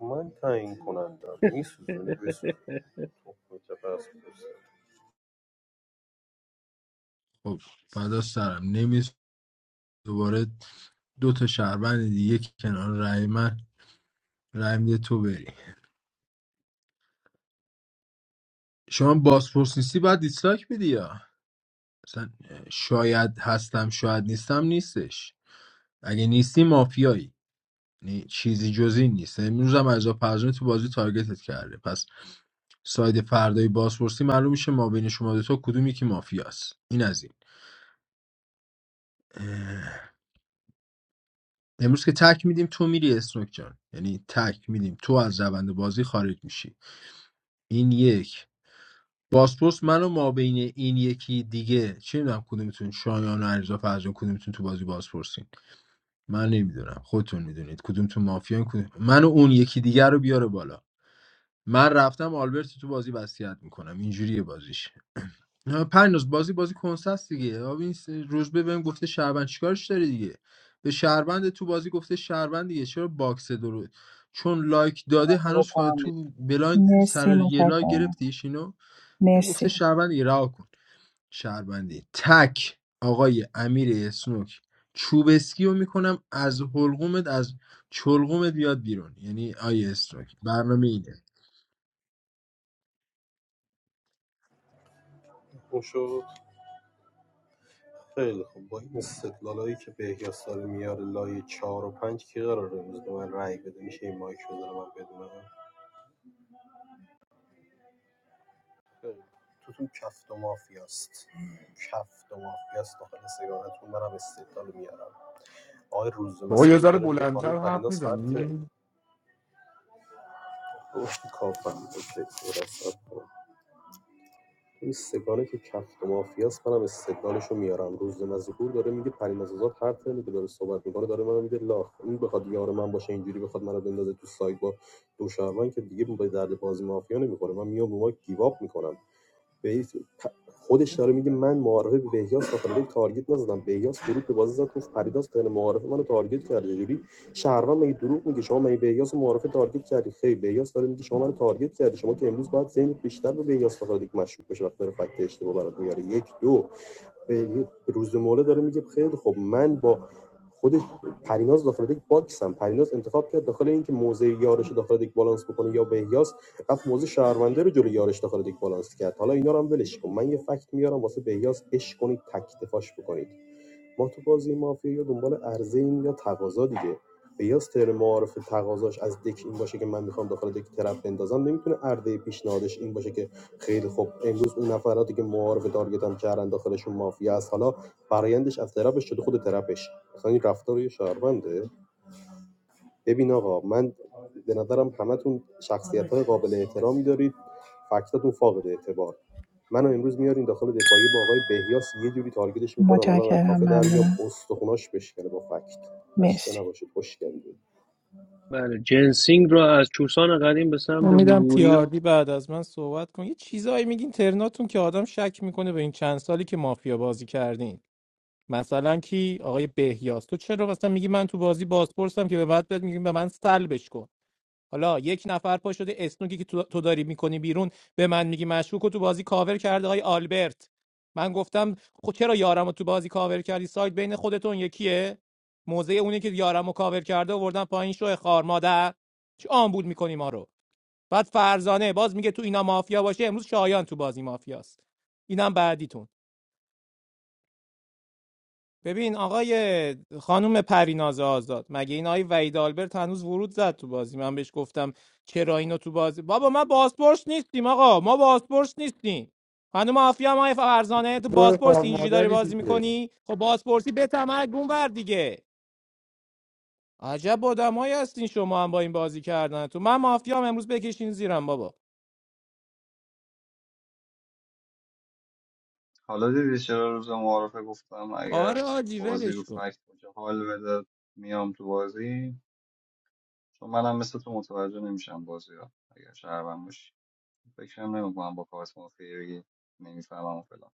Speaker 7: من تعیین کنندم میسوزونی بسوزون تخم که بس بسه.
Speaker 5: خب فدا سرم نمیز دوباره دو تا شهروند دیگه که کنار رای من رای میده تو بری شما بازپرس نیستی باید دیسلایک بدی یا مثلا شاید هستم شاید نیستم نیستش اگه نیستی مافیایی یعنی چیزی جز این نیست امروز هم از پرزونه تو بازی تارگتت کرده پس ساید فردای بازپرسی معلوم میشه ما بین شما دو تا کدومی که مافیاست این از این اه، امروز که تک میدیم تو میری اسنوک جان یعنی تک میدیم تو از روند بازی خارج میشی این یک بازپرس منو و ما بین این یکی دیگه چه میدونم کدومتون شایان و علیرضا فرجان کدومتون تو بازی بازپرسین من نمیدونم خودتون میدونید کدومتون مافیان کدوم من و اون یکی دیگه رو بیاره بالا من رفتم آلبرت تو بازی وصیت میکنم اینجوریه بازیش نه، پریناز بازی بازی کنساست دیگه آب این س- روزبه بهم گفته شهروند چیکارش داری دیگه به شهروند تو بازی گفته شهروند دیگه چرا باکس درو چون لایک داده هنوز فا-
Speaker 14: بکنم
Speaker 5: تو بلایند
Speaker 11: مرسی
Speaker 5: سر یه لایک
Speaker 11: متشکرم
Speaker 5: گرفتیش اینو گفته
Speaker 11: مرسی
Speaker 5: شهروند دیگه رها کن شهروندی تک آقای امیر اسنوک چوبسکی رو میکنم از حلقومت از چلقومت بیاد بیرون یعنی آیه اسنوک برنامه اینه
Speaker 7: اون شد خیلی خوب با این استدلالایی که بهیاس داره میاره لایه چهار و پنج که قراره امروز به من رأی بده میشه این مایک بذاره من بدونم خیلی. توتون کفت و مافیاست کفت و مافیاست داخل سیارتون منم استدلال میارم آقای روز
Speaker 4: بابا یه
Speaker 7: مسیحور
Speaker 4: ذره
Speaker 7: داره میگه خانم
Speaker 4: بلندتر حرف
Speaker 7: پریناس هر ته
Speaker 4: میزنی
Speaker 7: اوه، کافم اوکی، درستم. این سگانه که کفت مافیاس منم استدلالش رو میارم روز مذکور داره میگه پریناز آزاد هر ترمی که داره صحبت میکنه داره منو میده لاخ این بخواد یار من باشه اینجوری بخواد منو بندازه تو سایت با دو شهروند که دیگه به درد بازی مافیا نمیخوره من میام رو ما گیواب میکنم بهیس خودش داره میگه من معارفه به بهیاس داخل تارگت نزدم بهیاس ورود به بازی زد گفت پریداس تن معارفه منو تارگت کرده جوری شهروند مگه دروغ میگه شما مگه بهیاس رو معارفه تارگت کردی خیر بهیاس داره میگه شما منو تارگت کردی شما که امروز باید ذهنت بیشتر به بهیاس داخل دک مشکوک بشه وقتی داره فکت اشتباه برات میاره یک دو روز موله داره میگه خیلی خب من با خودش پریناز داخل یک باکسم پریناز انتخاب کرد داخل اینکه موزه یارش رو داخل یک بالانس بکنه یا بهیاس رفت موزه شهرونده رو جلوی یارش داخل یک بالانس کرد حالا اینا رو هم ولش کن من یه فکت میارم واسه بهیاس اش کنید تک دفاعش بکنید ما تو بازی مافیا یا دنبال عرضه ایم یا تقاضا دیگه بیاس تر معارف تقاضاش از دک این باشه که من میخوام داخل دک طرف بندازم نمیتونه عرضه پیشنهادش این باشه که خیلی خوب امروز اون نفراتی که معارف تارگتم کردن داخلشون مافیا است حالا برایندش از طرفش شده خود طرفش مثلا این رفتار یه شهرونده ببین آقا من به نظرم همتون شخصیت قابل احترامی دارید فکتاتون فاقد اعتبار منو امروز میارین داخل دفاعی با آقای بهیاس یه جوری تارگتش میکنم الان از
Speaker 11: متشکرم
Speaker 7: کافه در میام
Speaker 11: ممنونم
Speaker 7: استخوناش بشکنه با فکت خسته
Speaker 11: مرسی
Speaker 7: نباشید خوش گردید
Speaker 2: بله جنسینگ را از چوسان قدیم به سمت
Speaker 13: امیدم
Speaker 2: بوبوری
Speaker 13: تیاردی بعد از من صحبت کن یه چیزایی میگین ترناتون که آدم شک میکنه به این چند سالی که مافیا بازی کردین مثلا کی آقای بهیاس تو چرا مثلا میگی من تو بازی بازپرسم که به بعد بهت میگیم به من سلبش کن حالا یک نفر پا شده اسنوکی که تو داری میکنی بیرون به من میگی مشکوک و تو بازی کاور کرده های آلبرت من گفتم خب چرا یارم تو بازی کاور کردی سایت بین خودتون یکیه موزه اونی که یارم کاور کرده آوردن پایین شو خار مادر چه آمبول میکنی ما رو بعد فرزانه باز میگه تو اینا مافیا باشه امروز شایان تو بازی مافیاست اینم بعدیتون ببین آقای خانم پریناز آزاد مگه این آقای وحید آلبرت هنوز ورود زد تو بازی من بهش گفتم چرا اینو تو بازی بابا ما بازپرس نیستیم آقا ما بازپرس نیستیم خانم آفیا ما فرزانه تو
Speaker 4: تو کار
Speaker 13: بازپرس اینجوری داری
Speaker 4: مادری
Speaker 13: بازی
Speaker 4: دیگه
Speaker 13: میکنی خب بازپرسی به تمرگون ور دیگه عجب آدمایی هستین شما هم با این بازی کردن تو من مافیام امروز بکشین زیرم بابا
Speaker 10: حالا دیدی چرا روز معارفه گفتم اگر
Speaker 13: آره آجی
Speaker 10: بازی رو
Speaker 13: ولش کن
Speaker 10: فکت باشه حال بده میام تو بازی چون منم مثل تو متوجه نمیشم بازی ها اگر شهروند باشی فکرم نمیکنم با کارت مافیا بگی نمیفهمم و فلان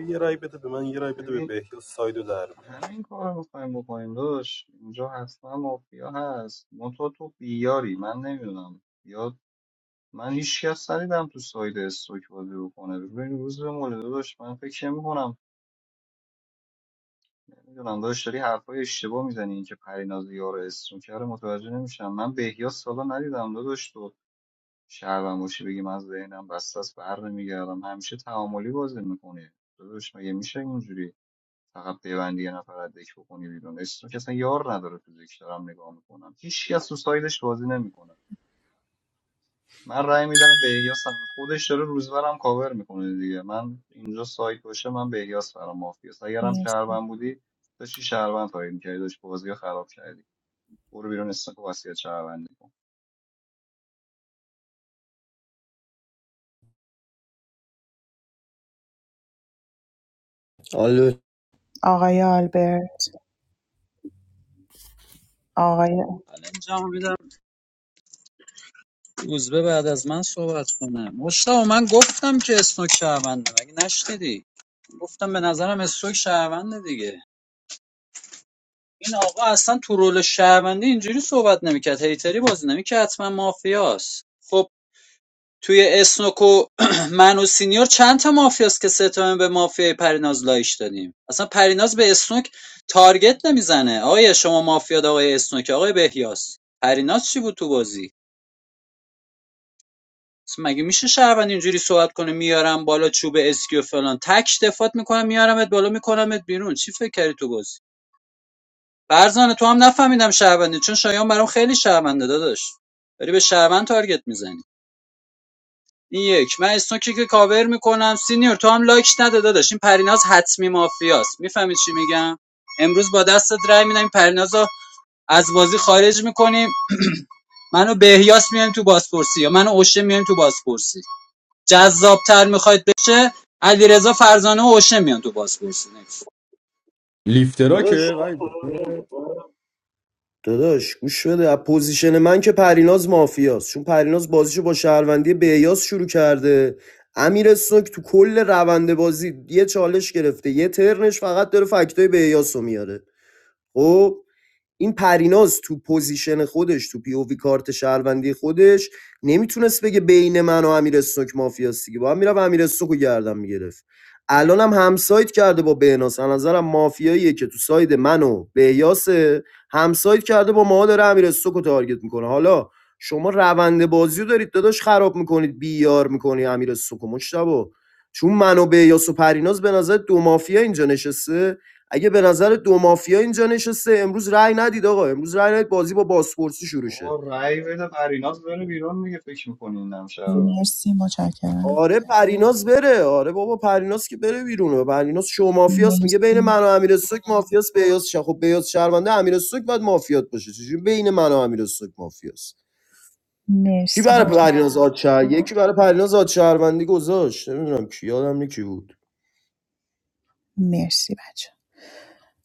Speaker 7: یه رای بده به من یه رای بده به
Speaker 10: ببین
Speaker 7: بهیاس سایدو در بیار
Speaker 10: همین کار رو میخوایم بکنیم داشت اینجا حتما مافیا هست منتها تو بیاری من نمیدونم یا من هیچ کس ندیدم تو ساید استوک بازی رو کنه ببین روز به مولده داشت من فکر میکنم میدونم داداش داری حرفای اشتباه میزنی اینکه پریناز یار اسم کرده متوجه نمیشم من بهیاس سالا ندیدم داداش تو شهروند باشی بگی من ذهنم بسته است بر نمیگردم همیشه تعاملی بازی میکنی داداش مگه میشه اینجوری فقط ببندی یه نفر از دک بکنی بیرون اسم که اصلا یار نداره تو دک دارم نگاه میکنم هیچ کس تو سایدش بازی نمیکنه من رأی میدم به احیاس هم. خودش داره روزبرم کاور میکنه دیگه من اینجا سایت باشه من به احیاس برام مافیاس اگرم
Speaker 11: مرسی
Speaker 10: شهروند بودی داشتی شهروند تایید میکردی داشت بازی رو خراب کردی برو بیرون استاک واسیت شهروندی کن
Speaker 3: حالا
Speaker 11: آقای آلبرت آقای
Speaker 14: روزبه بعد از من صحبت کنه مشتاق من گفتم که اسنوک شهرونده مگه نشنیدی گفتم به نظرم اسنوک شهرونده دیگه این آقا اصلا تو رول شهروندی اینجوری صحبت نمیکرد هیتری بازی نمیکرد حتما مافیاست خب توی اسنوک و من و سینیور چند تا مافیاست که ستمه به مافیای پریناز لایش دادیم اصلا پریناز به اسنوک تارگت نمیزنه آقای شما مافیا آقای اسنوک آقای بهیاس پریناز چی بود تو بازی مگه میشه شهروند اینجوری صحبت کنه میارم بالا چوب اسکی و فلان تک دفات میکنم میارمت بالا میکنمت بیرون چی فکر کردی تو بازی فرزانه تو هم نفهمیدم شهروندی چون شایان برام خیلی شهرونده داداش داری به شهروند تارگت میزنی این یک من اسنوکی که کاور میکنم سینیور تو هم لایک نده داداش این پریناز حتمی مافیاست میفهمید چی میگم امروز با دستت رای میدم پرینازو از بازی خارج میکنیم منو بهیاس میایم تو بازپرسی یا منو اوشه میایم تو بازپرسی جذابتر میخواید بشه علیرضا فرزانه و اوشه میان تو بازپرسی نکس
Speaker 3: داداش
Speaker 4: لیفتراکه وای بابا.
Speaker 3: داداش گوش بده از پوزیشن من که پریناز مافیاست چون پریناز بازیشو با شهروندی بیاس شروع کرده امیر سوک تو کل روند بازی یه چالش گرفته یه ترنش فقط داره فکتای بیاس رو میاره خب این پریناز تو پوزیشن خودش تو پی او وی کارت شهروندی خودش نمیتونست بگه بین من و امیر استوک مافیاست دیگه با هم میرفت امیر استوک گردن میگرفت الان هم همسایت کرده با بهناس از نظرم مافیاییه که تو ساید من و بهیاسه همسایت کرده با ما داره امیر استوک تارگت میکنه حالا شما روند بازیو رو دارید داداش خراب میکنید بیار میکنی امیر استوک و چون من و بهیاس و پریناز به نظر دو مافیا اینجا نشسته اگه به نظر دو مافیا اینجا نشسته امروز رأی ندید آقا امروز رأی ندید بازی با بازپرسی شروع شه
Speaker 10: آقا رأی بده پریناز بره بیرون دیگه فکر میکنی این هم شهرونده
Speaker 11: مرسی متشکرم
Speaker 3: آره پریناز بره آره بابا پریناز که بره بیرون پریناز شو مافیاست میگه بین
Speaker 11: مرسی
Speaker 3: من و امیر سوک مافیاست بیاز شه خب بیاز شهرونده امیر سوک باید مافیات باشه چجوری بین من و امیر سوک مافیاست کی
Speaker 11: مرسی
Speaker 3: برای
Speaker 11: متشکرم
Speaker 3: پریناز آد شهر یکی برای پریناز آد شهروندی گذاشت نمیدونم کی یادم نی کی بود
Speaker 11: مرسی بچه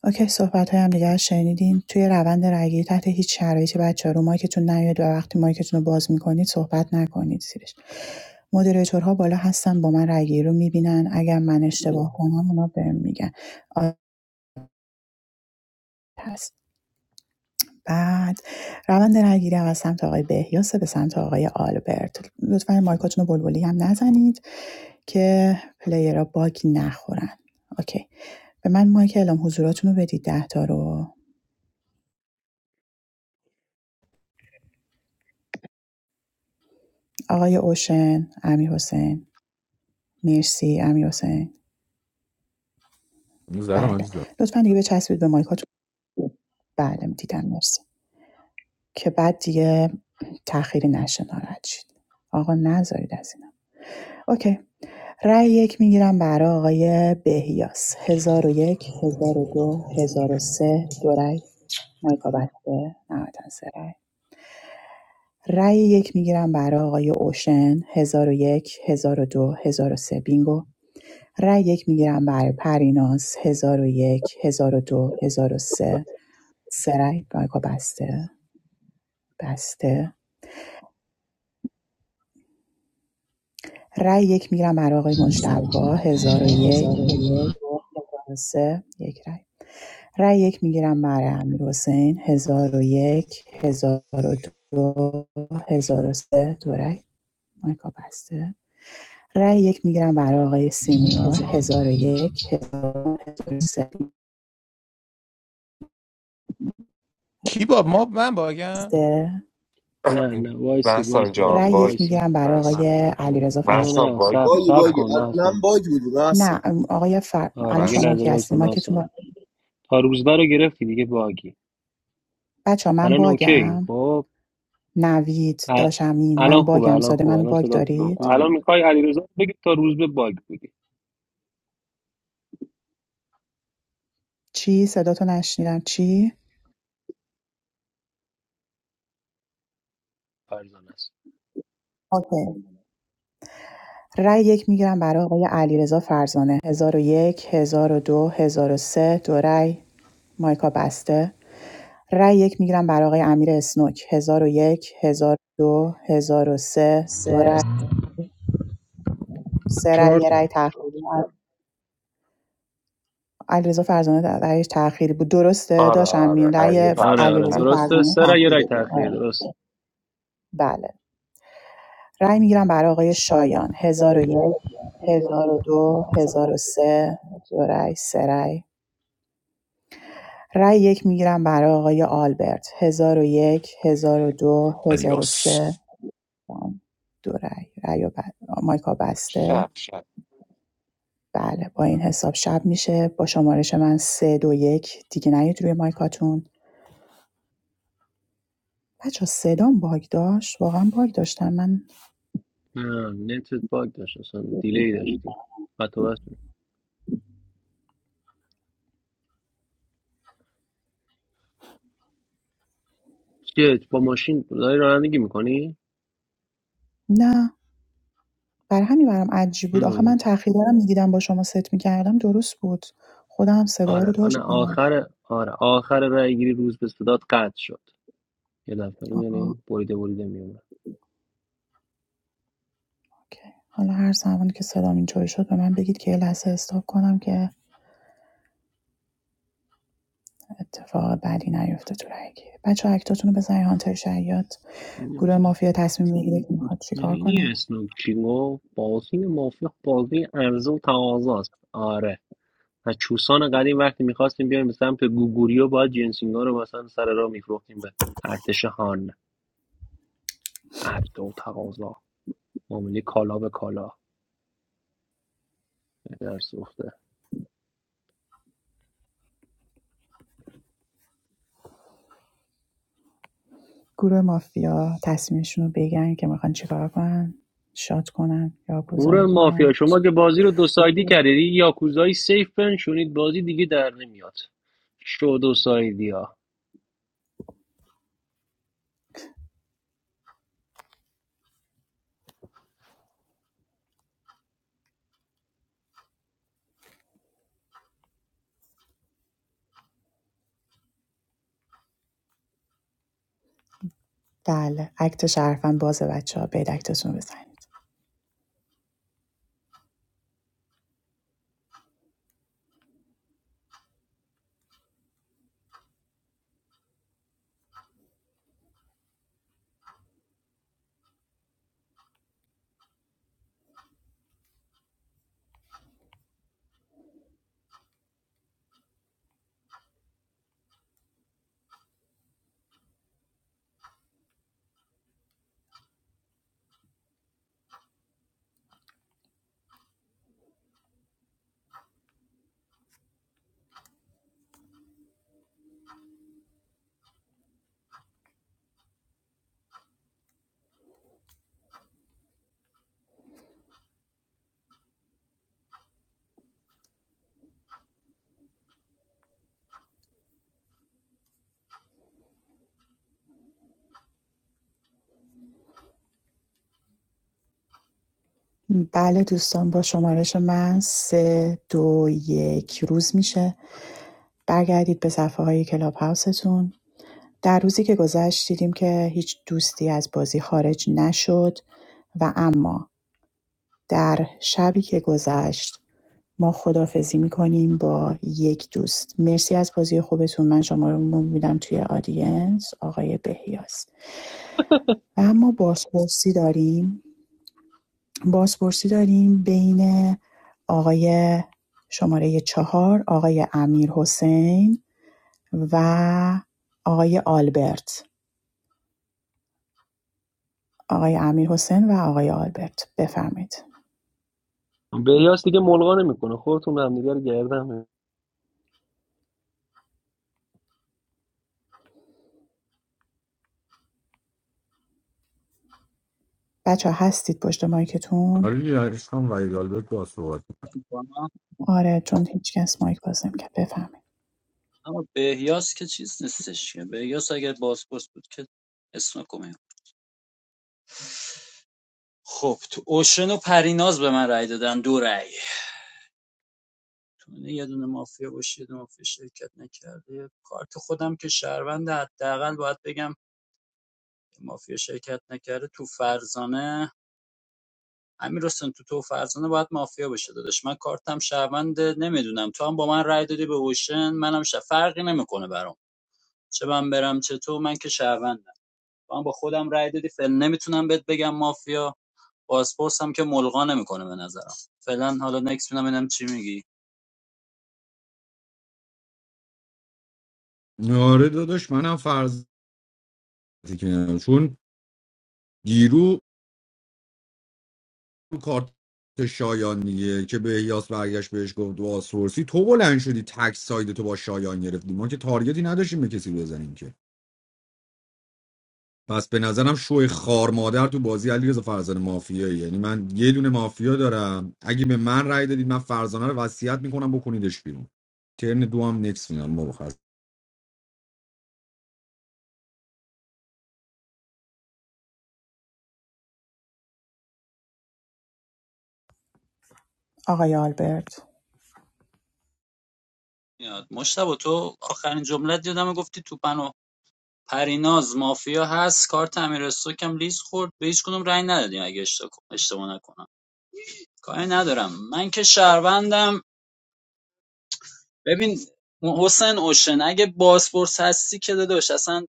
Speaker 11: اوکی صحبت‌های همدیگه رو شنیدین توی روند رأیگیری تحت هیچ شرایطی بچه‌ها رو مایکتون نیاد و وقتی مایکتون رو باز میکنید صحبت نکنید زیرش مدیریتورها بالا هستن با من رأیگیری رو میبینن اگر من اشتباه کنم اونا بهم میگن آ- هست بعد روند رأیگیری هم از سمت آقای بهیاس به سمت آقای آلبرت لطفا مایکاتون رو بلبلی هم نزنید که پلیرها باگ نخورن اوکی به من مایک اعلام حضوراتون رو بدید ده تا رو آقای اوشن امیرحسین مرسی امیرحسین
Speaker 4: اون ذره من
Speaker 11: بله
Speaker 4: دیدم
Speaker 11: لطفا دیگه بچسبید به مایکاتون بله دیدم مرسی که بعد دیگه تأخیری نشه ناراحت شید آقا نذارید از اینا اوکی رأی یک میگیرم برای آقای بهیاس هزار و یک هزار و دو هزار و سه دو رأی مایکا بسته نهایتا سه رأی رأی یک میگیرم برای آقای اوشن هزار و یک هزار و دو هزار و سه بینگو رای یک میگیرم برای پریناز هزار و یک هزار و دو هزار و سه سه رای مایکا بسته بسته رای یک میگیرم برای آقای مجتبا هزار و یک هزار و سه یک رای رای یک میگیرم برای امیر حسین هزار و یک هزار و دو هزار و سه دو رای مایکا بسته رای یک میگیرم برای آقای سینیور هزار و یک هزار
Speaker 13: کی با ما من
Speaker 11: و
Speaker 13: باگم
Speaker 11: سه
Speaker 2: نه نه وایسی وایسی
Speaker 15: Massanjam
Speaker 2: بچه
Speaker 11: رأی یک
Speaker 2: وایسا
Speaker 15: bogi
Speaker 11: میگیرم برای آقای
Speaker 4: من
Speaker 15: massam
Speaker 11: علیرضا
Speaker 2: نه نه
Speaker 11: فرج
Speaker 15: massam
Speaker 2: نه سب
Speaker 15: bogi
Speaker 3: باگی
Speaker 2: سب
Speaker 3: باگی
Speaker 2: کن
Speaker 3: از
Speaker 2: نه
Speaker 3: من باگ بودی محسن
Speaker 11: نه آقای فر... الان
Speaker 2: آره یه
Speaker 11: شما
Speaker 15: massam
Speaker 2: لحظه
Speaker 11: کی
Speaker 2: وایس
Speaker 11: هستین مایکتون
Speaker 2: مثلا
Speaker 11: با...
Speaker 2: تا روزبه رو گرفتی دیگه باگی
Speaker 11: بچه ها من
Speaker 2: الان اوکی
Speaker 11: باگم
Speaker 2: خب
Speaker 11: نوید
Speaker 2: ا-
Speaker 11: داشم
Speaker 2: الان
Speaker 11: من
Speaker 2: خوبه
Speaker 11: باگم
Speaker 2: الان
Speaker 11: ساده
Speaker 2: خوبه
Speaker 11: منو
Speaker 2: الان
Speaker 11: باگ
Speaker 2: صدات خوبه
Speaker 11: دارید
Speaker 2: الان
Speaker 8: خوبی
Speaker 2: میخوای علیرضا بگی تا روزبه باگ بودی
Speaker 11: چی صداتو نشنیدم چی
Speaker 2: فرزانه است
Speaker 11: اوکی رأی یک میگیرم برای آقای علیرضا فرزانه هزار و یک، هزار و دو هزار و سه. دو رأی مایکا بسته رأی یک میگیرم برای آقای امیر اسنوک 1001 1002 1003 دو هزار و سه. دو رأی سه رأی
Speaker 5: چهار
Speaker 11: یه رأی
Speaker 5: تا
Speaker 11: تأخیری علیرضا فرزانه در رأیش تأخیری بود درسته
Speaker 15: aha
Speaker 11: داشتم
Speaker 15: aha
Speaker 11: این
Speaker 15: I'm the
Speaker 11: رأی
Speaker 2: آره
Speaker 15: person
Speaker 2: آره
Speaker 11: علیرضا
Speaker 15: that
Speaker 2: درسته
Speaker 11: فرزانه
Speaker 2: سر یه رگ
Speaker 11: تأخیری بود
Speaker 2: تاخیر
Speaker 11: آره.
Speaker 2: درست
Speaker 11: بله رأی میگیرم برای آقای شایان هزار و یک هزار و دو هزار و سه دو رأی سه رأی رأی یک میگیرم برای آقای آلبرت هزار و یک هزار و دو هزار و
Speaker 12: آدیاس
Speaker 11: سه دو رأی رأی و بد... مایکا بسته
Speaker 15: sha sha.
Speaker 11: بله با این حساب شب میشه با شمارش من سه دو یک دیگه نیاد روی مایکاتون بچه‌ها صدام باگ داشت؟ واقعا باگ داشتم من
Speaker 2: نه، نتت باگ داشت اصلا دیلی داشتی قطع و وصل. بود. چیه با ماشین داری رانندگی میکنی
Speaker 11: نه برای همین برام عجیب بود آخه من تأخیرا رو میدیدم با شما ست میکردم درست بود خودم هم صدا رو
Speaker 2: آره آره
Speaker 11: داشتم
Speaker 2: آخر آره آخر رای گیری روز به صدات قطع شد یه دفعه
Speaker 11: آه،
Speaker 2: یعنی بریده بریده میومد
Speaker 11: اوکی. حالا هر زمانی که صدام اینطوری شد به من بگید که یه لحظه استاپ کنم که اتفاق بدی نیفته تو رگی بچه اکتاتون رو بزنید هانتر شیاد گروه مافیا تصمیم میگیره که میخواد چیکار
Speaker 2: میدونی
Speaker 11: کنه
Speaker 2: اسنوک چی گفت بازی مافیا بازی عرضه و تقاضاست آره از چوسان قدیم وقتی میخواستیم بیایم به سمت گوگوریو باید جنسینگا رو مثلا سر راه میفروختیم به ارتش هان عرضه و تقاضا معامله کالا به کالا در سوخته
Speaker 11: گروه مافیا تصمیمشون رو بگن که میخوان چیکار کنن شاد کنن یا
Speaker 2: گور
Speaker 11: گذاری
Speaker 2: مافیا
Speaker 11: کنن
Speaker 2: شما که بازی رو دو سایدی کردید این یاکوزایی سیف بنشونید بازی دیگه در نمیاد شو دو سایدی ها
Speaker 11: بله اکت شرفن باز بچه ها برید اکتتون رو بزنید بله دوستان با شمارش من سه دو یک روز میشه برگردید به صفحه های کلاب هاوستون در روزی که گذشت دیدیم که هیچ دوستی از بازی خارج نشد و اما در شبی که گذشت ما خدافزی میکنیم با یک دوست مرسی از بازی خوبتون من شما رو میدم توی آدینس آقای بهیاس و اما بازپرسی داریم بازپرسی داریم بین آقای شماره چهار آقای امیر حسین و آقای آلبرت آقای امیر حسین و آقای آلبرت بفرمایید
Speaker 2: به یاس دیگه ملغا نمیکنه خودتون همدیگه رو گردن
Speaker 11: بچه هستید پشت مایکتون
Speaker 4: آره دیگه، عشقم وای گالبرت با صحبت
Speaker 14: می‌کنم.
Speaker 11: آره چون هیچ کس مایک باز نمیکرد بفرمایید
Speaker 14: اما بهیاس که چیز نیستش که بهیاس اگر بازپرس بود که اسم کنیم خب تو اوشن و پریناز به من رأی دادن دو رأی تو نه یه دونه مافیا باشه یه دونه مافیا شرکت نکرده کارت خودم که شهروند حداقل باید بگم مافیا شرکت نکرده تو فرزانه امیر حسین تو تو و فرزانه باید مافیا بشه داداش من کارتم شهروند نمیدونم تو هم با من رای دادی به اوشن منم ش... فرقی نمیکنه برام چه من برم چه تو من که شهروندم تو هم با خودم رای دادی فعلا نمیتونم بهت بگم مافیا پاسپورت هم که ملغا نمیکنه به نظرم فعلا حالا نکس میدم ببینم چی میگی
Speaker 4: آره داداش منم فرض که چون گیرو کارت شایانیه که به احیاس برگشت بهش گفت بازپرسی تو بلند شدی تک ساید تو با شایان گرفتی ما که تارگتی نداشتیم به کسی بزنیم که پس به نظرم شوی خار مادر تو بازی علیرضا فرزانه مافیایی یعنی من یه دونه مافیا دارم اگه به من رأی دادید من فرزانه رو وصیت میکنم بکنیدش بیرون ترن دو هم نکس فینال ما بخواست
Speaker 11: آقای آلبرت
Speaker 14: میاد مشتبه تو آخرین جملت یادم گفتی تو پنو پریناز مافیا هست کارت امیر کم لیز خورد به هیچ کدوم رأی ندادیم اگه اشتباه اشتباه نکنم کاری ندارم من که شهروندم ببین حسین اوشن اگه بازپرس هستی که داداش اصلا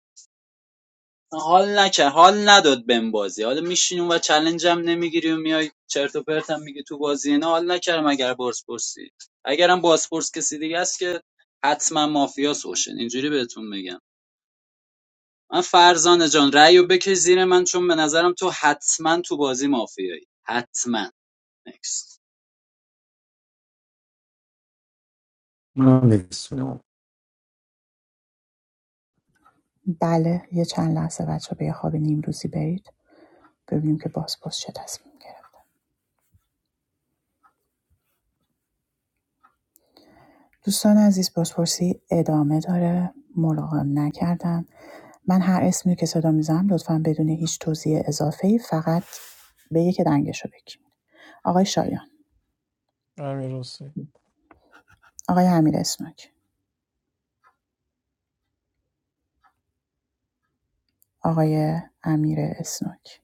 Speaker 14: حال نکرد حال نداد بهم بازی حالا میشینیم و چلنج هم نمیگیری و میای چرت و پرت هم میگی تو بازی نه حال نکردم اگر بازپرسی اگرم بازپرس کسی دیگه است که حتما مافیاس اوشن اینجوری بهتون میگم من فرزانه جان رأی بکش زیر من چون به نظرم تو حتما تو بازی مافیایی حتما نکست
Speaker 4: من هم نکس فینال
Speaker 11: بله یه چند لحظه بچه به یه خواب نیمروزی برید ببینیم که بازپرس چه تصمیم گرفت دوستان عزیز بازپرسی ادامه داره ملاقم نکردن من هر اسمی که صدا میزنم لطفا بدون هیچ توضیح اضافه فقط به یک دنگش رو بگیم آقای شایان
Speaker 13: امیر حسین
Speaker 11: آقای امیر اسنوک آقای امیر اسنوک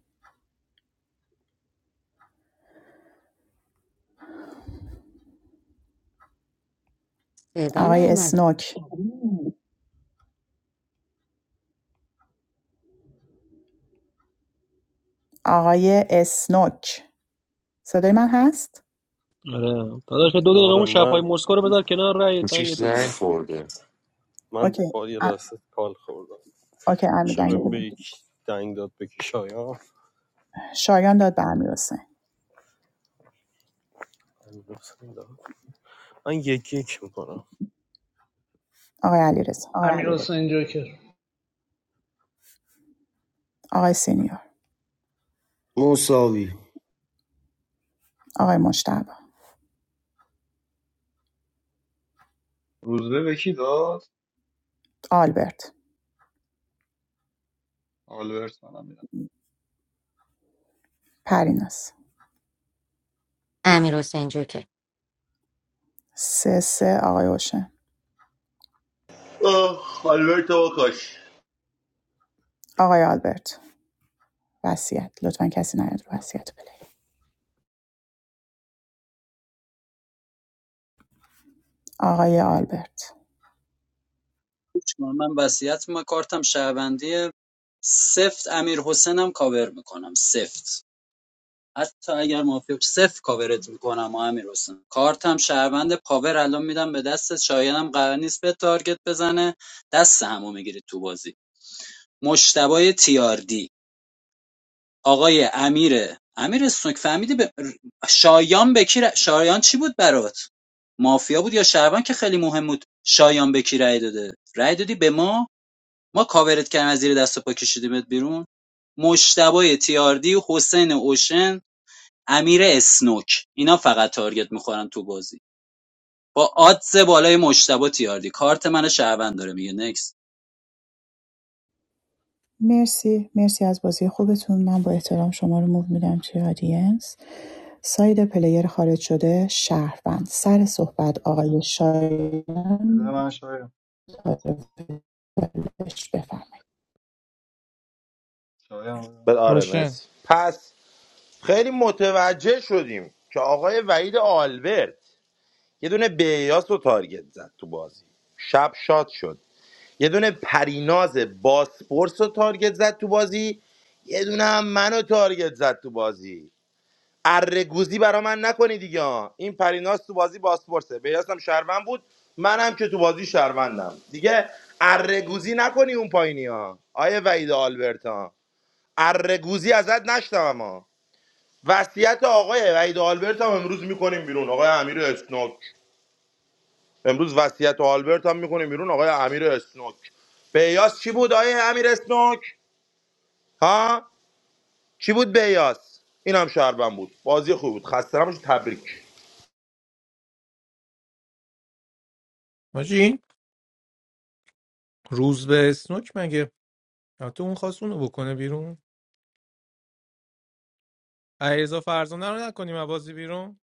Speaker 9: صدا
Speaker 11: آقای
Speaker 9: نیومد
Speaker 11: اسنوک آقای اسنوک صدای من هست؟
Speaker 2: آره داداش دو دقیقه
Speaker 7: آره
Speaker 2: اون شبهای
Speaker 7: من
Speaker 2: مسکو رو بذار کنار رأی تنگ
Speaker 15: What's
Speaker 2: تو
Speaker 15: your
Speaker 2: بده
Speaker 15: name, brother?
Speaker 7: من
Speaker 11: اوکی
Speaker 7: با یه
Speaker 11: ا-
Speaker 7: لحظه کال خوردم
Speaker 11: اوکی امیر
Speaker 7: چه
Speaker 11: دنگ
Speaker 7: به بیک دنگ داد به کی شایان؟
Speaker 11: شایان داد به امیر حسین
Speaker 7: من یکی یک میکنم
Speaker 11: آقای علی آقای سینیور
Speaker 3: مساوی
Speaker 11: آقای مشتبه
Speaker 10: روزبه به کی داد
Speaker 11: آلبرت
Speaker 10: آلبرت منم میدم
Speaker 11: پریناس
Speaker 9: امیر حسین جو که
Speaker 11: سه سه آقای اوشن
Speaker 12: آه، آلبرت آقاش
Speaker 11: آقای آلبرت وصیت لطفاً کسی نیاد رو وصیت پلی آقای آلبرت
Speaker 14: چون من وصیت ما کارتم شهروندی سفت امیر حسینم کاور میکنم سفت حتی اگر موافق صفر کاورت میکنم و امیر کارتم شهروند پاور الان میدم به دست شایانم قرار نیست به تارگت بزنه دست همو میگیرید تو بازی مشتبای تیاردی آقای امیر امیر سنوک فهمیدی به شایان بکی شایان چی بود برات مافیا بود یا شهروند که خیلی مهم بود شایان بکی رای داده رای دادی به ما ما کاورت کردیم از زیر دست و پا کشیدیمت بیرون مشتبای تیاردی حسین اوشن امیر اسنوک اینا فقط تارگت میخورن تو بازی با آدز بالای مشتبه تیاردی کارت من شهروند داره میگه نکس
Speaker 11: مرسی مرسی از بازی خوبتون من با احترام شما رو موو میدم توی آدینس ساید پلیر خارج شده شهروند سر صحبت آقای
Speaker 10: بده
Speaker 11: شایان
Speaker 10: من شایان
Speaker 11: متعارف بهش بفرمایید
Speaker 10: شایان بده.
Speaker 12: بل آره
Speaker 13: روشن
Speaker 12: مرسی پس خیلی متوجه شدیم که آقای وحید آلبرت یه دونه بیاس رو تارگت زد تو بازی شب شاد شد یه دونه پریناز باسپورس رو تارگت زد تو بازی یه دونه هم منو تارگت زد تو بازی گوزی برا من نکنی دیگه ها. این پریناز تو بازی باسپورسه بیاستم شهروند بود منم که تو بازی شهروندم دیگه گوزی نکنی اون پایینی ها آیه وحید آلبرتا گوزی ازت نشتم اما وصیت آقای وحید آلبرت هم امروز میکنیم بیرون آقای امیر اسنوک امروز وصیت آلبرت هم میکنیم بیرون آقای امیر اسنوک بیاس چی بود آقای امیر اسنوک ها چی بود بیاس این هم شهروند بود بازی خوب بود خسته نباشید. تبریک
Speaker 13: حاجی این روز به اسنوک مگه آه، تو اون خواست اونو بکنه بیرون علیرضا فرزانه رو نکنیم از بازی بیرون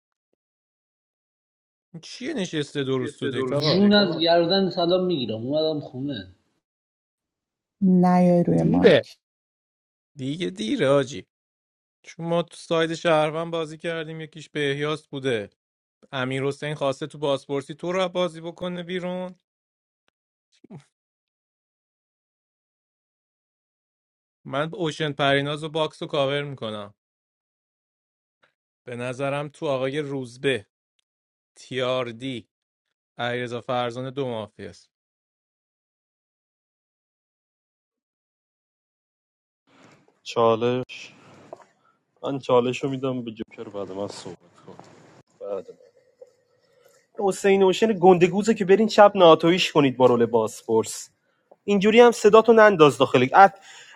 Speaker 13: این چیه نشسته دو روز تو دک آقا
Speaker 11: نیاید روی
Speaker 13: دیره
Speaker 11: مایک
Speaker 13: دیگه دیره آجی چون ما تو ساید شهروند بازی کردیم یکیش بهیاس بوده امیر حسین خواسته تو بازپرسی تو رو بازی بکنه بیرون من اوشن پریناز و باکس رو کاور میکنم به نظرم تو آقای روزبه تیاردی علیرضا فرزانه دو مافی است
Speaker 7: چالش من چالش رو میدم به جوکر بعد من صحبت کن بعد من حسین اوشن گندگوزه که برین چپ ناتویش کنید با رول باسپورس اینجوری هم صداتون ننداز داخل اف...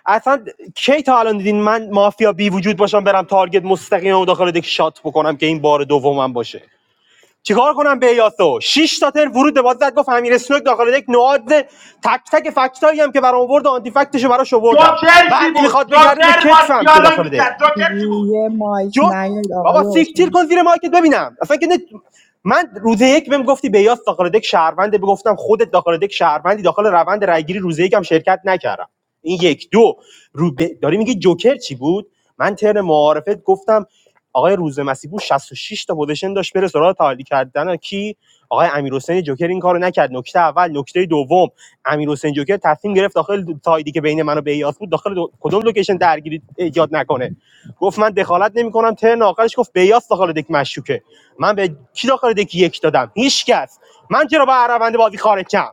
Speaker 7: اصلا کی تا الان دیدین من مافیا بی وجود باشم برم تارگت مستقیم و داخل دک شات بکنم که این بار دومم باشه چیکار کنم به یاسو شش تا تر ورود به باز زد گفت امیر اسنوک داخل دک نواد تک تک فکتایی هم که برام آورد و آنتی فکتشو براش آوردم
Speaker 12: جوکر چی
Speaker 7: بعد
Speaker 12: بود
Speaker 7: میخواد بگرده به
Speaker 12: جوکر با
Speaker 7: کتفم که
Speaker 12: دیالوگ
Speaker 7: داخل دک
Speaker 12: میکرد جوکر چی بود
Speaker 11: روی مایک
Speaker 7: جوک
Speaker 11: نیاید
Speaker 7: بابا
Speaker 11: آقای
Speaker 7: سیکتیر
Speaker 11: اوشن
Speaker 7: کن زیر مایکت ببینم اصلا که نه من روز یک بهم گفتی بیاس داخل دک شهرونده گفتم خودت داخل دک شهروندی داخل روند رایگیری روز یک شرکت نکردم این یک دو رو ب... داری میگی جوکر چی بود من ترن معارفت گفتم آقای روز مسیبو 66 تا پوزیشن داشت بره سراغ تعالی کردن کی آقای امیرحسین جوکر این کارو نکرد نکته اول نکته دوم امیرحسین جوکر تصمیم گرفت داخل تایدی که بین من و بیاس بود داخل دو... کدوم لوکیشن درگیری ایجاد نکنه گفت من دخالت نمیکنم ترن آخرش گفت بیاس داخل دک مشکوکه من به کی داخل دک یک دادم هیچ من چرا با روند بازی خارج کم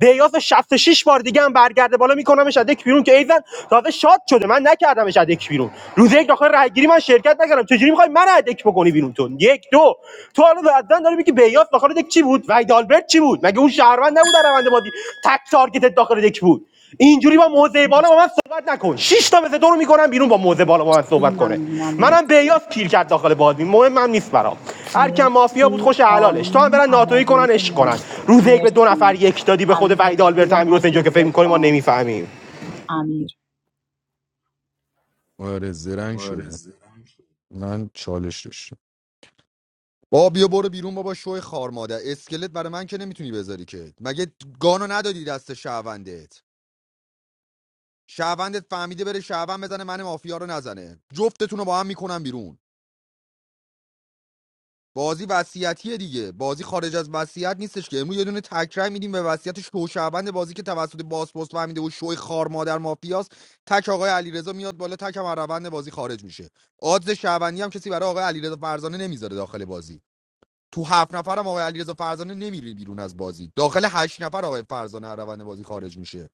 Speaker 7: بیاس 66 بار دیگه هم برگرده بالا میکنمش از دک بیرون که ایزن تازه شاد شده من نکردمش از دک بیرون روز یک داخل رای من شرکت نکردم چجوری میخوای من از دک بکنی بیرون تو یک دو تو الان بعدن داری میگی بیاس داخل دک چی بود وید آلبرت چی بود مگه اون شهروند نبود در روند بازی تک تارگت داخل دک بود اینجوری با موزه بالا
Speaker 11: مرسی
Speaker 7: با من صحبت نکن شش تا مثل تو رو میکنم بیرون با موزه بالا با من صحبت کنه
Speaker 11: ممنونم
Speaker 7: منم
Speaker 11: مرسی
Speaker 7: بیاس پیر کرد داخل بازی مهم من نیست برام هر کم مافیا بود
Speaker 11: مرسی
Speaker 7: خوش حلالش تو هم
Speaker 11: آروم
Speaker 7: برن ناتوی کنن
Speaker 11: عملیات
Speaker 7: عشق کنن
Speaker 11: مناسب
Speaker 7: روز یک به دو نفر
Speaker 11: مرسی
Speaker 7: یک دادی به خود
Speaker 11: امیر
Speaker 7: وحید
Speaker 11: زیر
Speaker 7: آلبرت امیر حسین جو که
Speaker 11: مایکت
Speaker 7: فکر میکنیم ما
Speaker 11: لطفا
Speaker 7: نمیفهمیم
Speaker 11: امیر
Speaker 4: آره زرنگ شده من چالش داشتم. با بیا برو بیرون بابا شوی خار مادر اسکلت برای من که نمیتونی بذاری که مگه گانو ندادی دست شهروندت شهروندت فهمیده بره شهروند بزنه من مافیا رو نزنه جفتتون رو با هم میکنم بیرون بازی وصیتیه دیگه بازی خارج از وصیت نیستش که امروز یه دونه تکرای میدیم به وصیت شو شهروند بازی که توسط باسپورس فهمیده و شوی خار مادر مافیاست تک آقای علیرضا میاد بالا تک هم از روند بازی خارج میشه آدز شهروندی هم کسی برای آقای علیرضا فرزانه نمیذاره داخل بازی تو هفت نفرم آقای علیرضا فرزانه نمیره بیرون از بازی داخل هشت نفر آقای فرزانه از روند بازی خارج میشه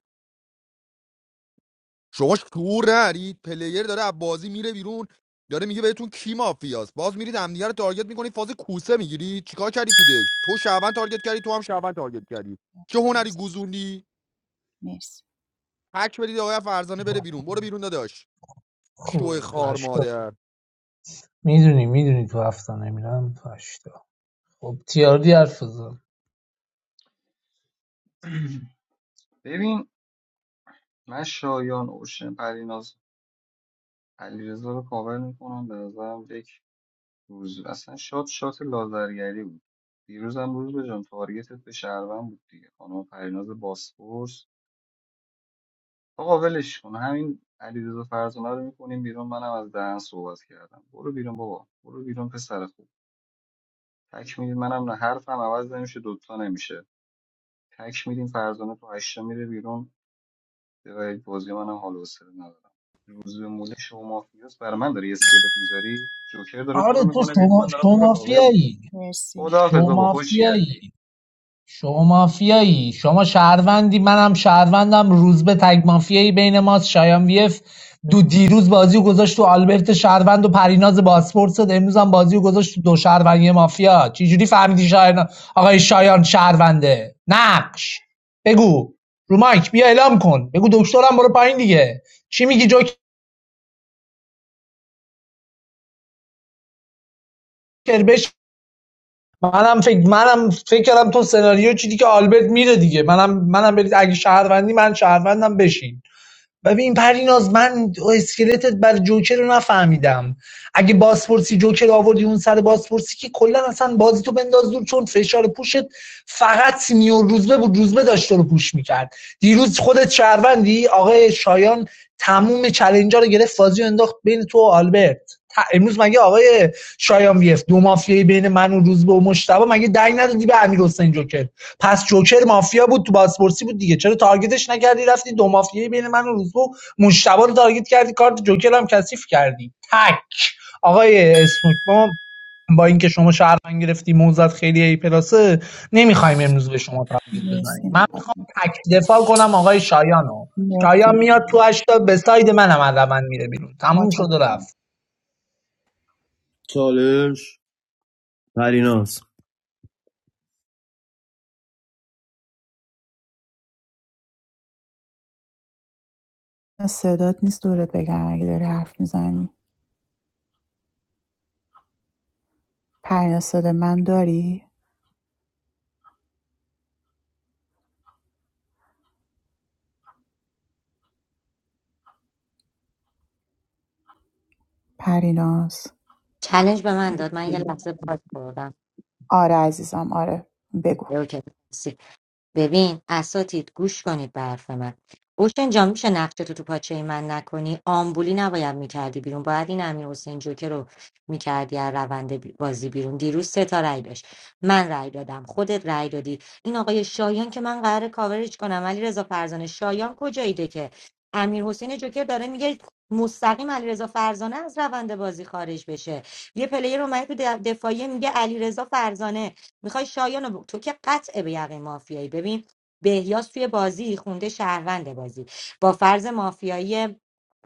Speaker 4: شما شعور نرید پلیر داره از بازی میره بیرون داره میگه بهتون کی مافیاست باز میرید همدیگه رو تارگت میکنید فاز کوسه میگیری چیکار کردی تو دک تو شعبان تارگت کردی تو هم شعبان تارگت کردی چه هنری
Speaker 11: مرسی
Speaker 4: گوزوندی
Speaker 11: مرسی
Speaker 4: هک بدید آقای فرزانه بره بیرون برو بیرون داداش شو خار مادر
Speaker 10: ببین من شایان اوشن پریناز علیرضا رو کاور میکنم به نظرم یک روز اصلا شات شات لازرگری بود دیروز هم روز به جان تارگتت به شهروند بود دیگه خانم پریناز باسپورس آقا ولش کن همین علیرضا فرزانه رو میکنیم بیرون منم از دهن صحبت کردم برو بیرون بابا برو بیرون پسر خوب تک میدیم منم نه حرفم عوض نمیشه دوتا نمیشه تک میدیم فرزانه تو هشتا میره بیرون به بازی منم حال و حوصله ندارم روز به موله شو مافیاس برای من داری اسکلت میذاری جوکر داره تو
Speaker 16: آره
Speaker 10: رو
Speaker 16: تو
Speaker 10: میکنه بیرون
Speaker 16: شما
Speaker 10: من دارم
Speaker 16: شما
Speaker 10: تو رو کاور میکنم
Speaker 16: مافیایی
Speaker 11: مرسی
Speaker 10: خداحافظ
Speaker 16: شما
Speaker 10: بابا
Speaker 16: مافیایی
Speaker 10: خوشگلی
Speaker 16: شما مافیایی شما شهروندی منم شهروندم روز به تگ مافیایی بین ماست شایان ویف دو دیروز بازی رو گذاشت تو آلبرت شهروند و پریناز باسپورت زد امروز هم بازی رو گذاشت تو دو شهروند یه مافیا چجوری فهمیدی شایان آقای شایان شهرونده نقش بگو رو مایک بیا اعلام کن بگو دکترم برو پایین دیگه چی میگی جوکر منم فکر منم فکر کردم تو سناریو چیدی که آلبرت میره دیگه منم منم برید اگه شهروندی من شهروندم بشین ببین پریناز من اسکلتت بر جوکر رو نفهمیدم اگه بازپرسی جوکر آوردی اون سر بازپرسی که کلا اصلا بازی تو بنداز دور چون فشار پوشت فقط سینیور روزبه بود روزبه داشت رو پوش میکرد دیروز خودت شهروندی آقای شایان تموم چلنجا رو گرفت بازی رو انداخت بین تو و آلبرت امروز مگه آقای شایان ویف دو مافیای بین من و روزبه و مشتبه مگه دنگ ندادی به امیر حسین جوکر پس جوکر مافیا بود تو بازپرسی بود دیگه چرا تارگتش نکردی رفتی دو مافیای بین من و روزبه و رو تارگت کردی کارت جوکر هم کثیف کردی تک آقای اسنوک ما با اینکه شما شهروند گرفتی موزت خیلی ای پلاسه نمیخوایم امروز به شما تارگت بزنیم
Speaker 11: مرسی
Speaker 16: من میخوام
Speaker 11: مقدم
Speaker 16: تک دفاع کنم آقای شایانو شایان میاد تو
Speaker 11: مرسی
Speaker 16: هشتا به ساید منم از روند میره بیرون
Speaker 11: ما
Speaker 16: تموم شد
Speaker 11: چون
Speaker 16: و رفت
Speaker 3: چالش پریناز
Speaker 11: صدات نیست دورت بگم اگه داری حرف میزنی پرینا صدا من داری پریناز
Speaker 9: چالش به من داد من یه لحظه باز خوردم
Speaker 11: آره عزیزم آره بگو
Speaker 9: اوکی ببین اساتید گوش کنید به حرف من اوشن جان میشه نقشه تو تو پاچه من نکنی آمبولی نباید میکردی بیرون باید این امیر حسین جوکر رو میکردی از روند بی- بازی بیرون دیروز سه تا رأی داشت من رأی دادم خودت رأی دادی این آقای شایان که من قرار کاورش کنم ولی رضا فرزانه شایان کجاییده که امیر حسین جوکر داره میگه مستقیم علیرضا فرزانه از روند بازی خارج بشه یه پلیر اومده تو دفاعیه میگه علیرضا فرزانه میخوای شایان رو- تو که قطع به یقین مافیایی ببین بهیاس توی بازی خونده شهروند بازی با فرض مافیایی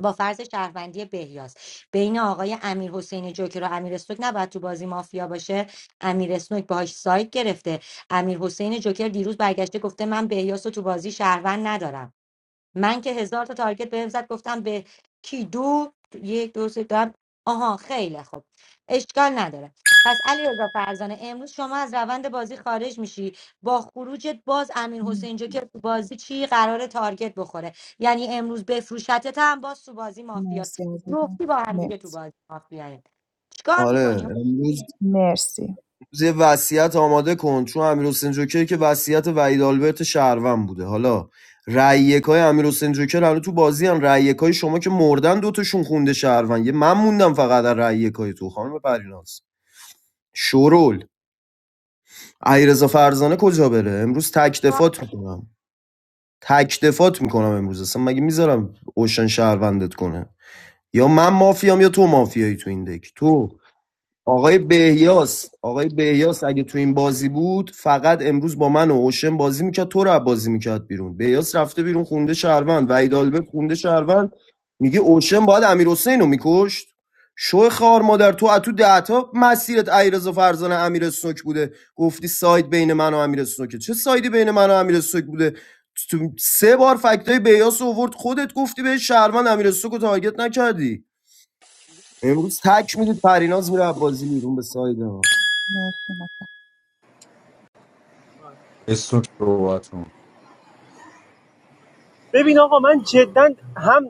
Speaker 9: با فرض شهروندی بهیاس بین آقای امیر حسین جوکر و امیر اسنوک نباید تو بازی مافیا باشه امیر اسنوک باهاش سایت گرفته امیر حسین جوکر دیروز برگشته گفته من بهیاس رو تو بازی شهروند ندارم من که هزار تا تارگت به زد گفتم به کی دو یک دو سه دارم آها خیلی خوب اشکال نداره پس علی رضا فرزانه امروز شما از روند بازی خارج میشی با خروجت باز امیر حسین جو که تو بازی چی قرار تارگت بخوره یعنی امروز بفروشتت هم باز تو بازی مافیاست
Speaker 11: مرسی عزیزم
Speaker 9: جفتی با هم دیگه تو
Speaker 11: مرسی
Speaker 9: بازی مافیایین چیکار
Speaker 3: آره
Speaker 9: میکنی
Speaker 3: امروز
Speaker 11: مرسی
Speaker 3: یه وصیت آماده کن چون امیر جوکر که وصیت وحید آلبرت شهروند بوده حالا رأی یکای امیر جوکر الان تو بازی ان رأی یکای شما که مردن دوتاشون خونده شهروند یه من موندم فقط در رأی یکای تو خانم پریناز شورول علیرضا فرزانه کجا بره امروز تک دفات میکنم تک دفات میکنم امروز اصلا مگه میذارم اوشن شهروندت کنه یا من مافیام یا تو مافیایی تو این دک تو آقای بهیاس آقای بهیاس اگه تو این بازی بود فقط امروز با من و اوشن بازی میکرد تو رو بازی میکرد بیرون بهیاس رفته بیرون خونده شهروند و ایدالبه خونده شهروند میگه اوشن باید امیر حسین رو میکشت شو خار مادر تو اتو دهتا مسیرت ایرز فرزانه امیر سنوک بوده گفتی ساید بین من و امیر سنوکه چه سایدی بین من و امیر سنوک بوده تو سه بار فکتای بیاس اوورد خودت گفتی به شهروند امیر سنوک رو تارگت نکردی امروز تک میدید پریناز میره بازی بیرون به ساید ما
Speaker 11: مرسی
Speaker 4: اسم صحبت کن
Speaker 7: ببین آقا من جدا هم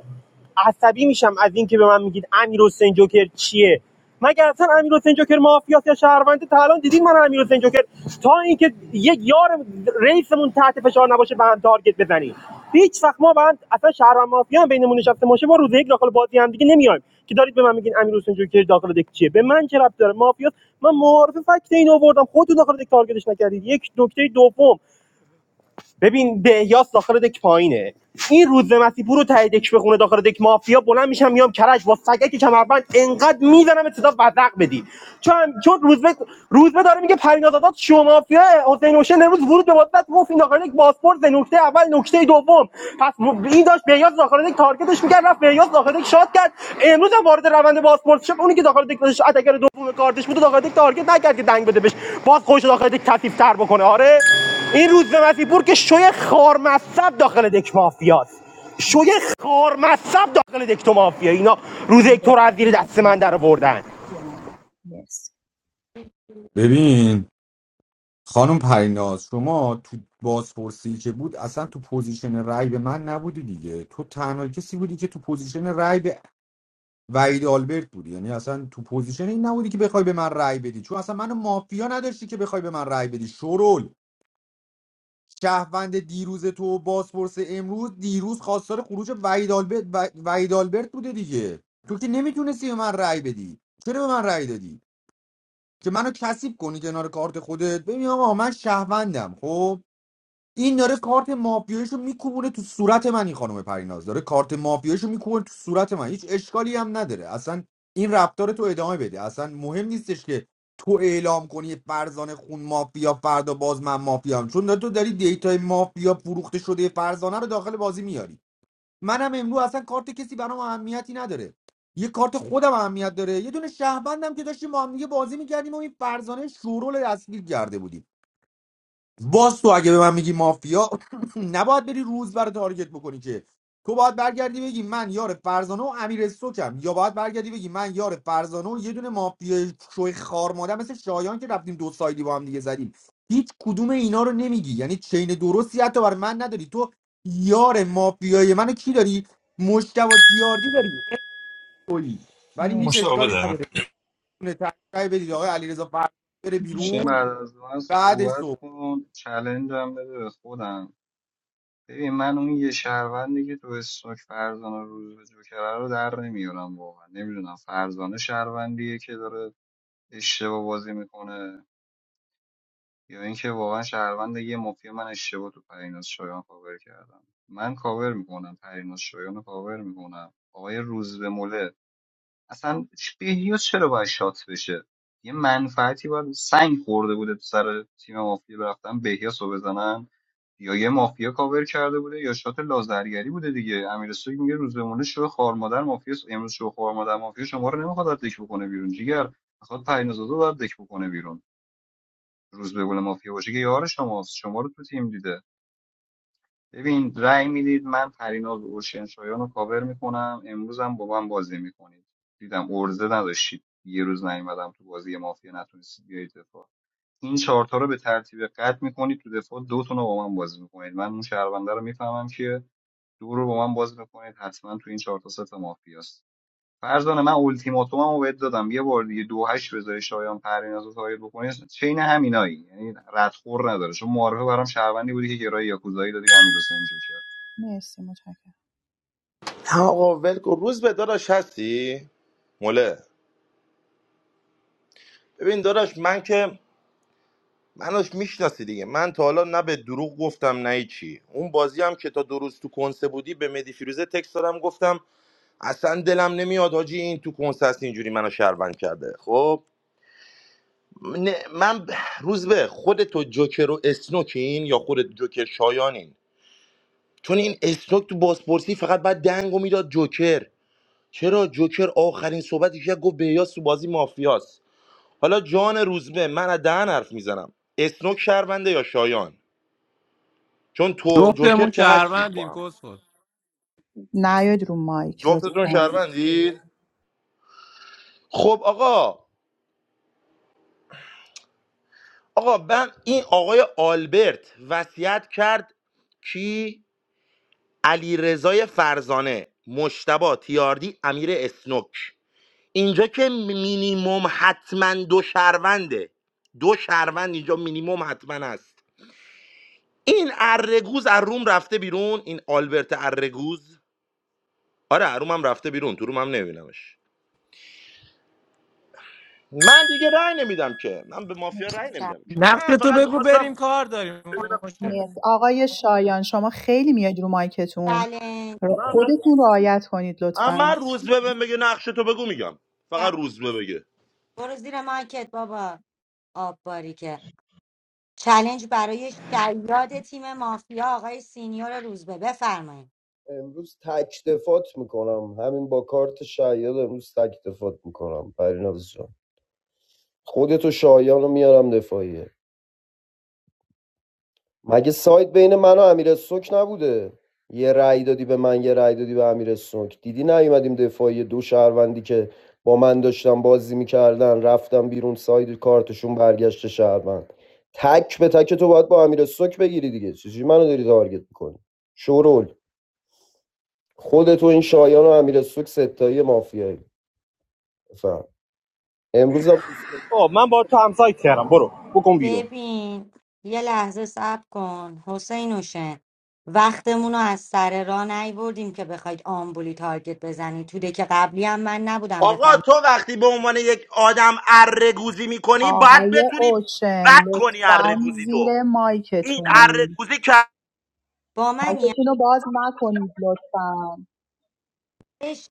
Speaker 7: عصبی میشم از اینکه به من میگید امیر حسین جوکر چیه مگر اصلا امیر حسین جوکر مافیاس یا شهرونده تا الان دیدین من امیر حسین جوکر تا اینکه یک یار رئیسمون تحت فشار نباشه به هم تارگت بزنیم هیچ وقت ما به اصلا شهروند مافیا هم بینمون نشسته باشه ما روز یک داخل بازی هم دیگه نمیایم که دارید به من میگین امیر حسین جوکر داخل دک چیه به من چه ربط داره مافیاس من معارف فکت این آوردم خودتون داخل دک تارگتش نکردید یک نکته دوم ببین بهیاس داخل دک پایینه این روز مسیح برو ته دک بخونه داخل دک مافیا بلند میشم میام کرج با سگک کمربند انقدر میزنم ابتدا بدق بدی چون چون روزبه روزبه داره میگه پریناز آزاد شما مافیا حسین حسین امروز ورود به واسط گفت این داخل یک پاسپورت نکته اول نکته دوم پس این داشت بهیاس داخل یک تارگتش میکرد رفت بهیاس داخل یک شات کرد امروز هم وارد روند پاسپورت شد اونی که داخل یک داشت اتگر دوم کارتش بود و داخل یک تارگت نکرد که دنگ بده بهش باز خوش داخل یک تر بکنه آره این روزبه مسیپور که شوی خارمصب داخل دک مافیاست
Speaker 11: مطلب
Speaker 7: شوی خارمصب داخل دک تو مافیا اینا روز یک تو رو از
Speaker 11: مرسی
Speaker 7: زیر دست من در
Speaker 11: متشکرم.
Speaker 7: بردن
Speaker 11: کیان. مرسی
Speaker 4: ببین خانم پریناز شما تو بازپرسی که بود اصلا تو پوزیشن رای به من نبودی دیگه تو تنها کسی بودی که تو پوزیشن رای به وحید آلبرت بودی یعنی اصلا تو پوزیشن این نبودی که بخوای به من رای بدی چون اصلا منو مافیا نداشتی که بخوای به من رای بدی شرول شهروند دیروز تو و بازپرس امروز دیروز خواستار خروج وحید آلبرت و- وحید آلبرت بوده دیگه تو که نمیتونستی به من رای بدی چرا به من رای دادی که منو کسیب کنی کنار کارت خودت ببین آقا من شهروندم خب این داره کارت مافیاییشو میکوبونه تو صورت من این خانم پریناز داره کارت مافیاییشو میکوبونه تو صورت من هیچ اشکالی هم نداره اصلا این رفتار تو ادامه بده اصلا مهم نیستش که تو اعلام کنی فرزانه خون مافیا فردا باز من مافیام چون تو داری دیتا مافیا فروخته شده فرزانه رو داخل بازی میاری منم امروز اصلا کارت کسی برام اهمیتی نداره یه کارت خودم اهمیت داره یه دونه شهروندم که داشتیم با هم دیگه بازی میکردیم و این فرزانه شورول دستگیر کرده بودیم باز تو اگه به من میگی مافیا نباید بری روز برای تارگت بکنی که تو باید برگردی بگی من یار فرزانه و امیر سوکم یا باید برگردی بگی من یار فرزانه و یه دونه مافیا شوی خار ماده مثل شایان که رفتیم دو سایدی با هم دیگه زدیم هیچ کدوم اینا رو نمیگی یعنی چین درستی حتی برای من نداری تو یار مافیای منو کی داری مشتبه تیاردی داری اوی. ولی هیچ
Speaker 11: مرسی
Speaker 4: اشکالی نداره تونه بدید آقای علیرضا فرزانه بره
Speaker 10: اوشن
Speaker 4: بیرون
Speaker 10: بعد از من
Speaker 4: بعدش
Speaker 10: صحبت
Speaker 4: صبح
Speaker 10: کن چلنج هم بده به خودم ببین من اون یه شهروندی که تو استوک فرزانه روز به جوکره رو در نمیارم واقعا نمیدونم فرزانه شهروندیه که داره اشتباه بازی میکنه یا اینکه واقعا شهروند یه مافیا من اشتباه تو پریناز شایان کاور کردم من کاور میکنم پریناز شایان رو کاور میکنم آقای روزبه مله اصلا ش- بهیوز چرا باید شات بشه یه منفعتی باید سنگ خورده بوده تو سر تیم مافیا برفتن بهیاس رو بزنن یا یه مافیا کاور کرده بوده یا شات لازرگری بوده دیگه امیر سوگ میگه روز بمونه شو خوار مادر مافیا س- امروز شو خوار مادر مافیا شما رو نمیخواد از دک بکنه بیرون جیگر میخواد پرینازادو رو از دک بکنه بیرون روز به مونه مافیا باشه که یار شماست شما رو تو تیم دیده ببین رأی میدید من پریناز اورشنشایان رو کاور میکنم امروز هم با من بازی میکنید دیدم ارزه نداشتید یه روز نیومدم تو بازی مافیا نتونستید بیایید دفاع این چهارتا رو به ترتیب قطع میکنید تو دفاع دوتون رو با من بازی میکنید من اون شهرونده رو میفهمم که دو رو با من بازی میکنید حتما تو این چهارتا ست مافیاست فرزانه من اولتیماتومم رو بهت دادم یه بار دیگه دو هشت بذاری شایان پریناز رو تایید بکنی چین همینایی یعنی ردخور نداره چون معارفه برام شهروندی بودی که گرای یاکوزایی دادی به امیر
Speaker 11: مرسی متشکرم
Speaker 12: نه آقا ول کن. روز به داداش هستی مله ببین داداش من که منوش میشناسی دیگه من تا حالا نه به دروغ گفتم نه چی اون بازی هم که تا دو روز تو کنسه بودی به مدی فیروزه تکس دادم گفتم اصلا دلم نمیاد حاجی این تو کنسه هست اینجوری منو شهروند کرده خب نه، من روز به خودت تو جوکر و اسنوکین یا خودت جوکر شایانین چون این اسنوک تو بازپرسی فقط بعد دنگو میداد جوکر چرا جوکر آخرین صحبتش که گفت بهیاس تو بازی مافیاست حالا جان روزبه من از دهن حرف میزنم اسنوک شهرونده یا شایان چون تو
Speaker 13: جفتمون
Speaker 12: جوکر که هستید با
Speaker 13: شهروندیم
Speaker 12: هم
Speaker 13: کس خود
Speaker 11: نیاید رو مایک
Speaker 12: جفتتون
Speaker 11: لطفا
Speaker 12: شهروندید خب آقا آقا من این آقای آلبرت وصیت کرد کی علی رضای فرزانه مشتبا تیاردی امیر اسنوک اینجا که مینیموم حتما دو شهرونده دو شهروند اینجا مینیموم حتما هست این ارگوز از روم رفته بیرون این آلبرت ارگوز آره از هم رفته بیرون تو روم هم نمیبینمش من دیگه رأی نمیدم که من به مافیا رأی
Speaker 11: مرسی
Speaker 12: نمیدم که
Speaker 13: نقش
Speaker 12: من
Speaker 13: تو
Speaker 12: فقط
Speaker 13: بگو بریم
Speaker 12: میخواستم
Speaker 13: کار داریم
Speaker 12: ببینم
Speaker 13: اوشن
Speaker 11: مرسی. آقای شایان شما خیلی میاید رو مایکتون
Speaker 9: چلنج
Speaker 11: را-
Speaker 12: من, ر-
Speaker 11: خودتون رعایت کنید
Speaker 12: من
Speaker 11: لطفا
Speaker 12: روز به بگه نقش تو بگو میگم فقط روز به بگه
Speaker 9: برو زیر مایکت بابا آب باریکه چلنج برای شیاد تیم مافیا آقای سینیور روزبه بفرمایید
Speaker 3: امروز تک دفات میکنم همین با کارت شاید امروز تک دفات میکنم پریناز جان خودتو شایان رو میارم دفاعیه مگه ساید بین من و امیر سوک نبوده یه رأی دادی به من یه رأی دادی به امیر سوک دیدی نیومدیم دفاعی دو شهروندی که با من داشتن بازی میکردن رفتم بیرون ساید کارتشون برگشت شهروند تک به تک تو باید با امیر سوک بگیری دیگه چجوری منو داری تارگت میکنی شورول خود تو این شایان و امیر سوک ستایی مافیایی بفهم امروز هم
Speaker 7: آه من با تو همسایت کردم برو بکن بیرون
Speaker 9: ببین یه لحظه صبر کن حسین حسین وقتمون رو از سر راه نیوردیم که بخواید آمبولی تارگت بزنید توده که قبلی هم من نبودم
Speaker 12: آقا
Speaker 9: بفهم
Speaker 12: تو وقتی به عنوان یک آدم ارگوزی میکنی باید
Speaker 11: آقای
Speaker 12: بتونی
Speaker 11: اوشن
Speaker 12: بد کنی
Speaker 11: لطفا
Speaker 12: ارگوزی تو
Speaker 11: زیر
Speaker 12: این
Speaker 11: مایکتون
Speaker 12: ارگوزی که
Speaker 9: با من
Speaker 11: مایکتون رو باز نکنید لطفا
Speaker 9: نیستش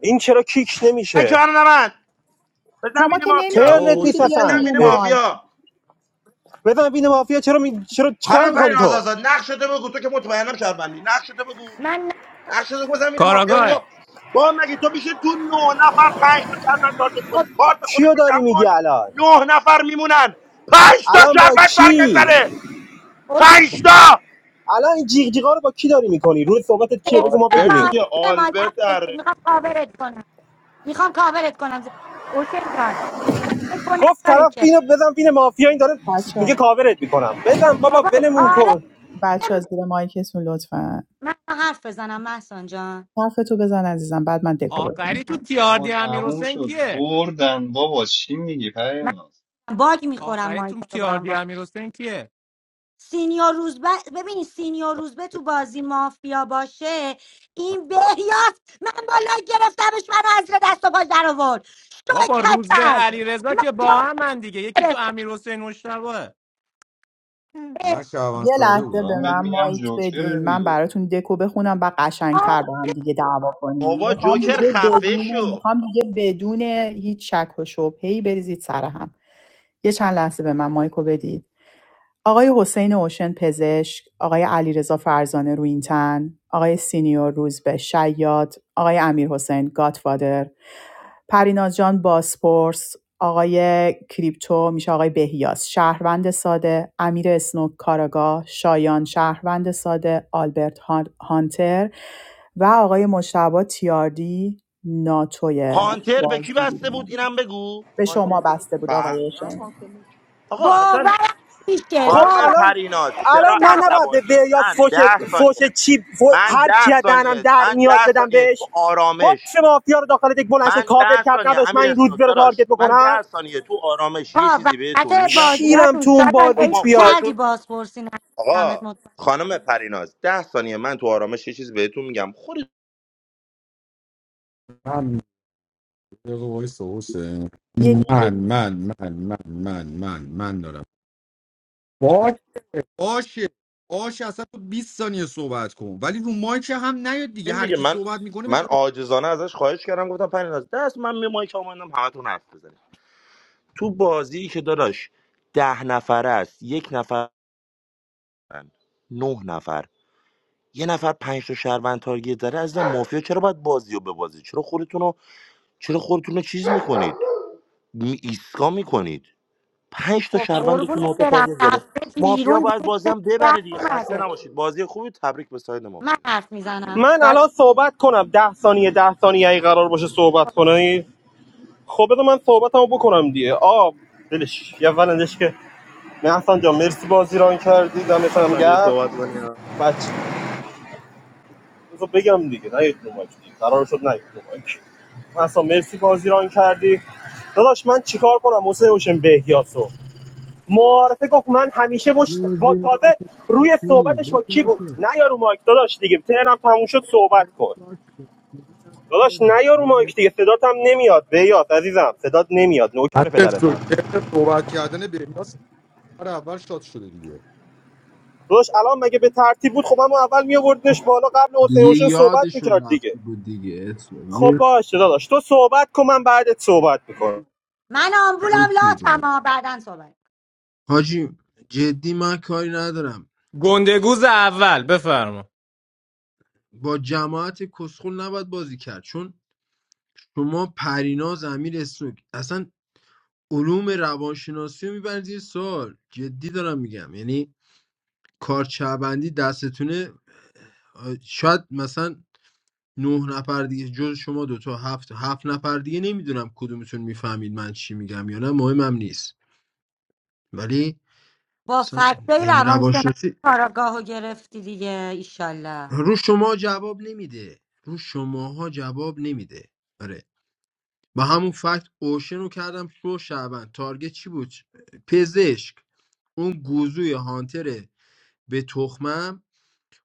Speaker 7: این چرا کیک
Speaker 12: ای
Speaker 7: نمیشه
Speaker 12: جان من بزن
Speaker 11: شما
Speaker 12: بینه
Speaker 11: که
Speaker 12: مافیا
Speaker 11: نمیتونین
Speaker 7: ترنت
Speaker 4: بابا
Speaker 7: نیست
Speaker 11: اینجوری بیای
Speaker 12: بزن
Speaker 7: اصلا
Speaker 11: روی
Speaker 12: بینه
Speaker 7: اه.
Speaker 11: مایک
Speaker 12: مافیا
Speaker 7: بزن بین مافیا چرا می... چرا چیکار
Speaker 12: خانم پری
Speaker 7: میکنی تو
Speaker 12: نازازاد نقش شده بگو تو که مطمئنم شهروندی نقش شده بگو
Speaker 9: من نه
Speaker 12: نقش شده بزن میره مافیا
Speaker 13: کاراگاه
Speaker 12: بابا با مگه تو میشه تو نه نفر پنج تا شهروند تارگت کنی
Speaker 9: خب
Speaker 12: کارت
Speaker 7: کیو
Speaker 12: خودت رو
Speaker 7: داری
Speaker 12: کم
Speaker 7: میگی
Speaker 12: کن
Speaker 7: الان
Speaker 12: نه نفر میمونن
Speaker 9: از
Speaker 12: پنج تا
Speaker 7: الان با
Speaker 12: شهروند تارگت
Speaker 7: کی
Speaker 12: زنه
Speaker 9: خوش
Speaker 12: پنج تا
Speaker 7: الان این جیغ جیغا رو با کی داری میکنی روز صحبتت کیه بگو ما
Speaker 9: زیر
Speaker 12: آلبرت
Speaker 7: بدونیم
Speaker 9: ما
Speaker 12: دیگه
Speaker 9: زیر ما
Speaker 12: آلبرت اره.
Speaker 9: میخوام کاورت کنم میخوام کاورت کنم حسین جان فکر کن
Speaker 7: گفت
Speaker 9: نداره
Speaker 7: طرف
Speaker 9: که
Speaker 7: اینو بزن بین مافیا این داره
Speaker 11: بچه
Speaker 7: میگه
Speaker 11: ها
Speaker 7: کاورت میکنم بزن بابا
Speaker 9: بابا
Speaker 7: ولمون
Speaker 9: آره
Speaker 7: کن
Speaker 11: بچه ها زیر مایکتون لطفا
Speaker 9: من حرف بزنم محسان جان
Speaker 11: حرفتو بزن عزیزم بعد من دکو بخونم
Speaker 13: آخری تو
Speaker 10: بابا
Speaker 13: تیاردی امیر
Speaker 10: تموم
Speaker 13: حسین
Speaker 10: شد
Speaker 13: کیه
Speaker 10: بردن بابا چی میگی
Speaker 9: من
Speaker 10: پریناز
Speaker 9: باگ میخورم
Speaker 13: آخری تو
Speaker 9: مایکا رو با هم
Speaker 13: تیاردی
Speaker 9: باگ
Speaker 13: امیر حسین کیه
Speaker 9: سینیور روزبه ببینی سینیور روزبه تو بازی مافیا باشه این بهیاس من بالا گرفتمش من از زیر دست و پاش در آورد شو
Speaker 13: بابا روز به
Speaker 9: کچل
Speaker 13: علی رضا
Speaker 9: من
Speaker 13: که با
Speaker 9: جا
Speaker 13: هم من دیگه یکی تو امیر حسین مشتبهه
Speaker 4: من
Speaker 9: گرفته
Speaker 4: شعبان
Speaker 11: یه
Speaker 4: ساده
Speaker 11: لحظه به
Speaker 4: بودم
Speaker 10: دارم بهت
Speaker 11: من
Speaker 10: میگم
Speaker 11: مایک
Speaker 10: جوکره
Speaker 11: بدین من
Speaker 10: دیگه
Speaker 11: براتون دکو بخونم و
Speaker 9: آه،
Speaker 11: قشنگتر با هم دیگه دعوا کنیم
Speaker 12: بابا
Speaker 11: میخوام
Speaker 9: دیگه
Speaker 12: جوکر
Speaker 11: دیگه
Speaker 12: خفه
Speaker 11: بدون
Speaker 12: شو
Speaker 11: میخوام دیگه بدون هیچ شک و شبهه‌ای بریزید سر هم یه چند لحظه به من مایکو بدید آقای حسین اوشن پزشک، آقای علیرضا فرزانه رویینتن، آقای سینیور روزبه شیاد، آقای امیرحسین گاتفادر، پریناز جان باسپورس، آقای کریپتو میشه آقای بهیاس شهروند ساده، امیر اسنوک کاراگاه، شایان شهروند ساده، آلبرت هانتر و آقای مشتبا تیاردی ناتوی
Speaker 12: هانتر به کی
Speaker 11: بازی
Speaker 12: بسته بود
Speaker 11: بودن.
Speaker 12: اینم بگو
Speaker 11: به شما
Speaker 12: هانتر
Speaker 11: بسته بود
Speaker 12: با
Speaker 11: آقای اوشن.
Speaker 12: آقا اصلا
Speaker 9: باورم میشه
Speaker 7: خب
Speaker 12: خانم
Speaker 9: باور
Speaker 7: الان
Speaker 12: پریناز
Speaker 7: الان
Speaker 12: چرا
Speaker 7: من نباید به
Speaker 12: عصبانی
Speaker 7: بیاس
Speaker 12: من
Speaker 7: فوش
Speaker 12: ده
Speaker 7: فوش
Speaker 12: ثانیه
Speaker 7: چی فو-
Speaker 12: من
Speaker 7: هر
Speaker 12: ده
Speaker 7: چی از دهنم
Speaker 12: ثانیه
Speaker 7: در
Speaker 12: من
Speaker 7: میاد
Speaker 12: ده
Speaker 7: بدم
Speaker 12: ثانیه تو
Speaker 7: بهش با
Speaker 12: آرامش
Speaker 7: چه مافیا رو داخل یک بلند شد
Speaker 12: من
Speaker 7: کاور
Speaker 12: ده
Speaker 7: کرد
Speaker 12: ثانیه
Speaker 7: نداشت من
Speaker 12: امیر
Speaker 7: این روز
Speaker 12: اسنوک
Speaker 7: رو
Speaker 12: داداش
Speaker 7: تارگت
Speaker 12: من
Speaker 7: بکنم
Speaker 12: ده ثانیه تو آرامش یه
Speaker 9: ها
Speaker 12: چیزی بهتون
Speaker 9: وسط
Speaker 12: میگم شما
Speaker 7: کیرم تو
Speaker 9: بازیاتون
Speaker 7: اون
Speaker 9: شایان
Speaker 7: بازیت
Speaker 12: شما
Speaker 9: عشق
Speaker 7: بیاد
Speaker 9: کردی
Speaker 12: خودتون
Speaker 9: بازپرسی ندمت
Speaker 12: آقا
Speaker 9: مطمئن
Speaker 12: خانم پریناز ده ثانیه من تو آرامش یه چیزی بهتون میگم خودتون
Speaker 4: من یه وایس حسین من من من من من من من دارم باش باشه باشه اصلا تو 20 ثانیه صحبت کن ولی رو مایک هم نیاد دیگه
Speaker 12: این
Speaker 4: هر
Speaker 12: دیگه
Speaker 4: کی
Speaker 12: من
Speaker 4: صحبت میکنه
Speaker 12: من
Speaker 4: بشه
Speaker 12: عاجزانه ازش خواهش کردم گفتم پریناز دست من می مایک اومدم همتون حرف بزنید تو بازی که داداش ده نفر است یک نفر نه نفر یه نفر پنج تا شهروند تارگت داره عزیزم مافیا چرا باید بازی رو ببازید چرا خودتون رو چرا خودتون رو چیز میکنید ایسکا میکنید پنج تا
Speaker 9: خب
Speaker 12: شهروندتون
Speaker 9: قربونت
Speaker 12: رو
Speaker 9: برم
Speaker 12: تارگت زده
Speaker 9: رفته بیرون
Speaker 12: مافیا باید
Speaker 9: دیگه
Speaker 12: بازی
Speaker 9: چه
Speaker 12: هم
Speaker 9: در
Speaker 12: ببره دیگه خسته
Speaker 9: اومده
Speaker 12: نباشید بازی خوبی تبریک به ساید
Speaker 9: من
Speaker 12: مافیا
Speaker 9: حرف میزنم
Speaker 7: من الان صحبت کنم ده ثانیه ده ثانیه ای قرار باشه صحبت کنی خب بذار من صحبتمو بکنم دیگه آ دلش یه اولندش که محسن جان مرسی بازی ران کردی دمت
Speaker 12: هر
Speaker 7: هم
Speaker 12: ثانیه
Speaker 7: گرم
Speaker 12: صحبت کنی ها
Speaker 7: بچه بذار بگم دیگه نه یک نمایک دیگه قرار شد نه یک نمایک مثلا مرسی بازی ران کردی داداش من چیکار کنم حسین حسین بهیاسو معارفه گفت من همیشه مش با
Speaker 5: بزنیم ما
Speaker 7: تازه روی
Speaker 5: خونی
Speaker 7: صحبتش با
Speaker 5: بزنیم
Speaker 7: کی
Speaker 5: ما
Speaker 7: بود نه یارو مایک داداش دیگه تهرم تموم شد صحبت
Speaker 5: من
Speaker 7: کن
Speaker 5: شارژ شدم. بزنیم
Speaker 7: داداش
Speaker 5: ترنه.
Speaker 7: نه یارو مایک دیگه
Speaker 5: بزنیم.
Speaker 7: صدات هم نمیاد بیاد عزیزم صدات نمیاد نوکر
Speaker 4: همین
Speaker 7: پدرتم
Speaker 4: استوکر صحبت کردن بهیاس نفر اول شاد شده دیگه
Speaker 7: داداش الان مگه به ترتیب بود خب اما اول میآوردنش بالا قبل حسین
Speaker 5: دیگه
Speaker 7: حسین صحبت
Speaker 5: یادشون
Speaker 7: میکرد دیگه
Speaker 5: رفتی بود دیگه اسنوک
Speaker 7: خب
Speaker 5: نه،
Speaker 7: باشه داداش تو صحبت کن من بعدت صحبت میکنم
Speaker 9: من آمبولم
Speaker 5: اوکی
Speaker 9: لاتما
Speaker 5: بود
Speaker 9: بعدا صحبت
Speaker 5: حاجی جدی من کاری ندارم
Speaker 13: گندگوز اول بفرما
Speaker 5: با جماعت کسخل نباید بازی کرد چون شما پریناز امیر اسنوک اصلا علوم روانشناسی رو میبرید یه سال جدی دارم میگم یعنی کارچهبندی دستتونه آه، شاید مثلا نه نفر دیگه جز شما دوتا هفت هفت نفر دیگه نمیدونم کدومتون میفهمید من چی میگم یا نه مهمم نیست ولی
Speaker 9: با
Speaker 5: مثلا
Speaker 9: فکتای
Speaker 5: علم
Speaker 9: روانشناسی
Speaker 5: روانشناسی
Speaker 9: کاراگاه گرفتی دیگه ایشالله
Speaker 5: رو شما جواب نمیده رو شماها جواب نمیده با همون فکت اوشن رو کردم شو شعبن تارگت چی بود پزشک اون گوزوی هانتره به تخمم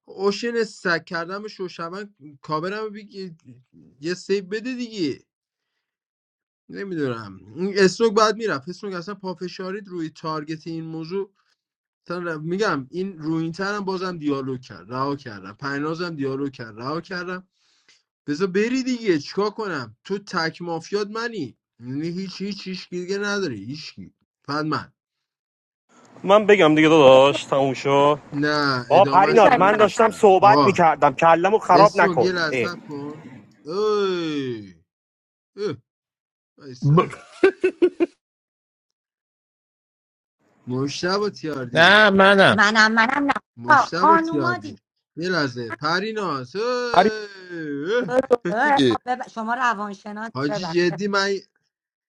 Speaker 5: اوشن سک کردم شو شعبن کابرم بگی یه سیب بده دیگه نمیدونم این استروک بعد میرفت استروک اصلا پافشارید روی تارگت این موضوع اصلا ر- میگم این روی این ترم بازم دیالوگ کرد رها کردم پنازم دیالوگ کرد رها کردم بذار بری دیگه چیکار کنم تو تک مافیات منی یعنی هیچ هیچ هیچ کی دیگه نداری هیچکی فقط من
Speaker 7: من بگم دیگه داداش تموم شد
Speaker 5: نه
Speaker 7: آ
Speaker 5: ادامه
Speaker 7: پریناز من
Speaker 5: رو
Speaker 7: داشتم
Speaker 5: نگفتم
Speaker 7: صحبت
Speaker 5: آقا
Speaker 7: میکردم کلمو خراب
Speaker 5: اسم یه
Speaker 7: نکن اه.
Speaker 5: لحظه کن اوی اوه وایسا مشتبه
Speaker 13: نه
Speaker 5: تیاردی
Speaker 13: منم
Speaker 9: منم منم نه آه،
Speaker 5: مشتبه
Speaker 9: خانوما دیگه
Speaker 5: تیاردی یه لحظه پریناز اوی،
Speaker 4: پری
Speaker 5: اوه.
Speaker 9: اه، اه،
Speaker 4: دیگه
Speaker 9: بب- شما روانشناس
Speaker 5: حاجی
Speaker 9: ببخشید
Speaker 5: جدی من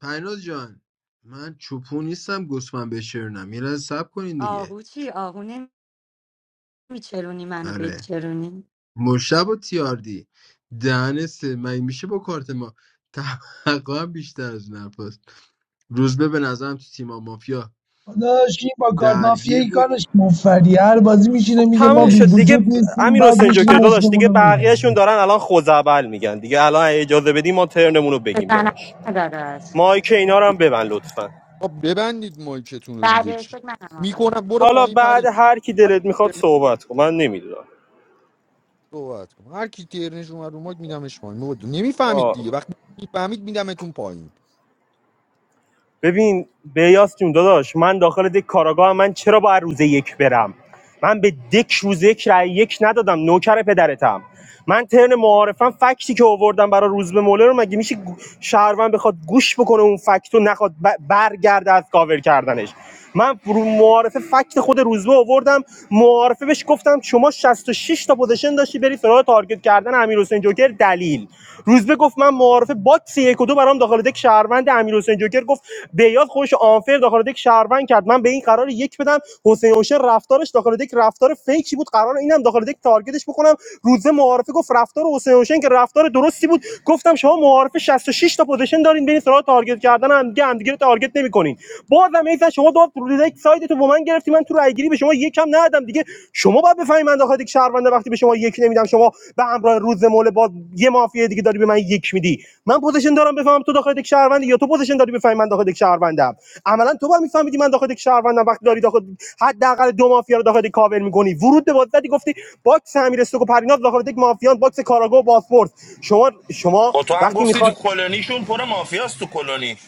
Speaker 5: پریناز جان من چوپو نیستم گسمن بشرنم یه لحظه سب کنین دیگه
Speaker 9: آهو چی آهو نمیچرونی منو
Speaker 5: آره
Speaker 9: بچرونی
Speaker 5: مشتبه تیاردی دهن سه مگه میشه با کارت ما توقع هم بیشتر از این حرفاست روزبه به نظرم تو تیما مافیا
Speaker 16: داداش این با کارت
Speaker 5: درگیر
Speaker 16: مافیایی
Speaker 5: بود
Speaker 16: کارش مفری هر بازی
Speaker 7: خب
Speaker 16: میشینه میگه ما
Speaker 7: تموم
Speaker 16: بی
Speaker 7: شد
Speaker 5: نکس
Speaker 7: دیگه
Speaker 16: وجود نیستیم
Speaker 7: امیر
Speaker 16: بعد
Speaker 7: حسین
Speaker 16: میشینه
Speaker 7: جوکر داداش
Speaker 16: مفتمون
Speaker 7: دیگه
Speaker 16: رو
Speaker 7: بقیهشون دارن الان خوزعبل میگن دیگه الان اجازه بدی ما ترنمون رو بگیم
Speaker 9: بزنم
Speaker 7: داداش
Speaker 9: داداش است
Speaker 7: مایک اینا رو هم ببند لطفا
Speaker 4: خب ببندید مایکتون رو دیگه
Speaker 9: بعد
Speaker 4: چی
Speaker 9: فکر منم آخه
Speaker 4: میکنم برو
Speaker 7: حالا
Speaker 4: پایین
Speaker 7: بعد
Speaker 4: پرین
Speaker 7: هر کی
Speaker 4: هر
Speaker 7: دلت
Speaker 4: کی
Speaker 7: میخواد
Speaker 4: ترنش
Speaker 7: صحبت کن من نمیدونم
Speaker 4: صحبت کن هر کی ترنش اومد رو مایک میدمش پایین نمیفهمید
Speaker 7: آه
Speaker 4: دیگه وقتی میفهمید میدمتون پایین
Speaker 7: ببین بیاس جون داداش من داخل دک کاراگاه من چرا باید روز یک برم من به دک روز یک رای یک ندادم نوکر پدرتم من ترن معارفم فکتی که آوردم برای روز به موله رو مگه میشه گو- شهروند بخواد گوش بکنه اون فکتو نخواد ب- برگرده از کاور کردنش من رو معارفه فکت خود روزبه آوردم معارفه بهش گفتم شما 66 تا پوزیشن داشتی بری سراغ تارگت کردن امیرحسین جوکر دلیل روزبه گفت من معارفه باکس یک و دو برام داخل دک شهروند امیر حسین جوکر گفت بیاد خودش آنفر داخل دک شهروند کرد من به این قرار یک بدم حسین اوشه رفتارش داخل دک رفتار فیکی بود قرار اینم داخل دک تارگتش بکنم روزه معارفه گفت رفتار حسین اوشن که رفتار درستی بود گفتم شما معارفه 66 تا پوزیشن دارین برین سراغ تارگت کردن هم هم دیگه همدیگه رو تارگت نمیکنین بازم ایسا شما داد یک سایدتو با من گرفتی من تو رای گیری به شما یکم ندادم دیگه شما باید بفهمید من داخل یک شهرونده وقتی به شما یک نمیدم شما به همراه روز مول با یه مافیا دیگه داری به من یک میدی من پوزیشن دارم بفهمم تو داخل یک شهرونده یا تو پوزیشن داری بفهمی من داخل یک شهروندم عملا تو باید میفهمیدی من داخل یک شهروندم وقتی داری داخل حداقل دو مافیا رو داخل یک کاور میکنی ورود به بازی گفتی باکس امیر و پریناز داخل یک مافیان باکس کاراگو و باسپورت شما شما
Speaker 12: خب تو هم
Speaker 7: وقتی
Speaker 12: گفتی تو
Speaker 7: میخوای
Speaker 12: کلونیشون پر مافیاست تو کلونی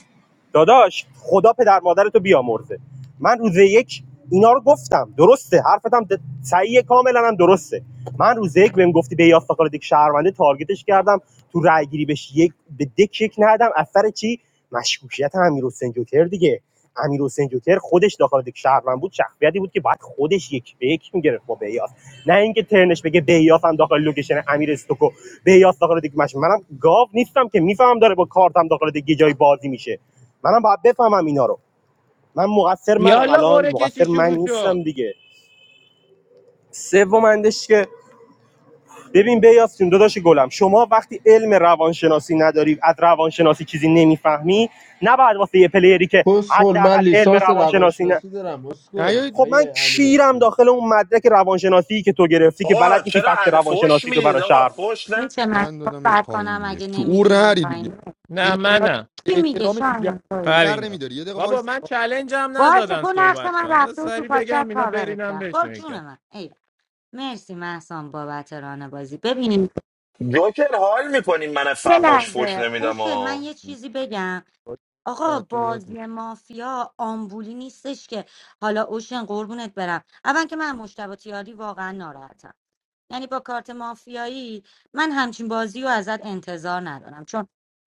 Speaker 7: داداش خدا پدر مادرتو بیامرزه من روز یک اینا رو گفتم درسته حرفتم د- صحیح کاملا هم درسته من روز یک بهم گفتی به یافتاکار دیک شهرونده تارگتش کردم تو رای گیری بهش یک به دک یک ندم اثر چی مشکوکیت امیر حسین جوکر دیگه امیر حسین جوکر خودش داخل دیک شهروند بود شخصیتی بود که باید خودش یک به یک میگرفت با بیاس نه اینکه ترنش بگه بیاس هم داخل لوکیشن امیر استوکو بیاس داخل دیک مش منم گاو نیستم که میفهمم داره با کارتم داخل دیک یه جایی بازی میشه منم باید بفهمم اینا رو من مقصر منم
Speaker 13: یالا
Speaker 7: الان
Speaker 13: قره
Speaker 7: مقصر
Speaker 13: کشی
Speaker 7: من
Speaker 13: شروع شد
Speaker 7: نیستم دیگه سوم اندش که ببین بیاستون داداش گلم شما وقتی علم روانشناسی نداری از روانشناسی چیزی نمیفهمی نباید واسه یه پلیری که
Speaker 5: کسخل
Speaker 7: حداقل
Speaker 5: من
Speaker 7: علم
Speaker 5: لیسانس
Speaker 7: روانشناسی نه
Speaker 5: روانشناسی دارم اسکل
Speaker 7: خب من
Speaker 5: آیه امیر
Speaker 7: کیرم
Speaker 5: اسمی
Speaker 7: داخل اون مدرک روانشناسی که تو گرفتی که بلد
Speaker 12: آقا
Speaker 7: نیستی
Speaker 12: چرا
Speaker 7: فکت
Speaker 12: عد فوش
Speaker 7: روانشناسی تو
Speaker 12: میدید
Speaker 7: برای
Speaker 12: آقا
Speaker 7: شهروندها
Speaker 12: فوش نه
Speaker 9: میشه من
Speaker 4: من دادمش
Speaker 9: صحبت
Speaker 4: پایین
Speaker 9: کنم
Speaker 4: دیگه
Speaker 9: اگه
Speaker 4: شعور
Speaker 9: نمیدیم اون
Speaker 4: نری دیگه
Speaker 9: پایین
Speaker 13: نه
Speaker 4: شعور نری
Speaker 13: منم
Speaker 9: کی میگه
Speaker 4: احترامش دیگر
Speaker 9: شاهین تویی
Speaker 4: دیگر
Speaker 13: پرینا
Speaker 4: نمیداری یه دقیقه
Speaker 13: بابا
Speaker 4: وایس
Speaker 13: من چلنجم
Speaker 9: باشه
Speaker 13: ندادن
Speaker 9: تو نقش
Speaker 13: صحبت
Speaker 9: من
Speaker 13: کنم بس
Speaker 9: رفته و تو
Speaker 13: سری بگم
Speaker 9: پاکت
Speaker 13: اینا
Speaker 9: کاورت
Speaker 13: برینم
Speaker 9: کرد برو
Speaker 13: بهشون یکم
Speaker 9: جون من مرسی محسان بابت ران بازی ببینیم.
Speaker 12: جوکر حال میکنیم من
Speaker 9: یه
Speaker 12: فحاش فوش
Speaker 9: لحظه
Speaker 12: نمیدم
Speaker 9: اوشن
Speaker 12: آ
Speaker 9: من یه چیزی بگم آقا
Speaker 4: تو یاد
Speaker 9: بازی مافیا آمبولی نیستش که حالا اوشن قربونت برم اول که من مشتبه تیاری واقعا ناراحتم یعنی با کارت مافیایی من همچین بازی رو ازت انتظار ندارم چون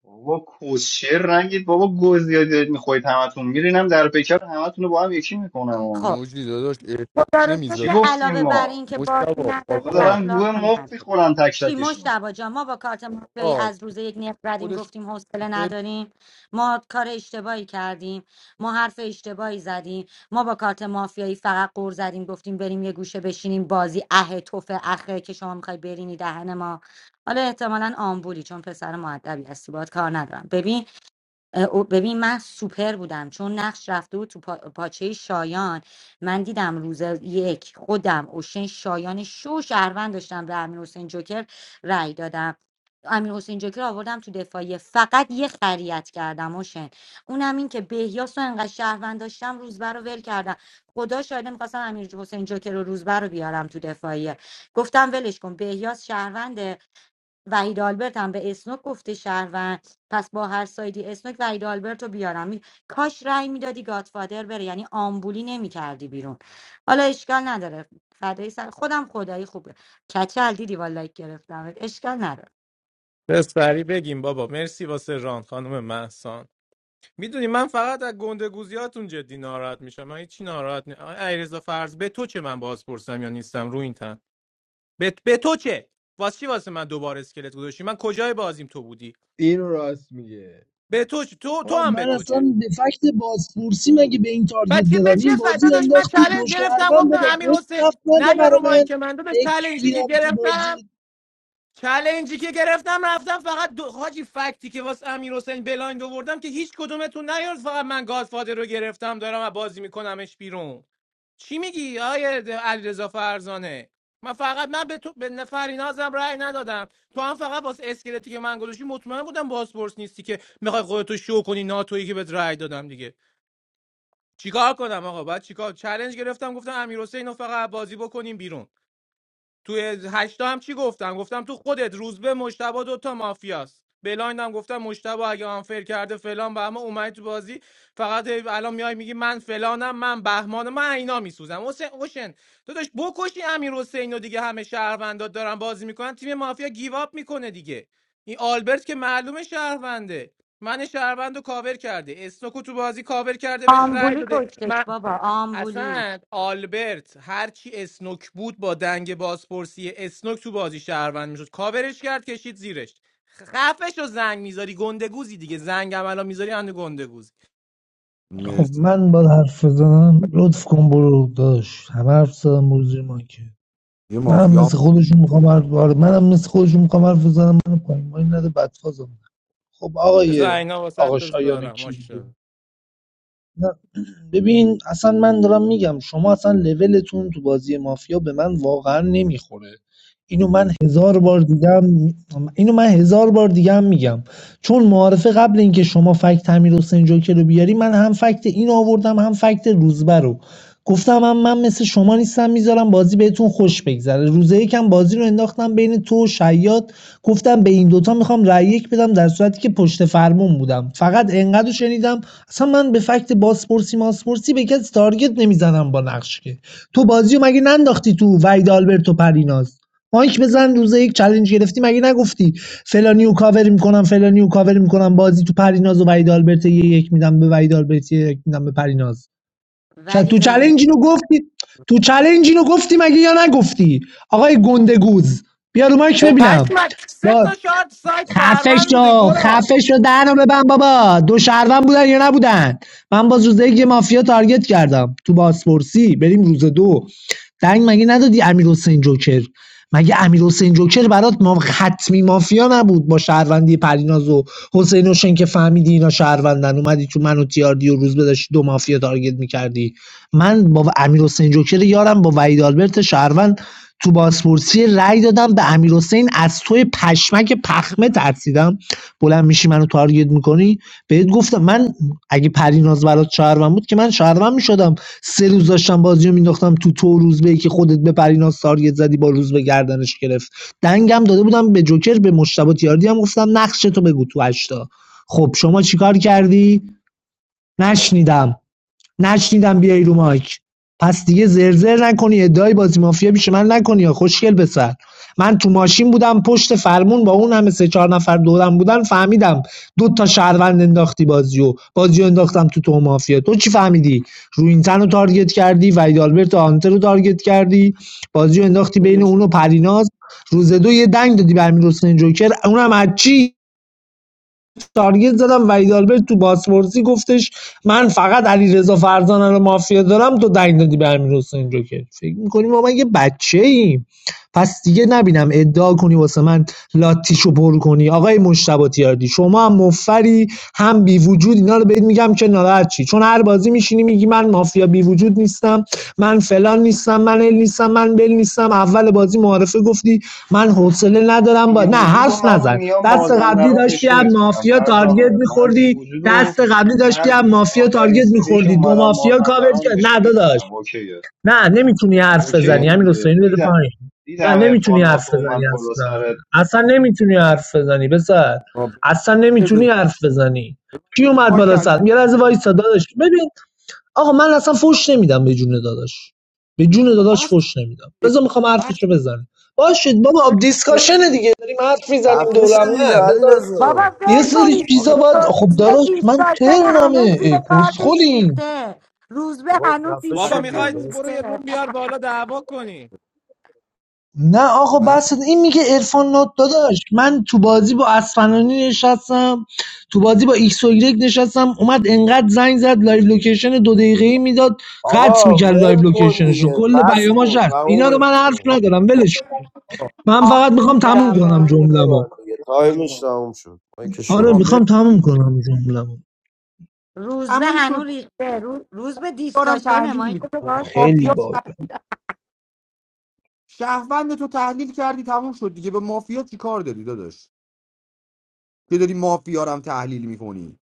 Speaker 10: بابا کوشر نگید بابا گو زیادی دارید میخورید همتون میرینم در پیکر همتون رو با هم یکی میکنم
Speaker 4: م-
Speaker 9: خب
Speaker 10: و
Speaker 4: موجی داداش احترام
Speaker 9: خدا رو
Speaker 10: چی
Speaker 4: نمیذاری
Speaker 9: شکر
Speaker 10: گفتیم
Speaker 9: علاوه بر
Speaker 10: ما
Speaker 9: این که بازی
Speaker 4: مشتبا
Speaker 9: نداری
Speaker 10: آخه
Speaker 4: فاطمه هم.
Speaker 10: دارن
Speaker 9: اخلاق
Speaker 10: گوه
Speaker 9: هم
Speaker 10: مفت
Speaker 9: نداری
Speaker 10: میخورن تک
Speaker 9: چی
Speaker 10: تکشون
Speaker 9: مشتبا جان ما با کارت مافیایی
Speaker 4: آقا
Speaker 9: از روز یک نفر زدیم
Speaker 4: خودش
Speaker 9: گفتیم حوصله
Speaker 4: فر
Speaker 9: نداریم ما کار اشتباهی کردیم ما حرف اشتباهی زدیم ما با کارت مافیایی فقط قور زدیم گفتیم بریم یه گوشه بشینیم بازی اه توف اخه که شما میخوای برینی دهن ما حالا احتمالا آمبولی چون پسر معدبی هستی باهات کار ندارم ببین او- ببین من سوپر بودم چون نقش رفته بود تو پا... پاچه شایان من دیدم روز یک خودم اوشن شایان شو شهروند داشتم به امیر حسین جوکر رأی دادم امیر حسین جوکر رو آوردم تو دفاعیه فقط یه خریت کردم اوشن اونم این که بهیاس رو انقدر شهروند داشتم روزبر رو ول کردم خدا شاهده میخواستم امیر حسین جوکر رو روزبر رو بیارم تو دفاعیه گفتم ولش کن بهیاس شهروند وحید آلبرت هم به اسنوک گفته شهروند پس با هر سایدی اسنوک وحید آلبرت رو بیارم می... کاش رأی میدادی گاتفادر بره یعنی آمبولی نمیکردی بیرون حالا اشکال نداره فدای سر خودم خدایی خوبه کچل دیدی والا لایک گرفتم اشکال نداره
Speaker 13: بس سری بگیم بابا مرسی واسه ران خانم محسان میدونی من فقط از گندگوزیاتون جدی ناراحت میشم من هیچی ناراحت نی علیرضا فرض به تو چه من بازپرسم یا نیستم رو این تن به, به تو چه واسه چی واسه من دوباره اسکلت گذاشتی من کجای بازیم تو بودی
Speaker 5: اینو راست میگه
Speaker 13: به تو چه؟ تو تو
Speaker 16: آقا
Speaker 13: هم به
Speaker 16: من
Speaker 13: تو
Speaker 16: اصلا
Speaker 13: چه
Speaker 16: به فکت بازپرسی مگه به این تارگت
Speaker 13: بچه به
Speaker 16: زدم
Speaker 13: چه
Speaker 16: این
Speaker 13: فدا
Speaker 16: بازی
Speaker 13: داشت من
Speaker 16: انداخت تو
Speaker 13: چالش
Speaker 16: دو
Speaker 13: گرفتم
Speaker 16: شهروند
Speaker 13: گفتم
Speaker 16: بابا
Speaker 13: امیر
Speaker 16: کد
Speaker 13: حسین
Speaker 16: نفت نده
Speaker 13: نه یا
Speaker 16: برا
Speaker 13: رو
Speaker 16: من
Speaker 13: مایک من داداش چالنجی که
Speaker 16: بکیرم تو بازی
Speaker 13: گرفتم چالنجی که گرفتم رفتم فقط دو حاجی فکتی که واسه امیر حسین بلایند آوردم که هیچ کدومتون نیار فقط من گادفادر رو گرفتم دارم و بازی میکنمش بیرون چی میگی آیه علیرضا فرزانه من فقط من به تو به نفری نازم رأی ندادم تو هم فقط واسه اسکلتی که من گذاشتی مطمئن بودم بازپرس نیستی که میخوای خودتو شو کنی ناتویی که بهت رأی دادم دیگه چیکار کنم آقا بعد چیکار چالش گرفتم گفتم امیر حسین فقط بازی بکنیم بیرون توی هشتا هم چی گفتم گفتم تو خودت روزبه مشتبه دوتا مافیاست بلایند هم گفتم مشتبه اگه آنفر کرده فلان و اما اومد تو بازی فقط هی الان میای میگی من فلانم من بهمانم من اینا میسوزم حسین اوشن تو داشت بکشی امیر حسین و دیگه همه شهروندات دارن بازی میکنن تیم مافیا گیواب میکنه دیگه این آلبرت که معلومه شهرونده من شهروند رو کاور کرده استوکو تو بازی کاور کرده بهش رای
Speaker 9: آمبولی کشتش
Speaker 13: داده
Speaker 9: بابا آمبولی
Speaker 13: اصلا آلبرت هرچی اسنوک بود با دنگ بازپرسی اسنوک تو بازی شهروند میشد کاورش کرد کشید زیرش خفش رو زنگ میذاری گندگوزی دیگه زنگ هم الان میذاری هنده گندگوزی
Speaker 4: مرسی یه مافیا هم
Speaker 13: بذار اینا واسط بذارم ماشاءالله
Speaker 16: واقعا نمیخوره اینو من هزار بار دیگم اینو من هزار بار دیگم میگم چون معارفه قبل اینکه شما فکت امیر حسین جوکر رو بیاری من هم فکت این آوردم هم فکت روزبه رو گفتم هم من مثل شما نیستم میذارم بازی بهتون خوش بگذره روزه یکم بازی رو انداختم بین تو و شیاد گفتم به این دوتا میخوام رأی یک بدم در صورتی که پشت فرمون بودم فقط انقدر رو شنیدم اصلا من به فکت باسپورسی ماسپورسی به کسی تارگت نمیزنم با نقش که تو بازیو مگه ننداختی تو وحید آلبرت و پریناز مایک بزن روز یک چالش گرفتی مگه نگفتی فلانیو کاور میکنم فلانیو کاور میکنم بازی تو پریناز و وحید آلبرت یه یک میدم به وحید آلبرت یه یک میدم به پریناز چ- تو
Speaker 9: ولی
Speaker 16: چالش
Speaker 9: زنی
Speaker 16: اینو گفتی تو چالش اینو گفتی مگه یا نگفتی آقای گندگوز بیا رو مایک
Speaker 13: خب
Speaker 16: ببینم
Speaker 13: پشمک سه
Speaker 16: با
Speaker 13: تا شارت سایت
Speaker 16: خفش
Speaker 13: شهروند بوده
Speaker 16: رو
Speaker 13: گراد
Speaker 16: خفش رو دهنو ببن بابا دو شهروند بودن یا نبودن من باز روز یک یه مافیا تارگت کردم تو بازپرسی بریم روز دو دنگ مگه ندادی امیر حسین جوکر مگه امیر حسین جوکر برات ما حتمی مافیا نبود با شهروندی پریناز و حسین حسین که فهمیدی اینا شهروندن اومدی تو منو تیاردی و روز بداشتی دو مافیا تارگت میکردی من با امیر حسین جوکر یارم با وحید آلبرت شهروند تو بازپرسی رأی دادم به امیر از توی پشمک پخمه ترسیدم بلند میشی منو تارگت میکنی بهت گفتم من اگه پریناز برات شهروند بود که من شهروند میشدم سه روز داشتم بازی رو مینداختم تو تو روزبه به که خودت به پریناز تارگت زدی با روزبه به گردنش گرفت دنگم داده بودم به جوکر به مشتبه تیاردی هم گفتم نقش تو بگو تو هشتا خب شما چیکار کردی نشنیدم نشنیدم بیای رو مایک پس دیگه زرزر نکنی ادعای بازی مافیا بیشه من نکنی خوشگل بسر من تو ماشین بودم پشت فرمون با اون همه سه چهار نفر دورم بودن فهمیدم دو تا شهروند انداختی بازیو بازیو انداختم تو تو مافیا تو چی فهمیدی روینتن رو تارگت کردی وحید آلبرت و آنتر رو تارگت کردی بازیو انداختی بین
Speaker 4: ولش
Speaker 16: اون و پریناز روز دو یه دنگ دادی به امیر حسین جوکر اونم از چی تارگت زدم وحید آلبرت تو بازپرسی گفتش من فقط علیرضا فرزانه رو مافیا دارم تو دنگ دادی به امیر حسین جوکر فکر میکنی ما من یه بچه ایم پس دیگه نبینم ادعا کنی واسه من لاتیشو پر کنی آقای مشتبه تیاردی شما هم مفری هم بی وجود اینا رو بهت میگم که ناراحت چی چون هر بازی میشینی میگی من مافیا بی وجود نیستم من فلان نیستم من ال نیستم من بل نیستم اول بازی معارفه گفتی من حوصله ندارم با
Speaker 10: بی
Speaker 16: نه
Speaker 10: وجود و
Speaker 16: حرف
Speaker 10: من و
Speaker 16: نزن
Speaker 10: میا
Speaker 16: دست قبلی
Speaker 10: مازندران
Speaker 16: داشتی هم
Speaker 10: نشونت میدم
Speaker 16: مافیا تارگت
Speaker 10: فرزانه من بی
Speaker 16: میخوردی
Speaker 10: وجود و
Speaker 16: دست قبلی داشتی
Speaker 10: هر
Speaker 16: هم مافیا
Speaker 10: آخرین
Speaker 16: تارگت
Speaker 10: سری که
Speaker 16: میخوردی دو
Speaker 10: اومدم
Speaker 16: مافیا کاور
Speaker 10: مازندران
Speaker 16: کرد نه
Speaker 10: نشونت
Speaker 16: داداش
Speaker 10: میدم اوکیه
Speaker 16: نه نمیتونی
Speaker 10: نه
Speaker 16: حرف
Speaker 4: کن.
Speaker 10: اوکی
Speaker 16: بزنی همین
Speaker 10: دیگه
Speaker 16: حسینی بده پایین نه
Speaker 10: دیدم
Speaker 16: نمیتونی
Speaker 10: ارفان ناتو
Speaker 16: حرف بزنی
Speaker 10: اومد بالا
Speaker 16: اصلا
Speaker 10: سرت
Speaker 16: اصلا نمیتونی حرف بزنی بسر
Speaker 4: آقا
Speaker 16: اصلا
Speaker 4: بزن.
Speaker 16: نمیتونی حرف بزنی کی اومد
Speaker 4: ما
Speaker 16: بالا
Speaker 4: کلیم
Speaker 16: سر یه لحظه وایسا داداش ببین آقا من اصلا فوش نمیدم به جون داداش به جون
Speaker 4: خب
Speaker 16: داداش
Speaker 4: بس
Speaker 16: فوش نمیدم
Speaker 4: دیگه.
Speaker 16: بذار میخوام
Speaker 4: بس
Speaker 16: حرفش رو بزنم باشید بابا
Speaker 4: دیگه.
Speaker 16: دیسکاشن دیگه داریم حرف
Speaker 3: تمام
Speaker 16: میزنیم دورم نه بذار
Speaker 9: بابا
Speaker 16: یه
Speaker 9: فکر
Speaker 16: سری
Speaker 9: کنید
Speaker 4: آخه
Speaker 16: چیزا باید خب
Speaker 9: روزبه
Speaker 16: داداش من
Speaker 9: دیسکاشن
Speaker 16: ترنمه
Speaker 9: هنوز
Speaker 16: ای،
Speaker 9: زیر کارتش
Speaker 16: کسخلیم
Speaker 9: ریخته روزبه
Speaker 3: آقا
Speaker 9: هنوز
Speaker 3: خفه
Speaker 13: بابا
Speaker 3: شو دیگه
Speaker 9: دیسکاشن
Speaker 13: میخواید
Speaker 3: بس
Speaker 13: برو یه
Speaker 9: ریخته
Speaker 13: روم بیار بالا دعوا کنی
Speaker 16: نه آقا
Speaker 4: مس
Speaker 16: بس این میگه عرفان نات داداش من تو بازی با اصفهانی نشستم تو بازی با ایکس و ایگرگ نشستم اومد انقدر زنگ زد لایو لوکیشن دو دقیقه ای میداد قطع
Speaker 3: آقا
Speaker 16: میکرد لایو
Speaker 3: ول کن
Speaker 16: لوکیشنش رو
Speaker 3: دیگه
Speaker 16: کل
Speaker 3: بس
Speaker 16: پیاماش
Speaker 3: کن
Speaker 16: هست اینا رو
Speaker 3: تمومش
Speaker 16: من حرف
Speaker 3: کن
Speaker 16: ندارم ولش کن. من
Speaker 17: Ach,
Speaker 16: فقط میخوام
Speaker 17: John,
Speaker 16: تموم
Speaker 3: مایک
Speaker 17: Dave.
Speaker 16: کنم
Speaker 3: اینو
Speaker 16: جمله‌مو
Speaker 3: ببند دیگه تایمش تموم شد مایکشو
Speaker 16: آره
Speaker 4: آقا
Speaker 3: ببند
Speaker 4: مرسی
Speaker 16: میخوام تموم
Speaker 4: مرسی.
Speaker 16: کنم جمله‌مو
Speaker 9: روز به
Speaker 4: تموم
Speaker 9: هنو
Speaker 4: شد
Speaker 9: ریخته رو- روز به
Speaker 4: دارم
Speaker 9: دیسکاشنه
Speaker 4: تحلیل
Speaker 9: مایی که
Speaker 4: میکنم
Speaker 9: تو باز کن
Speaker 16: خیلی
Speaker 4: مافیا
Speaker 16: باگ
Speaker 9: چشم.
Speaker 4: شهروند تو تحلیل کردی تموم شد دیگه به مافیا چی کار داری داداش که داری مافیا رو هم تحلیل میکنی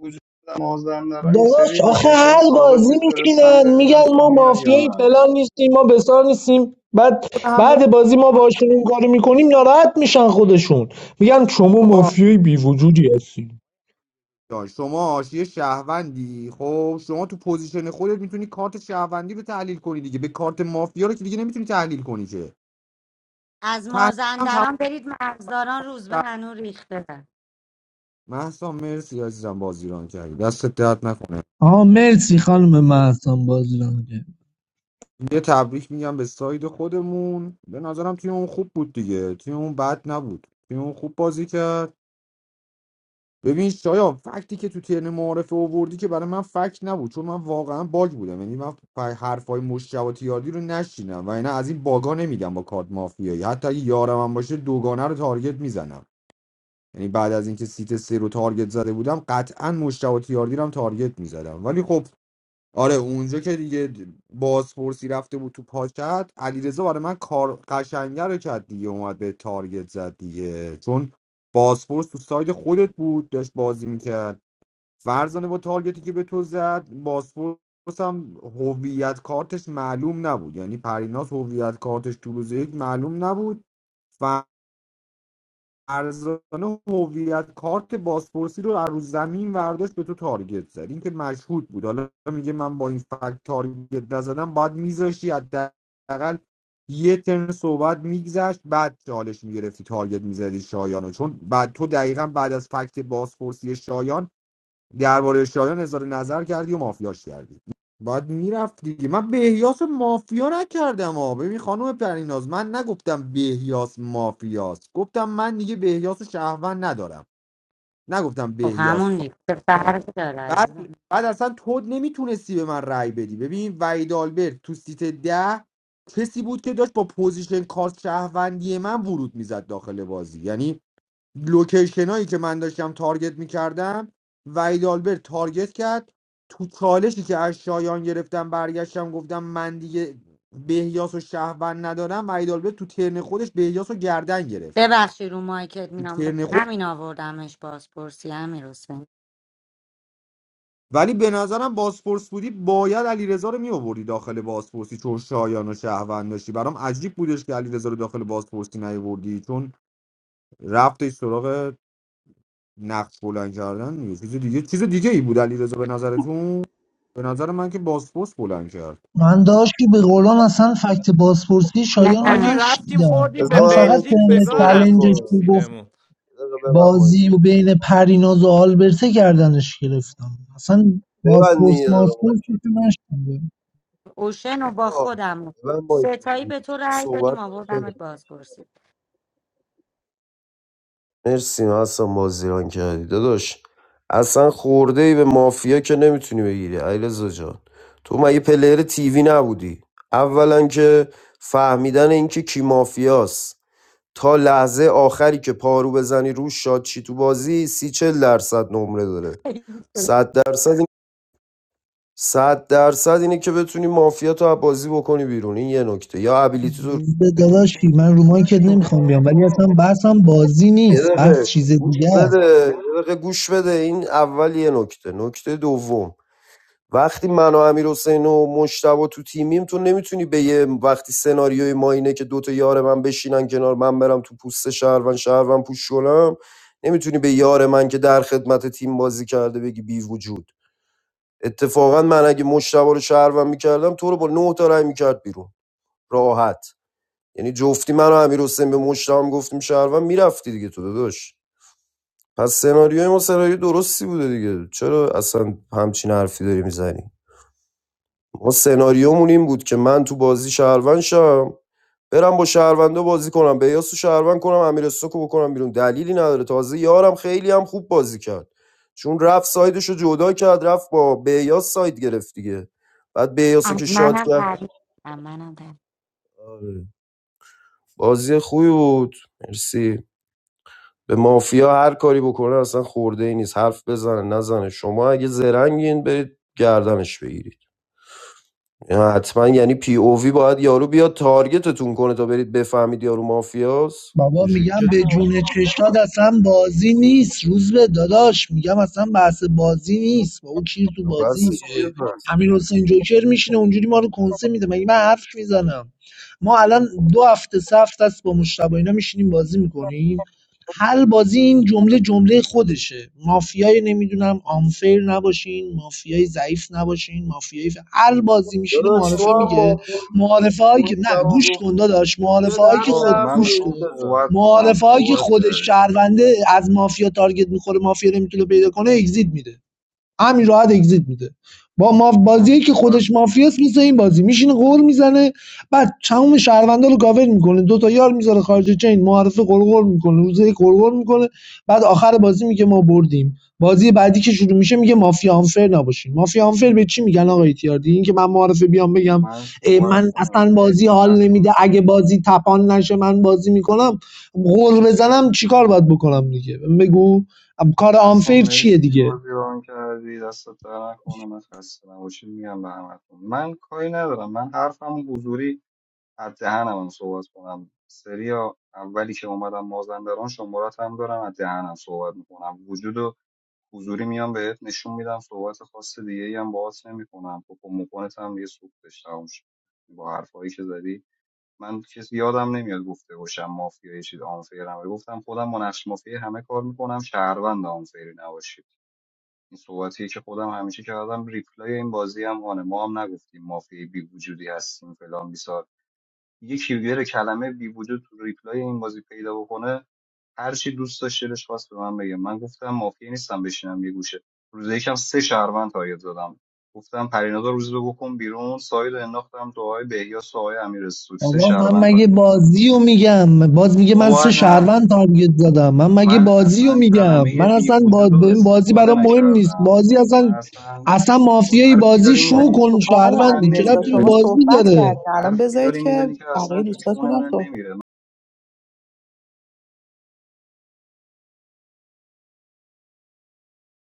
Speaker 10: وجود مازدم دارم این سری
Speaker 16: داداش آخه
Speaker 10: لوکیشن
Speaker 16: هر
Speaker 10: ثابت
Speaker 16: بازی
Speaker 10: میفرستم
Speaker 16: میشینن
Speaker 10: ببینم
Speaker 16: میگن
Speaker 10: تو
Speaker 16: ما
Speaker 10: میای یا
Speaker 16: مافیایی
Speaker 10: نه
Speaker 16: فلان نیستیم ما بسار نیستیم بعد
Speaker 4: هم یه
Speaker 16: بعد بازی ما باشون این کارو میکنیم ناراحت میشن خودشون میگن شما
Speaker 4: آقا
Speaker 16: مافیایی بی وجودی هستی
Speaker 4: جان، شما یه شهروندی خب شما تو پوزیشن خودت میتونی کارت شهروندی رو تحلیل کنی دیگه به کارت مافیا رو که دیگه نمیتونی تحلیل کنی که
Speaker 9: از
Speaker 4: تحلیل هم تموم
Speaker 9: مازندران برید مرزداران روز به
Speaker 4: شد
Speaker 9: هنو ریخته
Speaker 4: مهسا مرسی عزیزم بازیران کردی دستت درد نکنه
Speaker 16: آه مرسی خانم محسن بازی رو میگه
Speaker 4: یه تبریک میگم به ساید خودمون به نظرم تیم اون خوب بود دیگه تیم اون بد نبود تیم اون خوب بازی کرد ببین شایان فکتی که تو ترن معارفه آوردی که برای من فکت نبود چون من واقعا باگ بودم یعنی من ف- حرفای مشکوات یادی رو نشینم و اینا از این باگا نمیگم با کارت مافیایی حتی اگه یارم هم باشه دوگانه رو تارگت میزنم یعنی بعد از اینکه سیت سه رو تارگت زده بودم قطعا مشکوات یاردی رو هم تارگت میزدم ولی خب آره اونجا که دیگه بازپرسی رفته بود تو پاکت علیرضا برای من کار قشنگه رو کرد دیگه اومد به تارگت زد دیگه چون بازپرس تو ساید خودت بود داشت بازی میکرد فرزانه با تارگتی که به تو زد بازپرس هم هویت کارتش معلوم نبود یعنی پریناز هویت کارتش تو روز یک معلوم نبود ارزان هویت کارت بازپرسی رو از رو زمین ورداشت به تو تارگت زد این که مشهود بود حالا میگه من با این فکت تارگت نزدم باید میذاشتی حداقل یه ترم صحبت میگذشت بعد چالش میگرفتی تارگت میزدی شایانو چون بعد تو دقیقا بعد از فکت بازپرسی شایان درباره شایان اظهار نظر کردی و مافیاش کردی باید میرفت دیگه من بهیاس مافیا نکردم ها ببین خانم پریناز من نگفتم بهیاس مافیاست گفتم من دیگه بهیاس شهروند ندارم نگفتم
Speaker 9: خب
Speaker 4: بهیاس
Speaker 9: همون
Speaker 4: ما.
Speaker 9: ریخته فرق داره
Speaker 4: بعد
Speaker 9: عزیزم
Speaker 4: بعد اصلا تو نمیتونستی به من رأی بدی ببین وحید آلبرت تو سیت ده کسی بود که داشت با پوزیشن کارت شهروندی من ورود میزد داخل بازی یعنی لوکیشن هایی که من داشتم تارگت میکردم وحید آلبرت تارگت کرد تو چالشی که از شایان گرفتم برگشتم گفتم من دیگه بهیاس و شهروند ندارم وحید آلبرت تو ترن خودش بهیاس و گردن گرفت
Speaker 9: ببخشی رو مایکت
Speaker 4: تو
Speaker 9: میام
Speaker 4: ترن خود
Speaker 9: همین آوردمش بازپرسی همین حسین
Speaker 4: ولی به نظرم باسپورس بودی باید علیرضا رو میآوردی داخل باسپورسی چون شایان و شهروند داشتی برام عجیب بودش که علیرضا رو داخل باسپورسی نیاوردی چون رفتش سراغ نقد بلند کردن دیگه. چیز دیگه چیز دیگه ای بود علیرضا به نظرتون به نظر من که باسپورس بلند کرد
Speaker 16: من داشت که به قولان اصلا فکت بازپرسی
Speaker 9: نه
Speaker 16: شایان رو
Speaker 13: حاجی رفتیم
Speaker 16: نشنیدم
Speaker 13: خوردیم به
Speaker 3: بذار
Speaker 16: من
Speaker 3: من هم
Speaker 16: فقط
Speaker 3: یه
Speaker 13: بلژیک
Speaker 3: کوتاه
Speaker 16: بین
Speaker 13: وگا
Speaker 3: صحبت
Speaker 16: چلنجش
Speaker 13: رفتیم
Speaker 3: کنم
Speaker 16: که گفت
Speaker 13: سیدمون
Speaker 3: یه دقیقه ببند مایک
Speaker 16: بازی و بین پریناز و آلبرته گردنش گرفتم اصلا
Speaker 3: ببند
Speaker 16: بازپرس
Speaker 3: دیگه یه دقیقه
Speaker 16: ماسپورس
Speaker 3: مایک
Speaker 16: رو که نشنیدم.
Speaker 9: اوشن و با
Speaker 3: آقا
Speaker 9: خودم
Speaker 3: ببند مایک
Speaker 9: ستایی به تو رأی دادیم
Speaker 3: صحبت کن.
Speaker 9: آوردمت بازپرسی
Speaker 3: مرسی حسن بازیران کردی داداش اصلا خورده ای به مافیا که نمیتونی بگیری علیرضا جان تو مگه پلیر تیوی نبودی اولا که فهمیدن اینکه کی مافیاست تا لحظه آخری که پارو بزنی روش شاد چی تو بازی سی چل درصد نمره داره صد درصد این- صد درصد اینه که بتونی مافیا تو از بازی بکنی بیرون این یه نکته یا ابیلیتی
Speaker 16: به
Speaker 3: تو
Speaker 16: داداشی من رو مایکت نمیخوام بیام ولی اصلا بحثم بازی
Speaker 3: یه
Speaker 16: نیست بحث
Speaker 3: دقیقه
Speaker 16: چیز
Speaker 3: گوش
Speaker 16: دیگه است
Speaker 3: بده یه دقیقه گوش بده این اول یه نکته نکته دوم وقتی من و امیر حسین و مشتبه تو تیمیم تو نمیتونی به یه وقتی سناریوی ما اینه که دوتا یار من بشینن کنار من برم تو پوست شهروند شهروند پوش کنم نمیتونی به یار من که در خدمت تیم بازی کرده بگی بی وجود اتفاقا من اگه مشتبه رو شهروند میکردم تو رو با نه تا رای میکرد بیرون راحت یعنی جفتی من و امیر حسین به مشتبه هم گفتیم شهروند میرفتی دیگه تو داداش پس سناریوی ما سناریو درستی بوده دیگه چرا اصلا همچین حرفی داری میزنی ما سناریومون این بود که من تو بازی شهروند شم برم با شهروندا بازی کنم به یاسو شهروند کنم امیر سوکو بکنم بیرون دلیلی نداره تازه یارم خیلی هم خوب بازی کرد چون رفت سایدش رو جدا کرد رفت با بیاس ساید گرفت دیگه بعد بیاسو که
Speaker 9: از
Speaker 3: شاد
Speaker 9: منم
Speaker 3: کرد
Speaker 9: پرید از منم پرید
Speaker 3: آره. بازی خوبی بود مرسی به مافیا هر کاری بکنه اصلا خورده ای نیست حرف بزنه نزنه شما اگه زرنگین برید گردنش بگیرید یعنی حتما یعنی پی او وی باید یارو بیاد تارگتتون کنه تا برید بفهمید یارو مافیاست
Speaker 16: بابا
Speaker 3: اینجوری
Speaker 16: میگم
Speaker 3: که
Speaker 16: به جون چشاد اصلا بازی نیست روز به داداش میگم اصلا بحث بازی نیست با او کیر تو بازی
Speaker 3: بس
Speaker 16: اه.
Speaker 3: چیه
Speaker 16: امیر حسین جوکر میشینه اونجوری ما رو کنسه میده مگه من حرف میزنم ما الان دو هفته سه هفته است با مشتبه اینا میشینیم بازی میکنیم هر بازی این جمله جمله خودشه مافیای نمیدونم آنفیر نباشین مافیای ضعیف نباشین مافیای ف... هر بازی میشینه
Speaker 3: داداش تو
Speaker 16: معارفه
Speaker 3: هم
Speaker 16: میگه
Speaker 3: مافیا نیستی.
Speaker 16: معارفه هایی که نه
Speaker 3: مشتاق
Speaker 16: گوش کن
Speaker 3: گفت
Speaker 16: داداش معارفه
Speaker 3: بد
Speaker 16: هایی که
Speaker 3: همین
Speaker 10: آقا
Speaker 16: خود
Speaker 3: حرف
Speaker 10: من
Speaker 16: گوش
Speaker 3: بهش
Speaker 16: کن
Speaker 10: میخوام
Speaker 3: بزن
Speaker 10: صحبت کنم
Speaker 16: معارفه‌هایی که
Speaker 10: صحبت
Speaker 16: خودش
Speaker 10: کردی شما
Speaker 16: شهرونده از مافیا تارگت می‌خوره مافیا نمیتونه پیدا کنه اگزیت میده. همین راحت اگزییت میده با ما
Speaker 10: من
Speaker 16: بازی که
Speaker 10: صحبت
Speaker 16: خودش
Speaker 10: کنم
Speaker 16: مافیاست مثل این بازی میشینه قول میزنه بعد تمام شهروندا رو کاور میکنه دو تا یار میذاره خارج چین معرفه قرقر میکنه روزه یک قرقر میکنه بعد آخر بازی میگه ما بردیم بازی بعدی که شروع میشه میگه مافیا آنفر نباشین مافیا آنفر به چی میگن آقای تیاردی این که من معرفه بیام بگم
Speaker 10: من صحبت
Speaker 16: من
Speaker 10: کنم
Speaker 16: اصلا بازی
Speaker 10: مرسی
Speaker 16: حال
Speaker 10: مستم
Speaker 16: نمیده اگه بازی تپان نشه من بازی میکنم قول بزنم چیکار باید بکنم دیگه بگو کار
Speaker 10: مستم
Speaker 16: آنفیر چیه
Speaker 10: مرسی
Speaker 16: دیگه
Speaker 10: بازی ران کردی دست در نکنه من خسته نباشید میگم به همتون من کاری ندارم من حرفم حضوری از دهنم هم صحبت کنم سریا اولی که اومدم مازندران شمارت هم دارم از دهنم صحبت میکنم وجود و حضوری میام بهت نشون میدم صحبت خاص دیگه ای هم باهات نمیکنم پاپا مکانت هم یه سوختش تموم شد با حرفایی که زدی من کسی یادم نمیاد گفته باشم مافیا یه چیز آنفیرم ولی گفتم خودم با نقش مافیا همه کار میکنم شهروند آنفیری نباشید این صحبتیه که خودم همیشه کردم ریپلای این بازی هم آنه ما هم نگفتیم مافیای بی وجودی هستیم فلان بیسار دیگه کیوگر کلمه بی وجود تو ریپلای این بازی پیدا بکنه هر چی دوست داشت دلش خواست به من بگه من گفتم مافیا نیستم بشینم یه گوشه روز یکم سه شهروند تایید زدم گفتم پریناز رو روز رو بکن بیرون ساید رو انداختم تو آقای بهیاس و آقای امیر سوک سه
Speaker 16: بابا من
Speaker 10: شهروند
Speaker 16: مگه
Speaker 10: تایید زدم
Speaker 16: بازی رو میگم باز میگه من
Speaker 10: بابا
Speaker 16: سه
Speaker 10: نه
Speaker 16: شهروند تارگت زدم من مگه
Speaker 10: من
Speaker 16: بازی رو
Speaker 10: اصلا
Speaker 16: میگم
Speaker 10: کلمه
Speaker 16: من
Speaker 10: بی
Speaker 16: اصلا با...
Speaker 10: وجود رو
Speaker 16: ببین بازی
Speaker 10: استفاده
Speaker 16: برام مهم نیست
Speaker 10: نکردم
Speaker 16: بازی
Speaker 10: من
Speaker 16: اصلا
Speaker 10: اصلا
Speaker 16: اصلا
Speaker 10: تو
Speaker 16: مافیایی
Speaker 10: حرفی
Speaker 16: بازی
Speaker 10: داری
Speaker 16: شو
Speaker 4: آره.
Speaker 10: میزنی که
Speaker 16: کن
Speaker 11: خب
Speaker 10: تو چون
Speaker 11: آقای
Speaker 10: من
Speaker 16: شهروندی چرا
Speaker 11: علیرضا
Speaker 16: ربطی
Speaker 10: نمیره
Speaker 16: به
Speaker 11: شما
Speaker 16: بازی
Speaker 11: صحبت
Speaker 16: داره
Speaker 11: کردین الان
Speaker 10: حرفی
Speaker 11: بذارید
Speaker 10: داری میزنی
Speaker 11: که
Speaker 10: که اصلا
Speaker 11: بقیه
Speaker 10: تو چون
Speaker 11: دوستاتون
Speaker 10: من
Speaker 11: هم
Speaker 10: نمیره